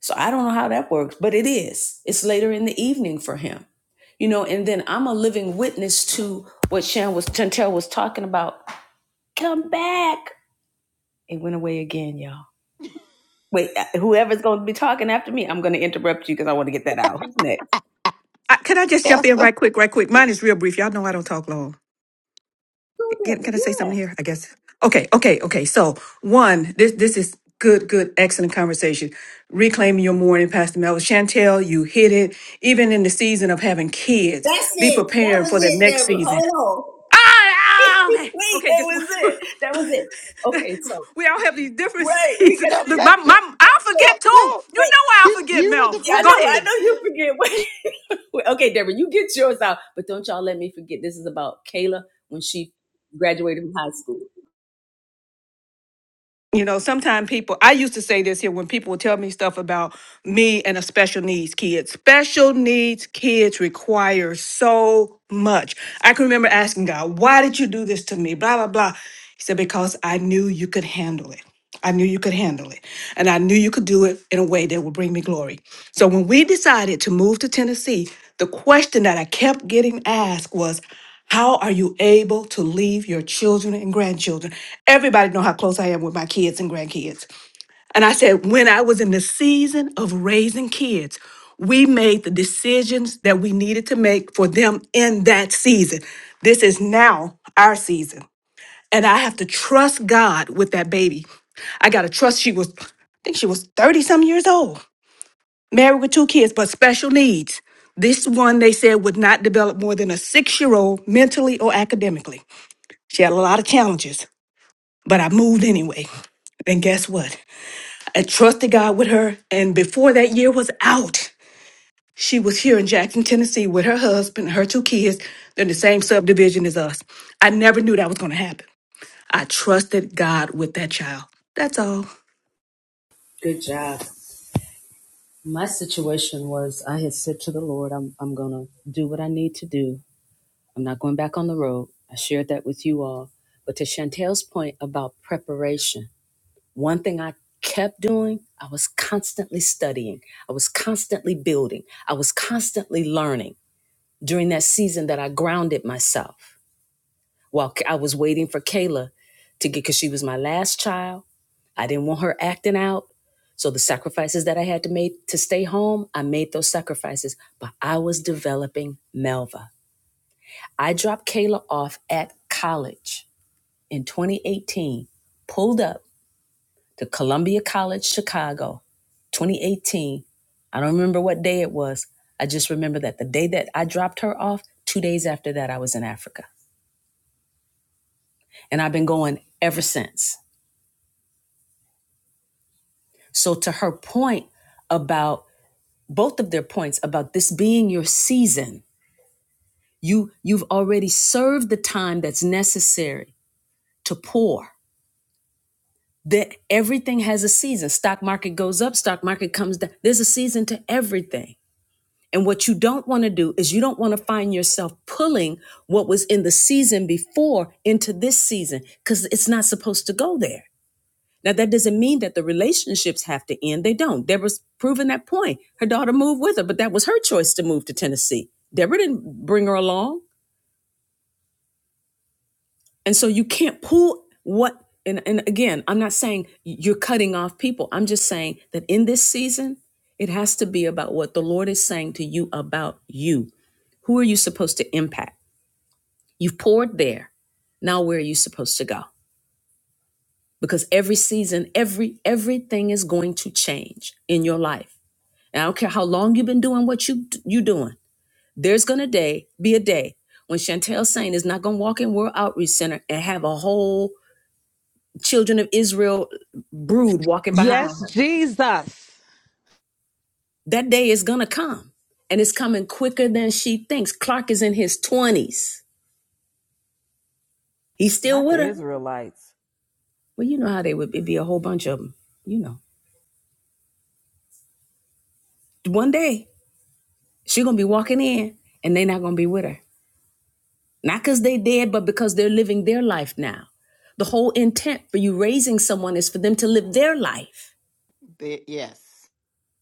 Speaker 1: So I don't know how that works, but it is. It's later in the evening for him. You know, and then I'm a living witness to what Shan was Chantel was talking about. Come back. It went away again, y'all. Wait, uh, whoever's going to be talking after me, I'm going to interrupt you because I want to get that out. Who's next?
Speaker 9: I, can I just jump
Speaker 2: Yes.
Speaker 9: in
Speaker 2: No,
Speaker 9: right quick, right quick? Mine is real brief. Y'all know I don't talk long.
Speaker 1: Who,
Speaker 9: Can, can I say
Speaker 1: Yeah.
Speaker 9: something here? I guess. Okay, okay, okay. So one, this this is good, good, excellent conversation. Reclaiming your morning, Pastor Mel. Chantel, you hit it. Even in the season of having kids,
Speaker 1: That's
Speaker 9: be
Speaker 1: it. That
Speaker 9: preparing
Speaker 1: was
Speaker 9: for the
Speaker 1: it,
Speaker 9: next
Speaker 1: Deborah.
Speaker 9: season.
Speaker 1: Hold on.
Speaker 9: Ah, ah, okay,
Speaker 1: wait,
Speaker 9: okay.
Speaker 1: that
Speaker 9: Just one-
Speaker 1: was it. That was it. Okay,
Speaker 9: <laughs>
Speaker 1: so
Speaker 9: we all have these different <laughs>
Speaker 1: right, we
Speaker 9: seasons.
Speaker 1: got to
Speaker 9: Look, my,
Speaker 2: let, let
Speaker 9: my, I'll
Speaker 2: no,
Speaker 1: wait,
Speaker 9: forget too.
Speaker 2: no.
Speaker 9: You
Speaker 1: wait.
Speaker 9: know I'll
Speaker 2: You
Speaker 9: forget,
Speaker 2: you were the
Speaker 9: Mel.
Speaker 1: Yeah, I
Speaker 9: Go
Speaker 1: know,
Speaker 2: person.
Speaker 1: I
Speaker 2: <laughs>
Speaker 9: ahead.
Speaker 1: know you
Speaker 2: we,
Speaker 1: forget. <laughs> Wait. okay, Deborah, you get yours out, but don't y'all let me forget. This is about Kayla when she graduated from high school.
Speaker 9: You know, sometimes people, I used to say this here when people would tell me stuff about me and a special needs kid. Special needs kids require so much. I can remember asking God, why did you do this to me? Blah, blah, blah. He said, because I knew you could handle it. I knew you could handle it. And I knew you could do it in a way that would bring me glory. So when we decided to move to Tennessee, the question that I kept getting asked was, how are you able to leave your children and grandchildren? Everybody know how close I am with my kids and grandkids. And I said, when I was in the season of raising kids, we made the decisions that we needed to make for them in that season. This is now our season and I have to trust God with that baby. I got to trust she was, I think she was 30 some years old, married with two kids, but special needs. This one they said would not develop more than a six year old mentally or academically. She had a lot of challenges, but I moved anyway. And guess what? I trusted God with her. And before that year was out, she was here in Jackson, Tennessee with her husband, her two kids. They're in the same subdivision as us. I never knew that was going to happen. I trusted God with that child. That's all.
Speaker 1: Good job. My situation was I had said to the Lord, I'm, I'm going to do what I need to do. I'm not going back on the road. I shared that with you all. But to Chantel's point about preparation, One thing I kept doing, I was constantly studying, I was constantly building, I was constantly learning during that season that I grounded myself while I was waiting for Kayla to get, because she was my last child. I didn't want her acting out. So the sacrifices that I had to make to stay home, I made those sacrifices, but I was developing Melva. I dropped Kayla off at college in 2018, pulled up to Columbia College, Chicago, 2018. I don't remember what day it was. I just remember that the day that I dropped her off, two days after that, I was in Africa. And I've been going ever since. So, to her point about both of their points about this being your season, you, you've already served the time that's necessary to pour. That everything has a season. Stock market goes up, stock market comes down. There's a season to everything And what you don't want to do is you don't want to find yourself pulling what was in the season before into this season because it's not supposed to go there. Now, that doesn't mean that the relationships have to end. They don't. Deborah's proven that point. Her daughter moved with her, but that was her choice to move to Tennessee. Deborah didn't bring her along. And so you can't pull what, and, and again, I'm not saying you're cutting off people. I'm just saying that in this season, it has to be about what the Lord is saying to you about you. Who are you supposed to impact? You've poured there. Now where are you supposed to go? Because every season, every everything is going to change in your life. And I don't care how long you've been doing what you you doing. There's gonna day be a day when Chantel Saint is not gonna walk in World Outreach Center and have a whole children of Israel brood walking behind
Speaker 15: Yes,
Speaker 1: her.
Speaker 15: Jesus.
Speaker 1: That day is gonna come. And it's coming quicker than she thinks. Clark is in his twenties. He's still
Speaker 8: not the
Speaker 1: with her.
Speaker 8: Israelites.
Speaker 1: Well, you know how they would it'd be a whole bunch of them, you know. One day She's gonna be walking in and they are not gonna be with her. Not because they dead, but because they're living their life now. The whole intent for you raising someone is for them to live their life.
Speaker 2: the, yes.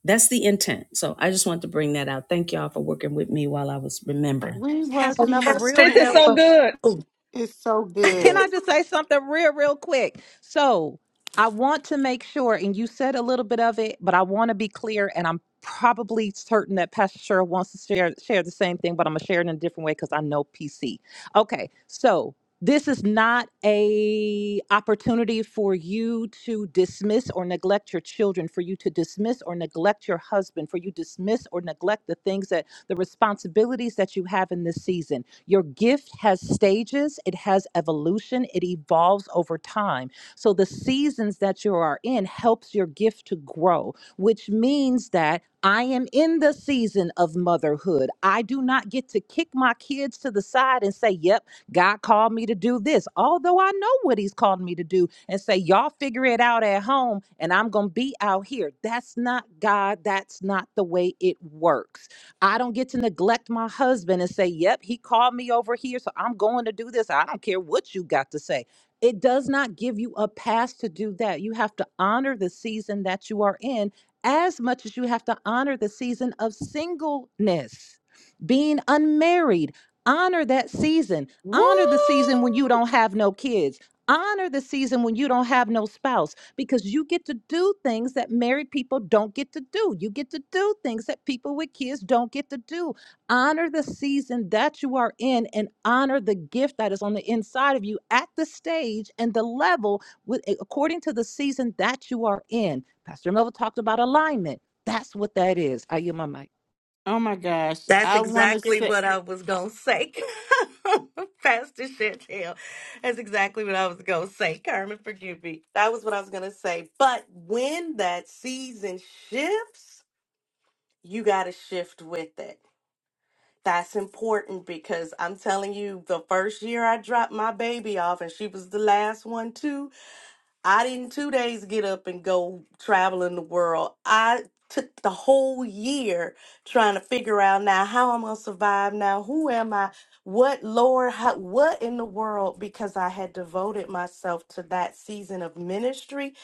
Speaker 1: That's the intent. So I just wanted to bring that out. Thank y'all for working with me while I was remembering.
Speaker 2: We
Speaker 15: Pastor
Speaker 13: And
Speaker 15: Melva,
Speaker 2: working
Speaker 15: real
Speaker 13: Pastor
Speaker 15: quick.
Speaker 13: Melba. Oh.
Speaker 2: is so
Speaker 13: <laughs>
Speaker 15: Can I
Speaker 2: good.
Speaker 15: just say something real, real quick? So I want to make sure, and you said a little bit of it, but I want to be clear, and I'm probably certain that Pastor Cheryl wants to share share the same thing, but I'm gonna share it in a different way because I know PC. Okay, so this is not a opportunity for you to dismiss or neglect your children for you to dismiss or neglect your husband for you dismiss or neglect the things that the responsibilities that you have in this season your gift has stages it has evolution it evolves over time so the seasons that you are in helps your gift to grow which means that I am in the season of motherhood. I do not get to kick my kids to the side and say, "Yep, God called me to do this, although I know what He's called me to do, and say, Y'all figure it out at home, and I'm going to be out here. That's not God. That's not the way it works. I don't get to neglect my husband and say, Yep, he called me over here, so I'm going to do this. I don't care what you got to say. It does not give you a pass to do that. You have to honor the season that you are in as much as you have to honor the season of singleness, being unmarried. Honor that season.
Speaker 2: Woo!
Speaker 15: Honor the season when you
Speaker 2: Oh
Speaker 15: don't have no kids. Honor the season when you don't have no spouse because you get to do things that married people don't get to do. You get to do things that people with kids don't get to do. Honor the season that you are in and honor the gift that is on the inside of you at the stage and the level with according to the season that you are in. Pastor Melville talked about alignment. That's what that is. I yield my mic.
Speaker 2: my gosh.
Speaker 13: That's
Speaker 2: I wanna
Speaker 13: exactly
Speaker 2: say
Speaker 13: what I was gonna say, <laughs> Pastor Chantel. That's exactly what I was gonna say. Carmen, forgive me. That was what I was gonna say. But when that season shifts, you gotta shift with it. That's important because I'm telling you, the first year I dropped my baby off, and she was the last one too. I didn't two days get up and go traveling the world. I took the whole year trying to figure out now how I'm gonna survive now. Who am I? What Lord? How, what in the world? Because I had devoted myself to that season of ministry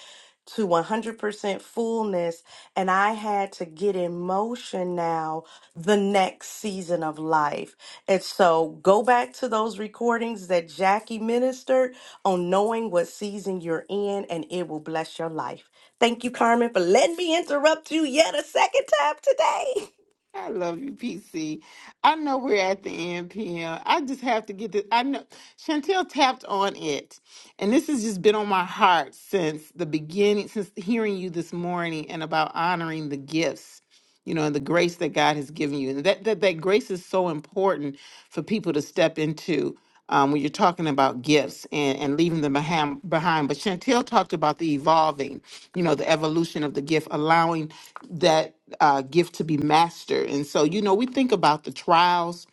Speaker 13: to 100% fullness. And I had to get in motion now the next season of life. And so go back to those recordings that Jackie ministered on knowing what season you're in, and it will bless your life. Thank you, Carmen, for letting me interrupt you yet a second time today. <laughs>
Speaker 2: I love you, PC. I know we're at the end, PM. I just have to get this. I know Chantel tapped on it, and this has just been on my heart since the beginning, since hearing you this morning, and about honoring the gifts, you know, and the grace that God has given you, and that that that grace is so important for people to step into um, when you're talking about gifts and, and leaving them beham- behind. But Chantel talked about the evolving, you know, the evolution of the gift, allowing that uh, gift to be mastered. And so, you know, we think about the trials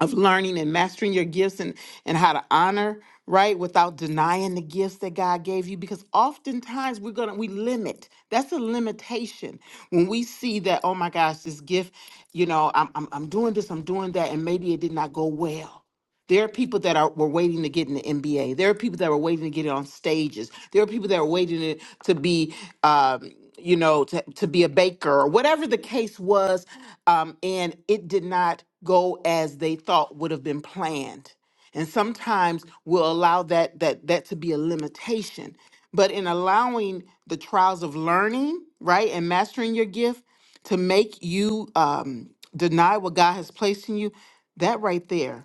Speaker 2: of learning and mastering your gifts and, and how to honor right without denying the gifts that god gave you because oftentimes we're gonna we limit that's a limitation when we see that oh my gosh this gift you know i'm, I'm, I'm doing this i'm doing that and maybe it did not go well there are people that are were waiting to get in the NBA. There are people that were waiting to get on stages. There are people that are waiting to, to be, um, you know, to, to be a baker or whatever the case was. Um, and it did not go as they thought would have been planned. And sometimes we'll allow that that that to be a limitation. But in allowing the trials of learning, right, and mastering your gift to make you um, deny what God has placed in you, that right there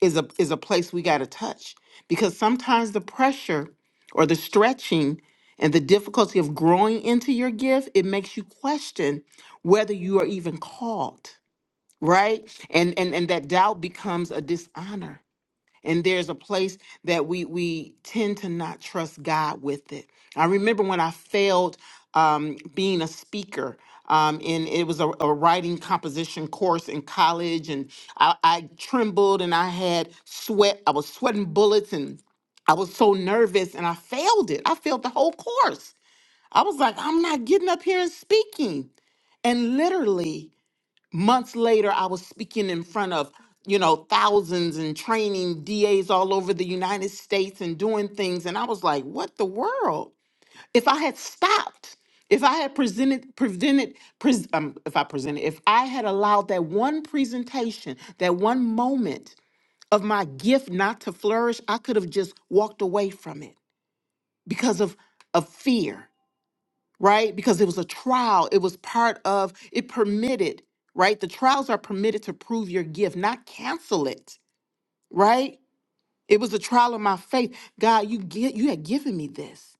Speaker 2: is a is a place we got to touch because sometimes the pressure or the stretching and the difficulty of growing into your gift it makes you question whether you are even called right and and and that doubt becomes a dishonor and there's a place that we we tend to not trust God with it. I remember when I failed um, being a speaker, um, and it was a, a writing composition course in college, and I, I trembled and I had sweat. I was sweating bullets, and I was so nervous, and I failed it. I failed the whole course. I was like, I'm not getting up here and speaking, and literally months later i was speaking in front of you know thousands and training das all over the united states and doing things and i was like what the world if i had stopped if i had presented prevented pres- um, if i presented if i had allowed that one presentation that one moment of my gift not to flourish i could have just walked away from it because of of fear right? Because it was a trial. It was part of, it permitted, right? The trials are permitted to prove your gift, not cancel it, right? It was a trial of my faith. God, you get you had given me this.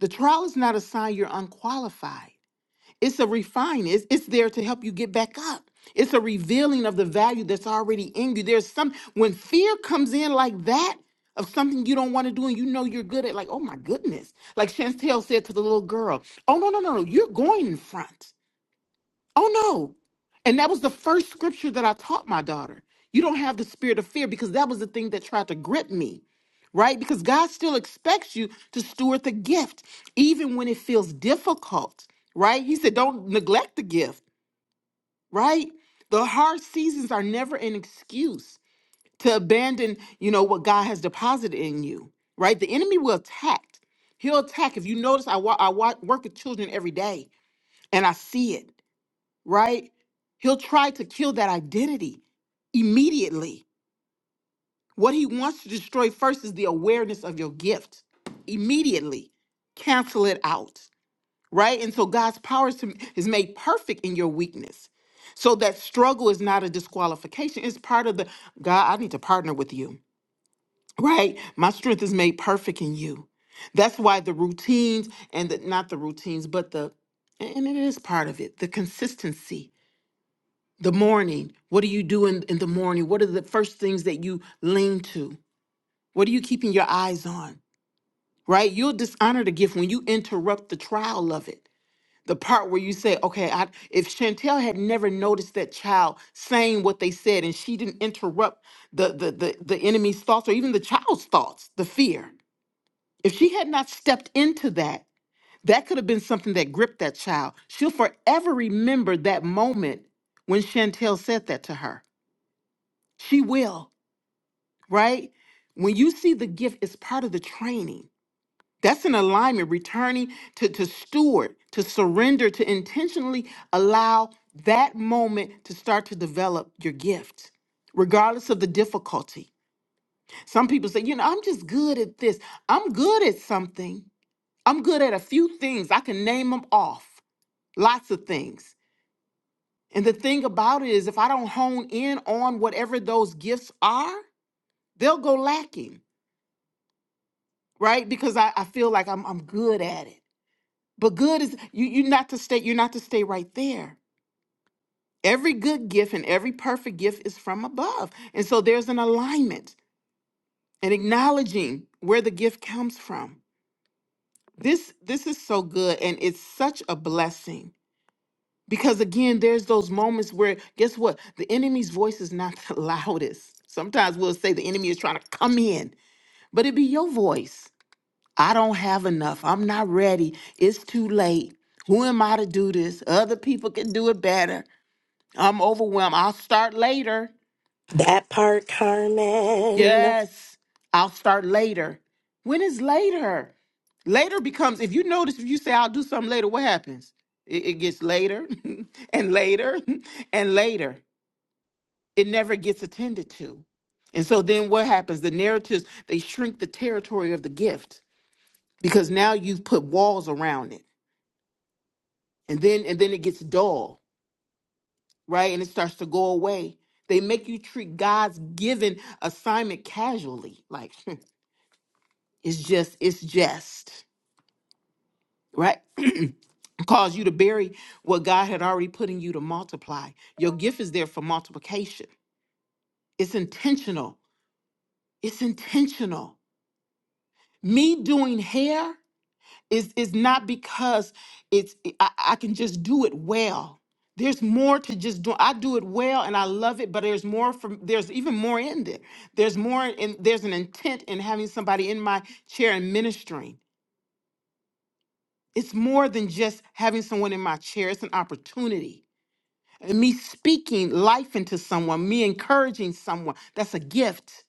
Speaker 2: The trial is not a sign you're unqualified. It's a refining. It's, it's there to help you get back up. It's a revealing of the value that's already in you. There's some when fear comes in like that of something you don't want to do and you know you're good at, like, oh my goodness. Like Chantel said to the little girl, oh no, no, no, no, you're going in front. Oh no. And that was the first scripture that I taught my daughter. You don't have the spirit of fear because that was the thing that tried to grip me, right? Because God still expects you to steward the gift, even when it feels difficult, right? He said, don't neglect the gift, right? The hard seasons are never an excuse to abandon, you know, what God has deposited in you, right? The enemy will attack. He'll attack. If you notice, I, wa- I wa- work with children every day and I see it right? He'll try to kill that identity immediately. What he wants to destroy first is the awareness of your gift. Immediately cancel it out, right? And so God's power is to- is made perfect in your weakness. So that struggle is not a disqualification. It's part of the God, I need to partner with you, right? My strength is made perfect in you. That's why the routines and the, not the routines, but the, and it is part of it, the consistency The morning. What do you do in, in the morning? What are the first things that you lean to? What are you keeping your eyes on? Right? You'll dishonor the gift when you interrupt the trial of it. The part where you say, okay, I, if Chantel had never noticed that child saying what they said and she didn't interrupt the, the, the, the enemy's thoughts or even the child's thoughts, the fear, if she had not stepped into that, that could have been something that gripped that child. She'll forever remember that moment when Chantel said that to her. She will, right? When you see the gift, it's part of the training. That's an alignment, returning to, to steward, to surrender, to intentionally allow that moment to start to develop your gift, regardless of the difficulty. Some people say, you know, I'm just good at this. I'm good at something. I'm good at a few things. I can name them off, lots of things. And the thing about it is, if I don't hone in on whatever those gifts are, they'll go lacking right? Because I, I feel like I'm I'm good at it. But good is you you not to stay you're not to stay right there. Every good gift and every perfect gift is from above. And so there's an alignment and acknowledging where the gift comes from. This this is so good and it's such a blessing. Because again, there's those moments where guess what? The enemy's voice is not <laughs> the loudest. Sometimes we'll say the enemy is trying to come in, but it be your voice I don't have enough. I'm not ready. It's too late. Who am I to do this? Other people can do it better. I'm overwhelmed. I'll start later.
Speaker 13: That part, Carmen.
Speaker 2: Yes, I'll start later. When is later? Later becomes, if you notice, if you say, I'll do something later, what happens? It, it gets later <laughs> and later <laughs> and later. It never gets attended to. And so then what happens? The narratives, they shrink the territory of the gift because now you've put walls around it. and then and then it gets dull right and it starts to go away they make you treat god's given assignment casually like <laughs> it's just it's just right <clears throat> cause you to bury what god had already put in you to multiply your gift is there for multiplication it's intentional it's intentional me doing hair It's, it's not because it's I, I can just do it well. There's more to just do. I do it well and I love it, but there's more from there's even more in there. There's more and there's an intent in having somebody in my chair and ministering. It's more than just having someone in my chair. It's an opportunity. And me speaking life into someone, me encouraging someone, that's a gift.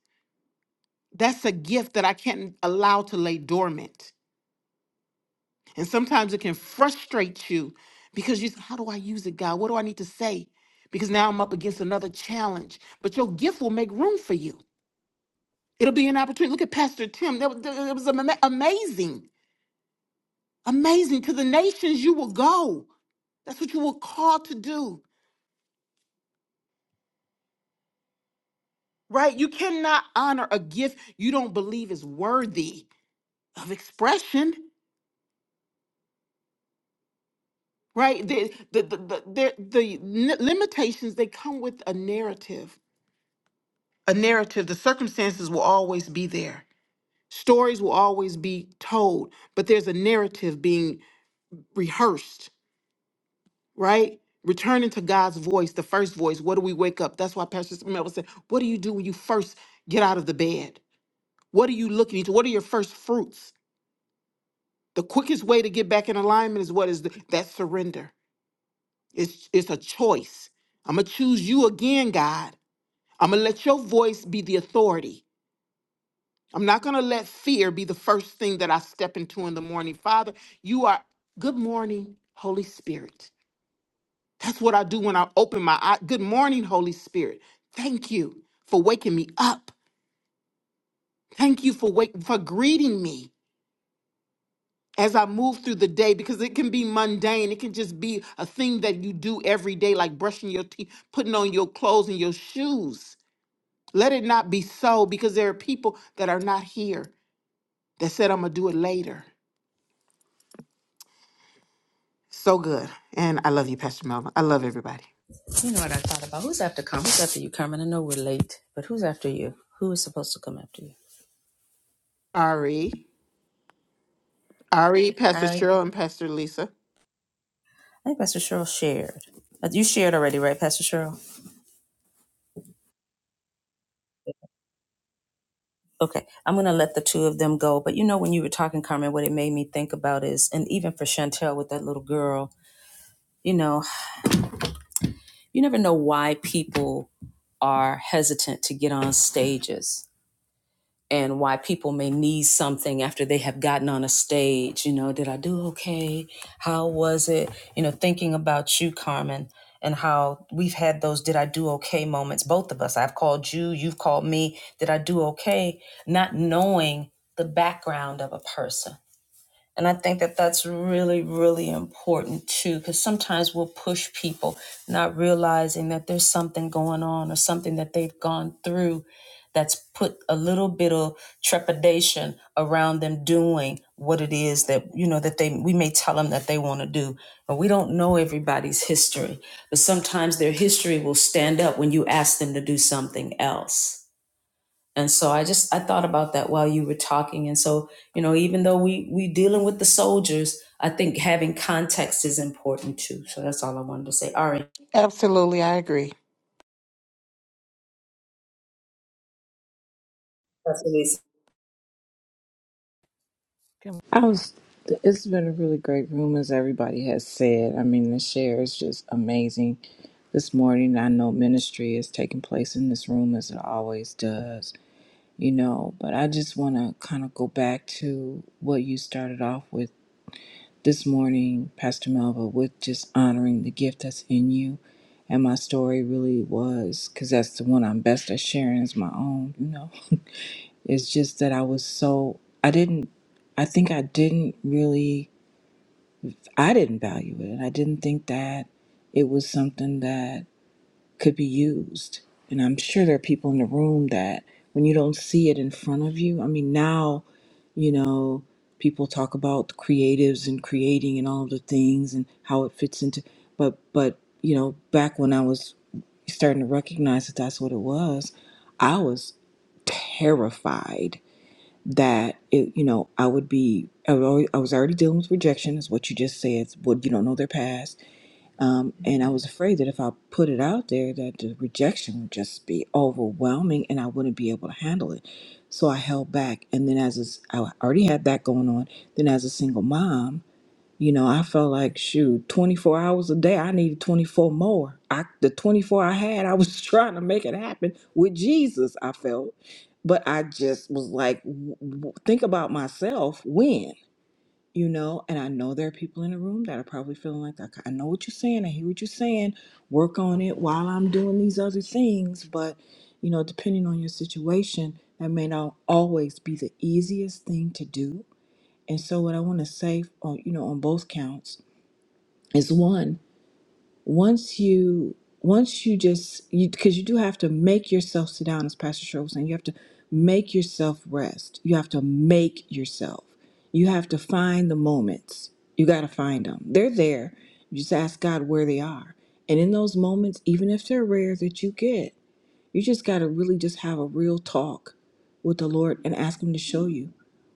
Speaker 2: That's a gift that I can't allow to lay dormant. And sometimes it can frustrate you because you say, How do I use it, God? What do I need to say? Because now I'm up against another challenge. But your gift will make room for you. It'll be an opportunity. Look at Pastor Tim. That was, that was ama- amazing. Amazing. To the nations you will go. That's what you were called to do, right? You cannot honor a gift you don't believe is worthy of expression, right? The, the, the, the, the, the limitations, they come with a narrative a narrative, the circumstances will always be there. Stories will always be told, but there's a narrative being rehearsed, right? Returning to God's voice, the first voice. What do we wake up? That's why Pastor Mel said, What do you do when you first get out of the bed? What are you looking into? What are your first fruits? The quickest way to get back in alignment is what is the, that surrender. It's it's a choice. I'm gonna choose you again, God. I'm gonna let your voice be the authority. I'm not going to let fear be the first thing that I step into in the morning. Father, you are good morning, Holy Spirit. That's what I do when I open my eye. Good morning, Holy Spirit. Thank you for waking me up. Thank you for wake, for greeting me as I move through the day because it can be mundane. It can just be a thing that you do every day like brushing your teeth, putting on your clothes and your shoes. Let it not be so because there are people that are not here that said I'm going to do it later. So good. And I love you, Pastor Melvin. I love everybody.
Speaker 1: You know what I thought about? Who's after Carmen? Who's after you, Carmen? I know we're late, but who's after you? Who is supposed to come after you?
Speaker 2: Ari, Ari, Pastor
Speaker 1: I,
Speaker 2: Cheryl, and Pastor Lisa.
Speaker 1: I think Pastor Cheryl shared. Uh, You shared already, right, Pastor Cheryl? Okay, I'm gonna let the two of them go. But you know, when you were talking, Carmen, what it made me think about is, and even for Chantel with that little girl, you know, you never know why people are hesitant to get on stages and why people may need something after they have gotten on a stage. You know, did I do okay? How was it? You know, thinking about you, Carmen, and how we've had those did I do okay moments, both of us. I've called you, you've called me. Did I do okay? Not knowing the background of a person. And I think that that's really, really important too, because sometimes we'll push people not realizing that there's something going on or something that they've gone through that's put a little bit of trepidation around them doing what it is that you know that they we may tell them that they want to do but we don't know everybody's history but sometimes their history will stand up when you ask them to do something else and so I just I thought about that while you were talking. And so, you know, even though we we dealing with the soldiers, I think having context is important too. So that's all I wanted to say. All right.
Speaker 2: Absolutely, I agree.
Speaker 8: Can- I was. It's been a really great room, as everybody has said. I mean, the share is just amazing. This morning, I know ministry is taking place in this room as it always does, you know. But I just want to kind of go back to what you started off with this morning, Pastor Melva, with just honoring the gift that's in you. And my story really was, because that's the one I'm best at sharing is my own, you know. It's just that I was so, I didn't, I think I didn't really, I didn't value it. I didn't think that it was something that could be used. And I'm sure there are people in the room that when you don't see it in front of you, I mean, now, you know, people talk about creatives and creating and all the things and how it fits into, but, but, you know, back when I was starting to recognize that that's what it was, I was terrified that it, you know I would be I was already, I was already dealing with rejection is what you just said what you don't know their past um, and I was afraid that if I put it out there that the rejection would just be overwhelming and I wouldn't be able to handle it so I held back and then as a s I already had that going on then as a single mom you know, I felt like shoot, 24 hours a day, I needed 24 more. I the 24 I had, I was <laughs> trying to make it happen with Jesus, I felt. But I just was like w- w- think about myself when, you know, and I know there are people in the room that are probably feeling like I, I know what you're saying, I hear what you're saying. Work on it while I'm doing these other things, but you know, depending on your situation, that may not always be the easiest thing to do. And so what I want to say on you know on both counts is one once you once you just you because you do have to make yourself sit down as pastor Cheryl was saying you have to make yourself rest you have to make yourself you have to find the moments you got to find them they're there you just ask god where they are and in those moments even if they're rare that you get you just got to really just have a real talk with the lord and ask him to show you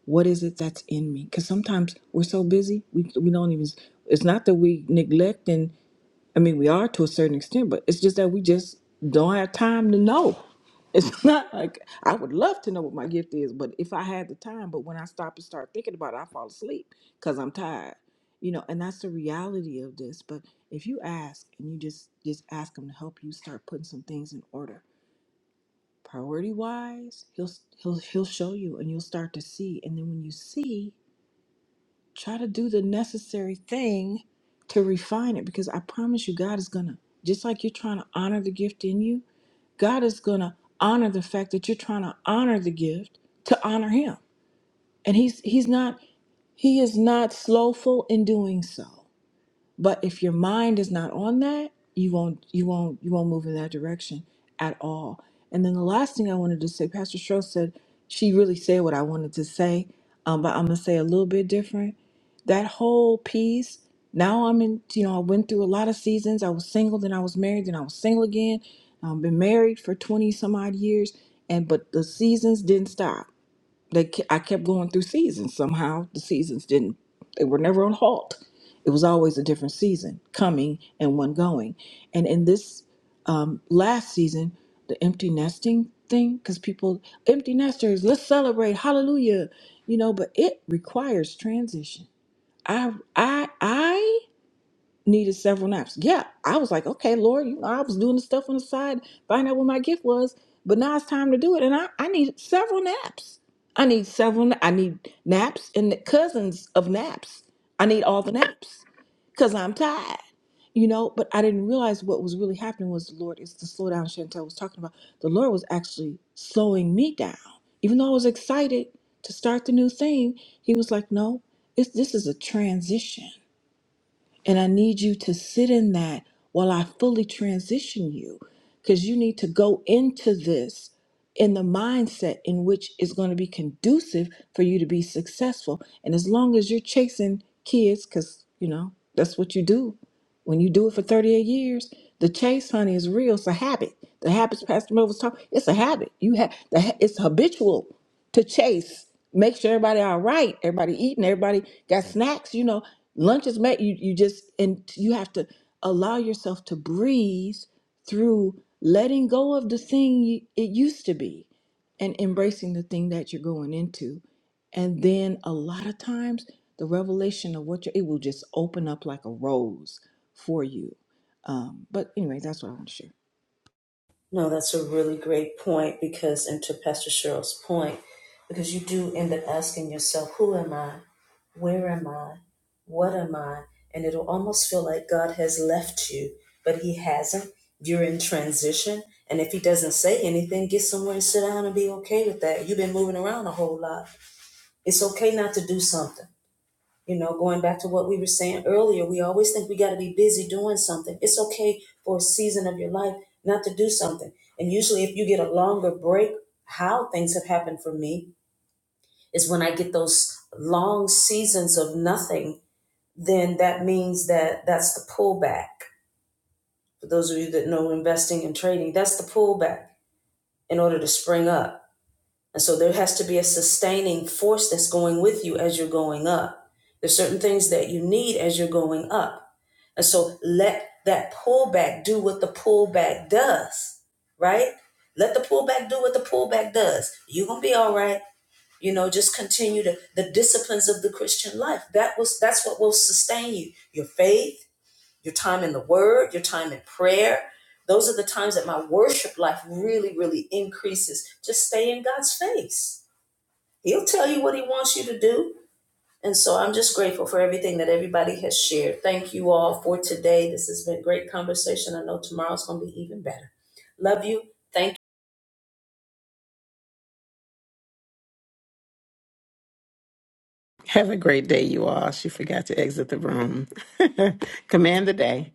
Speaker 8: what is it that's in me because sometimes we're so busy we, we don't even it's not that we neglecting. I mean, we are to a certain extent, but it's just that we just don't have time to know. It's <laughs> not like I would love to know what my gift is, but if I had the time, but when I stop and start thinking about it, I fall asleep because I'm tired. You know, and that's the reality of this. But if you ask and you just just ask him to help you start putting some things in order, priority wise, he'll he'll he'll show you, and you'll start to see. And then when you see, Try to do the necessary thing to refine it because I promise you, God is going to, just like you're trying to honor the gift in you, God is going to honor the fact that you're trying to honor the gift to honor Him. And He's He's not He is not slowful in doing so. But if your mind is not on that, you won't you won't you won't move in that direction at all. And then the last thing I wanted to say, Pastor Stroh said she really said what I wanted to say, um, but I'm gonna say a little bit different. That whole piece. Now I'm in. You know, I went through a lot of seasons. I was single, then I was married, then I was single again. I've been married for 20 some odd years, and but the seasons didn't stop they ke- I kept going through seasons somehow the seasons didn't they were never on halt it was always a different season coming and one going and in this um, last season the empty nesting thing because people empty nesters let's celebrate hallelujah you know but it requires transition I I I needed several naps. Yeah, I was like, okay, Lord, you know, I was doing the stuff on the side, find out what my gift was, but now it's time to do it. And I, I need several naps. I need several, I need naps and the cousins of naps. I need all the naps because I'm tired, you know, but I didn't realize what was really happening was the Lord is the slow down Chantel was talking about. The Lord was actually slowing me down. Even though I was excited to start the new thing, he was like, no, it's, this is a transition and I need you to sit in that while I fully transition you because you need to go into this in the mindset in which is going to be conducive for you to be successful. And as long as you're chasing kids, because, you know, that's what you do when you do it for 38 years, the chase, honey, is real. It's a habit. The habits Pastor Mo was talking, it's a habit. You have the ha- it's habitual to chase. Make sure everybody all right, everybody eating, everybody got snacks, you know, lunch is made. You you just and you have to allow yourself to breathe through letting go of the thing you, it used to be and embracing the thing that you're going into. And then a lot of times, the revelation of what you it will just open up like a rose for you. Um, but anyway, that's what I want to share.
Speaker 1: No, that's a really great point because, and to Pastor Cheryl's point, because you do end up asking yourself, who am I? Where am I? What am I? And it'll almost feel like God has left you, but He hasn't. You're in transition. And if He doesn't say anything, get somewhere and sit down and be okay with that. You've been moving around a whole lot. It's okay not to do something. You know, going back to what we were saying earlier, we always think we got to be busy doing something. It's okay for a season of your life not to do something. And usually, if you get a longer break, how things have happened for me is when I get those long seasons of nothing, then that means that that's the pullback. For those of you that know investing and trading, that's the pullback in order to spring up. And so there has to be a sustaining force that's going with you as you're going up. There's certain things that you need as you're going up. And so let that pullback do what the pullback does, right? Let the pullback do what the pullback does. You're gonna be all right. You know, just continue to the disciplines of the Christian life. That was that's what will sustain you. Your faith, your time in the word, your time in prayer. Those are the times that my worship life really, really increases. Just stay in God's face. He'll tell you what He wants you to do. And so I'm just grateful for everything that everybody has shared. Thank you all for today. This has been a great conversation. I know tomorrow's going to be even better. Love you. Thank you.
Speaker 2: Have a great day, you all. She forgot to exit the room. <laughs> Command the day.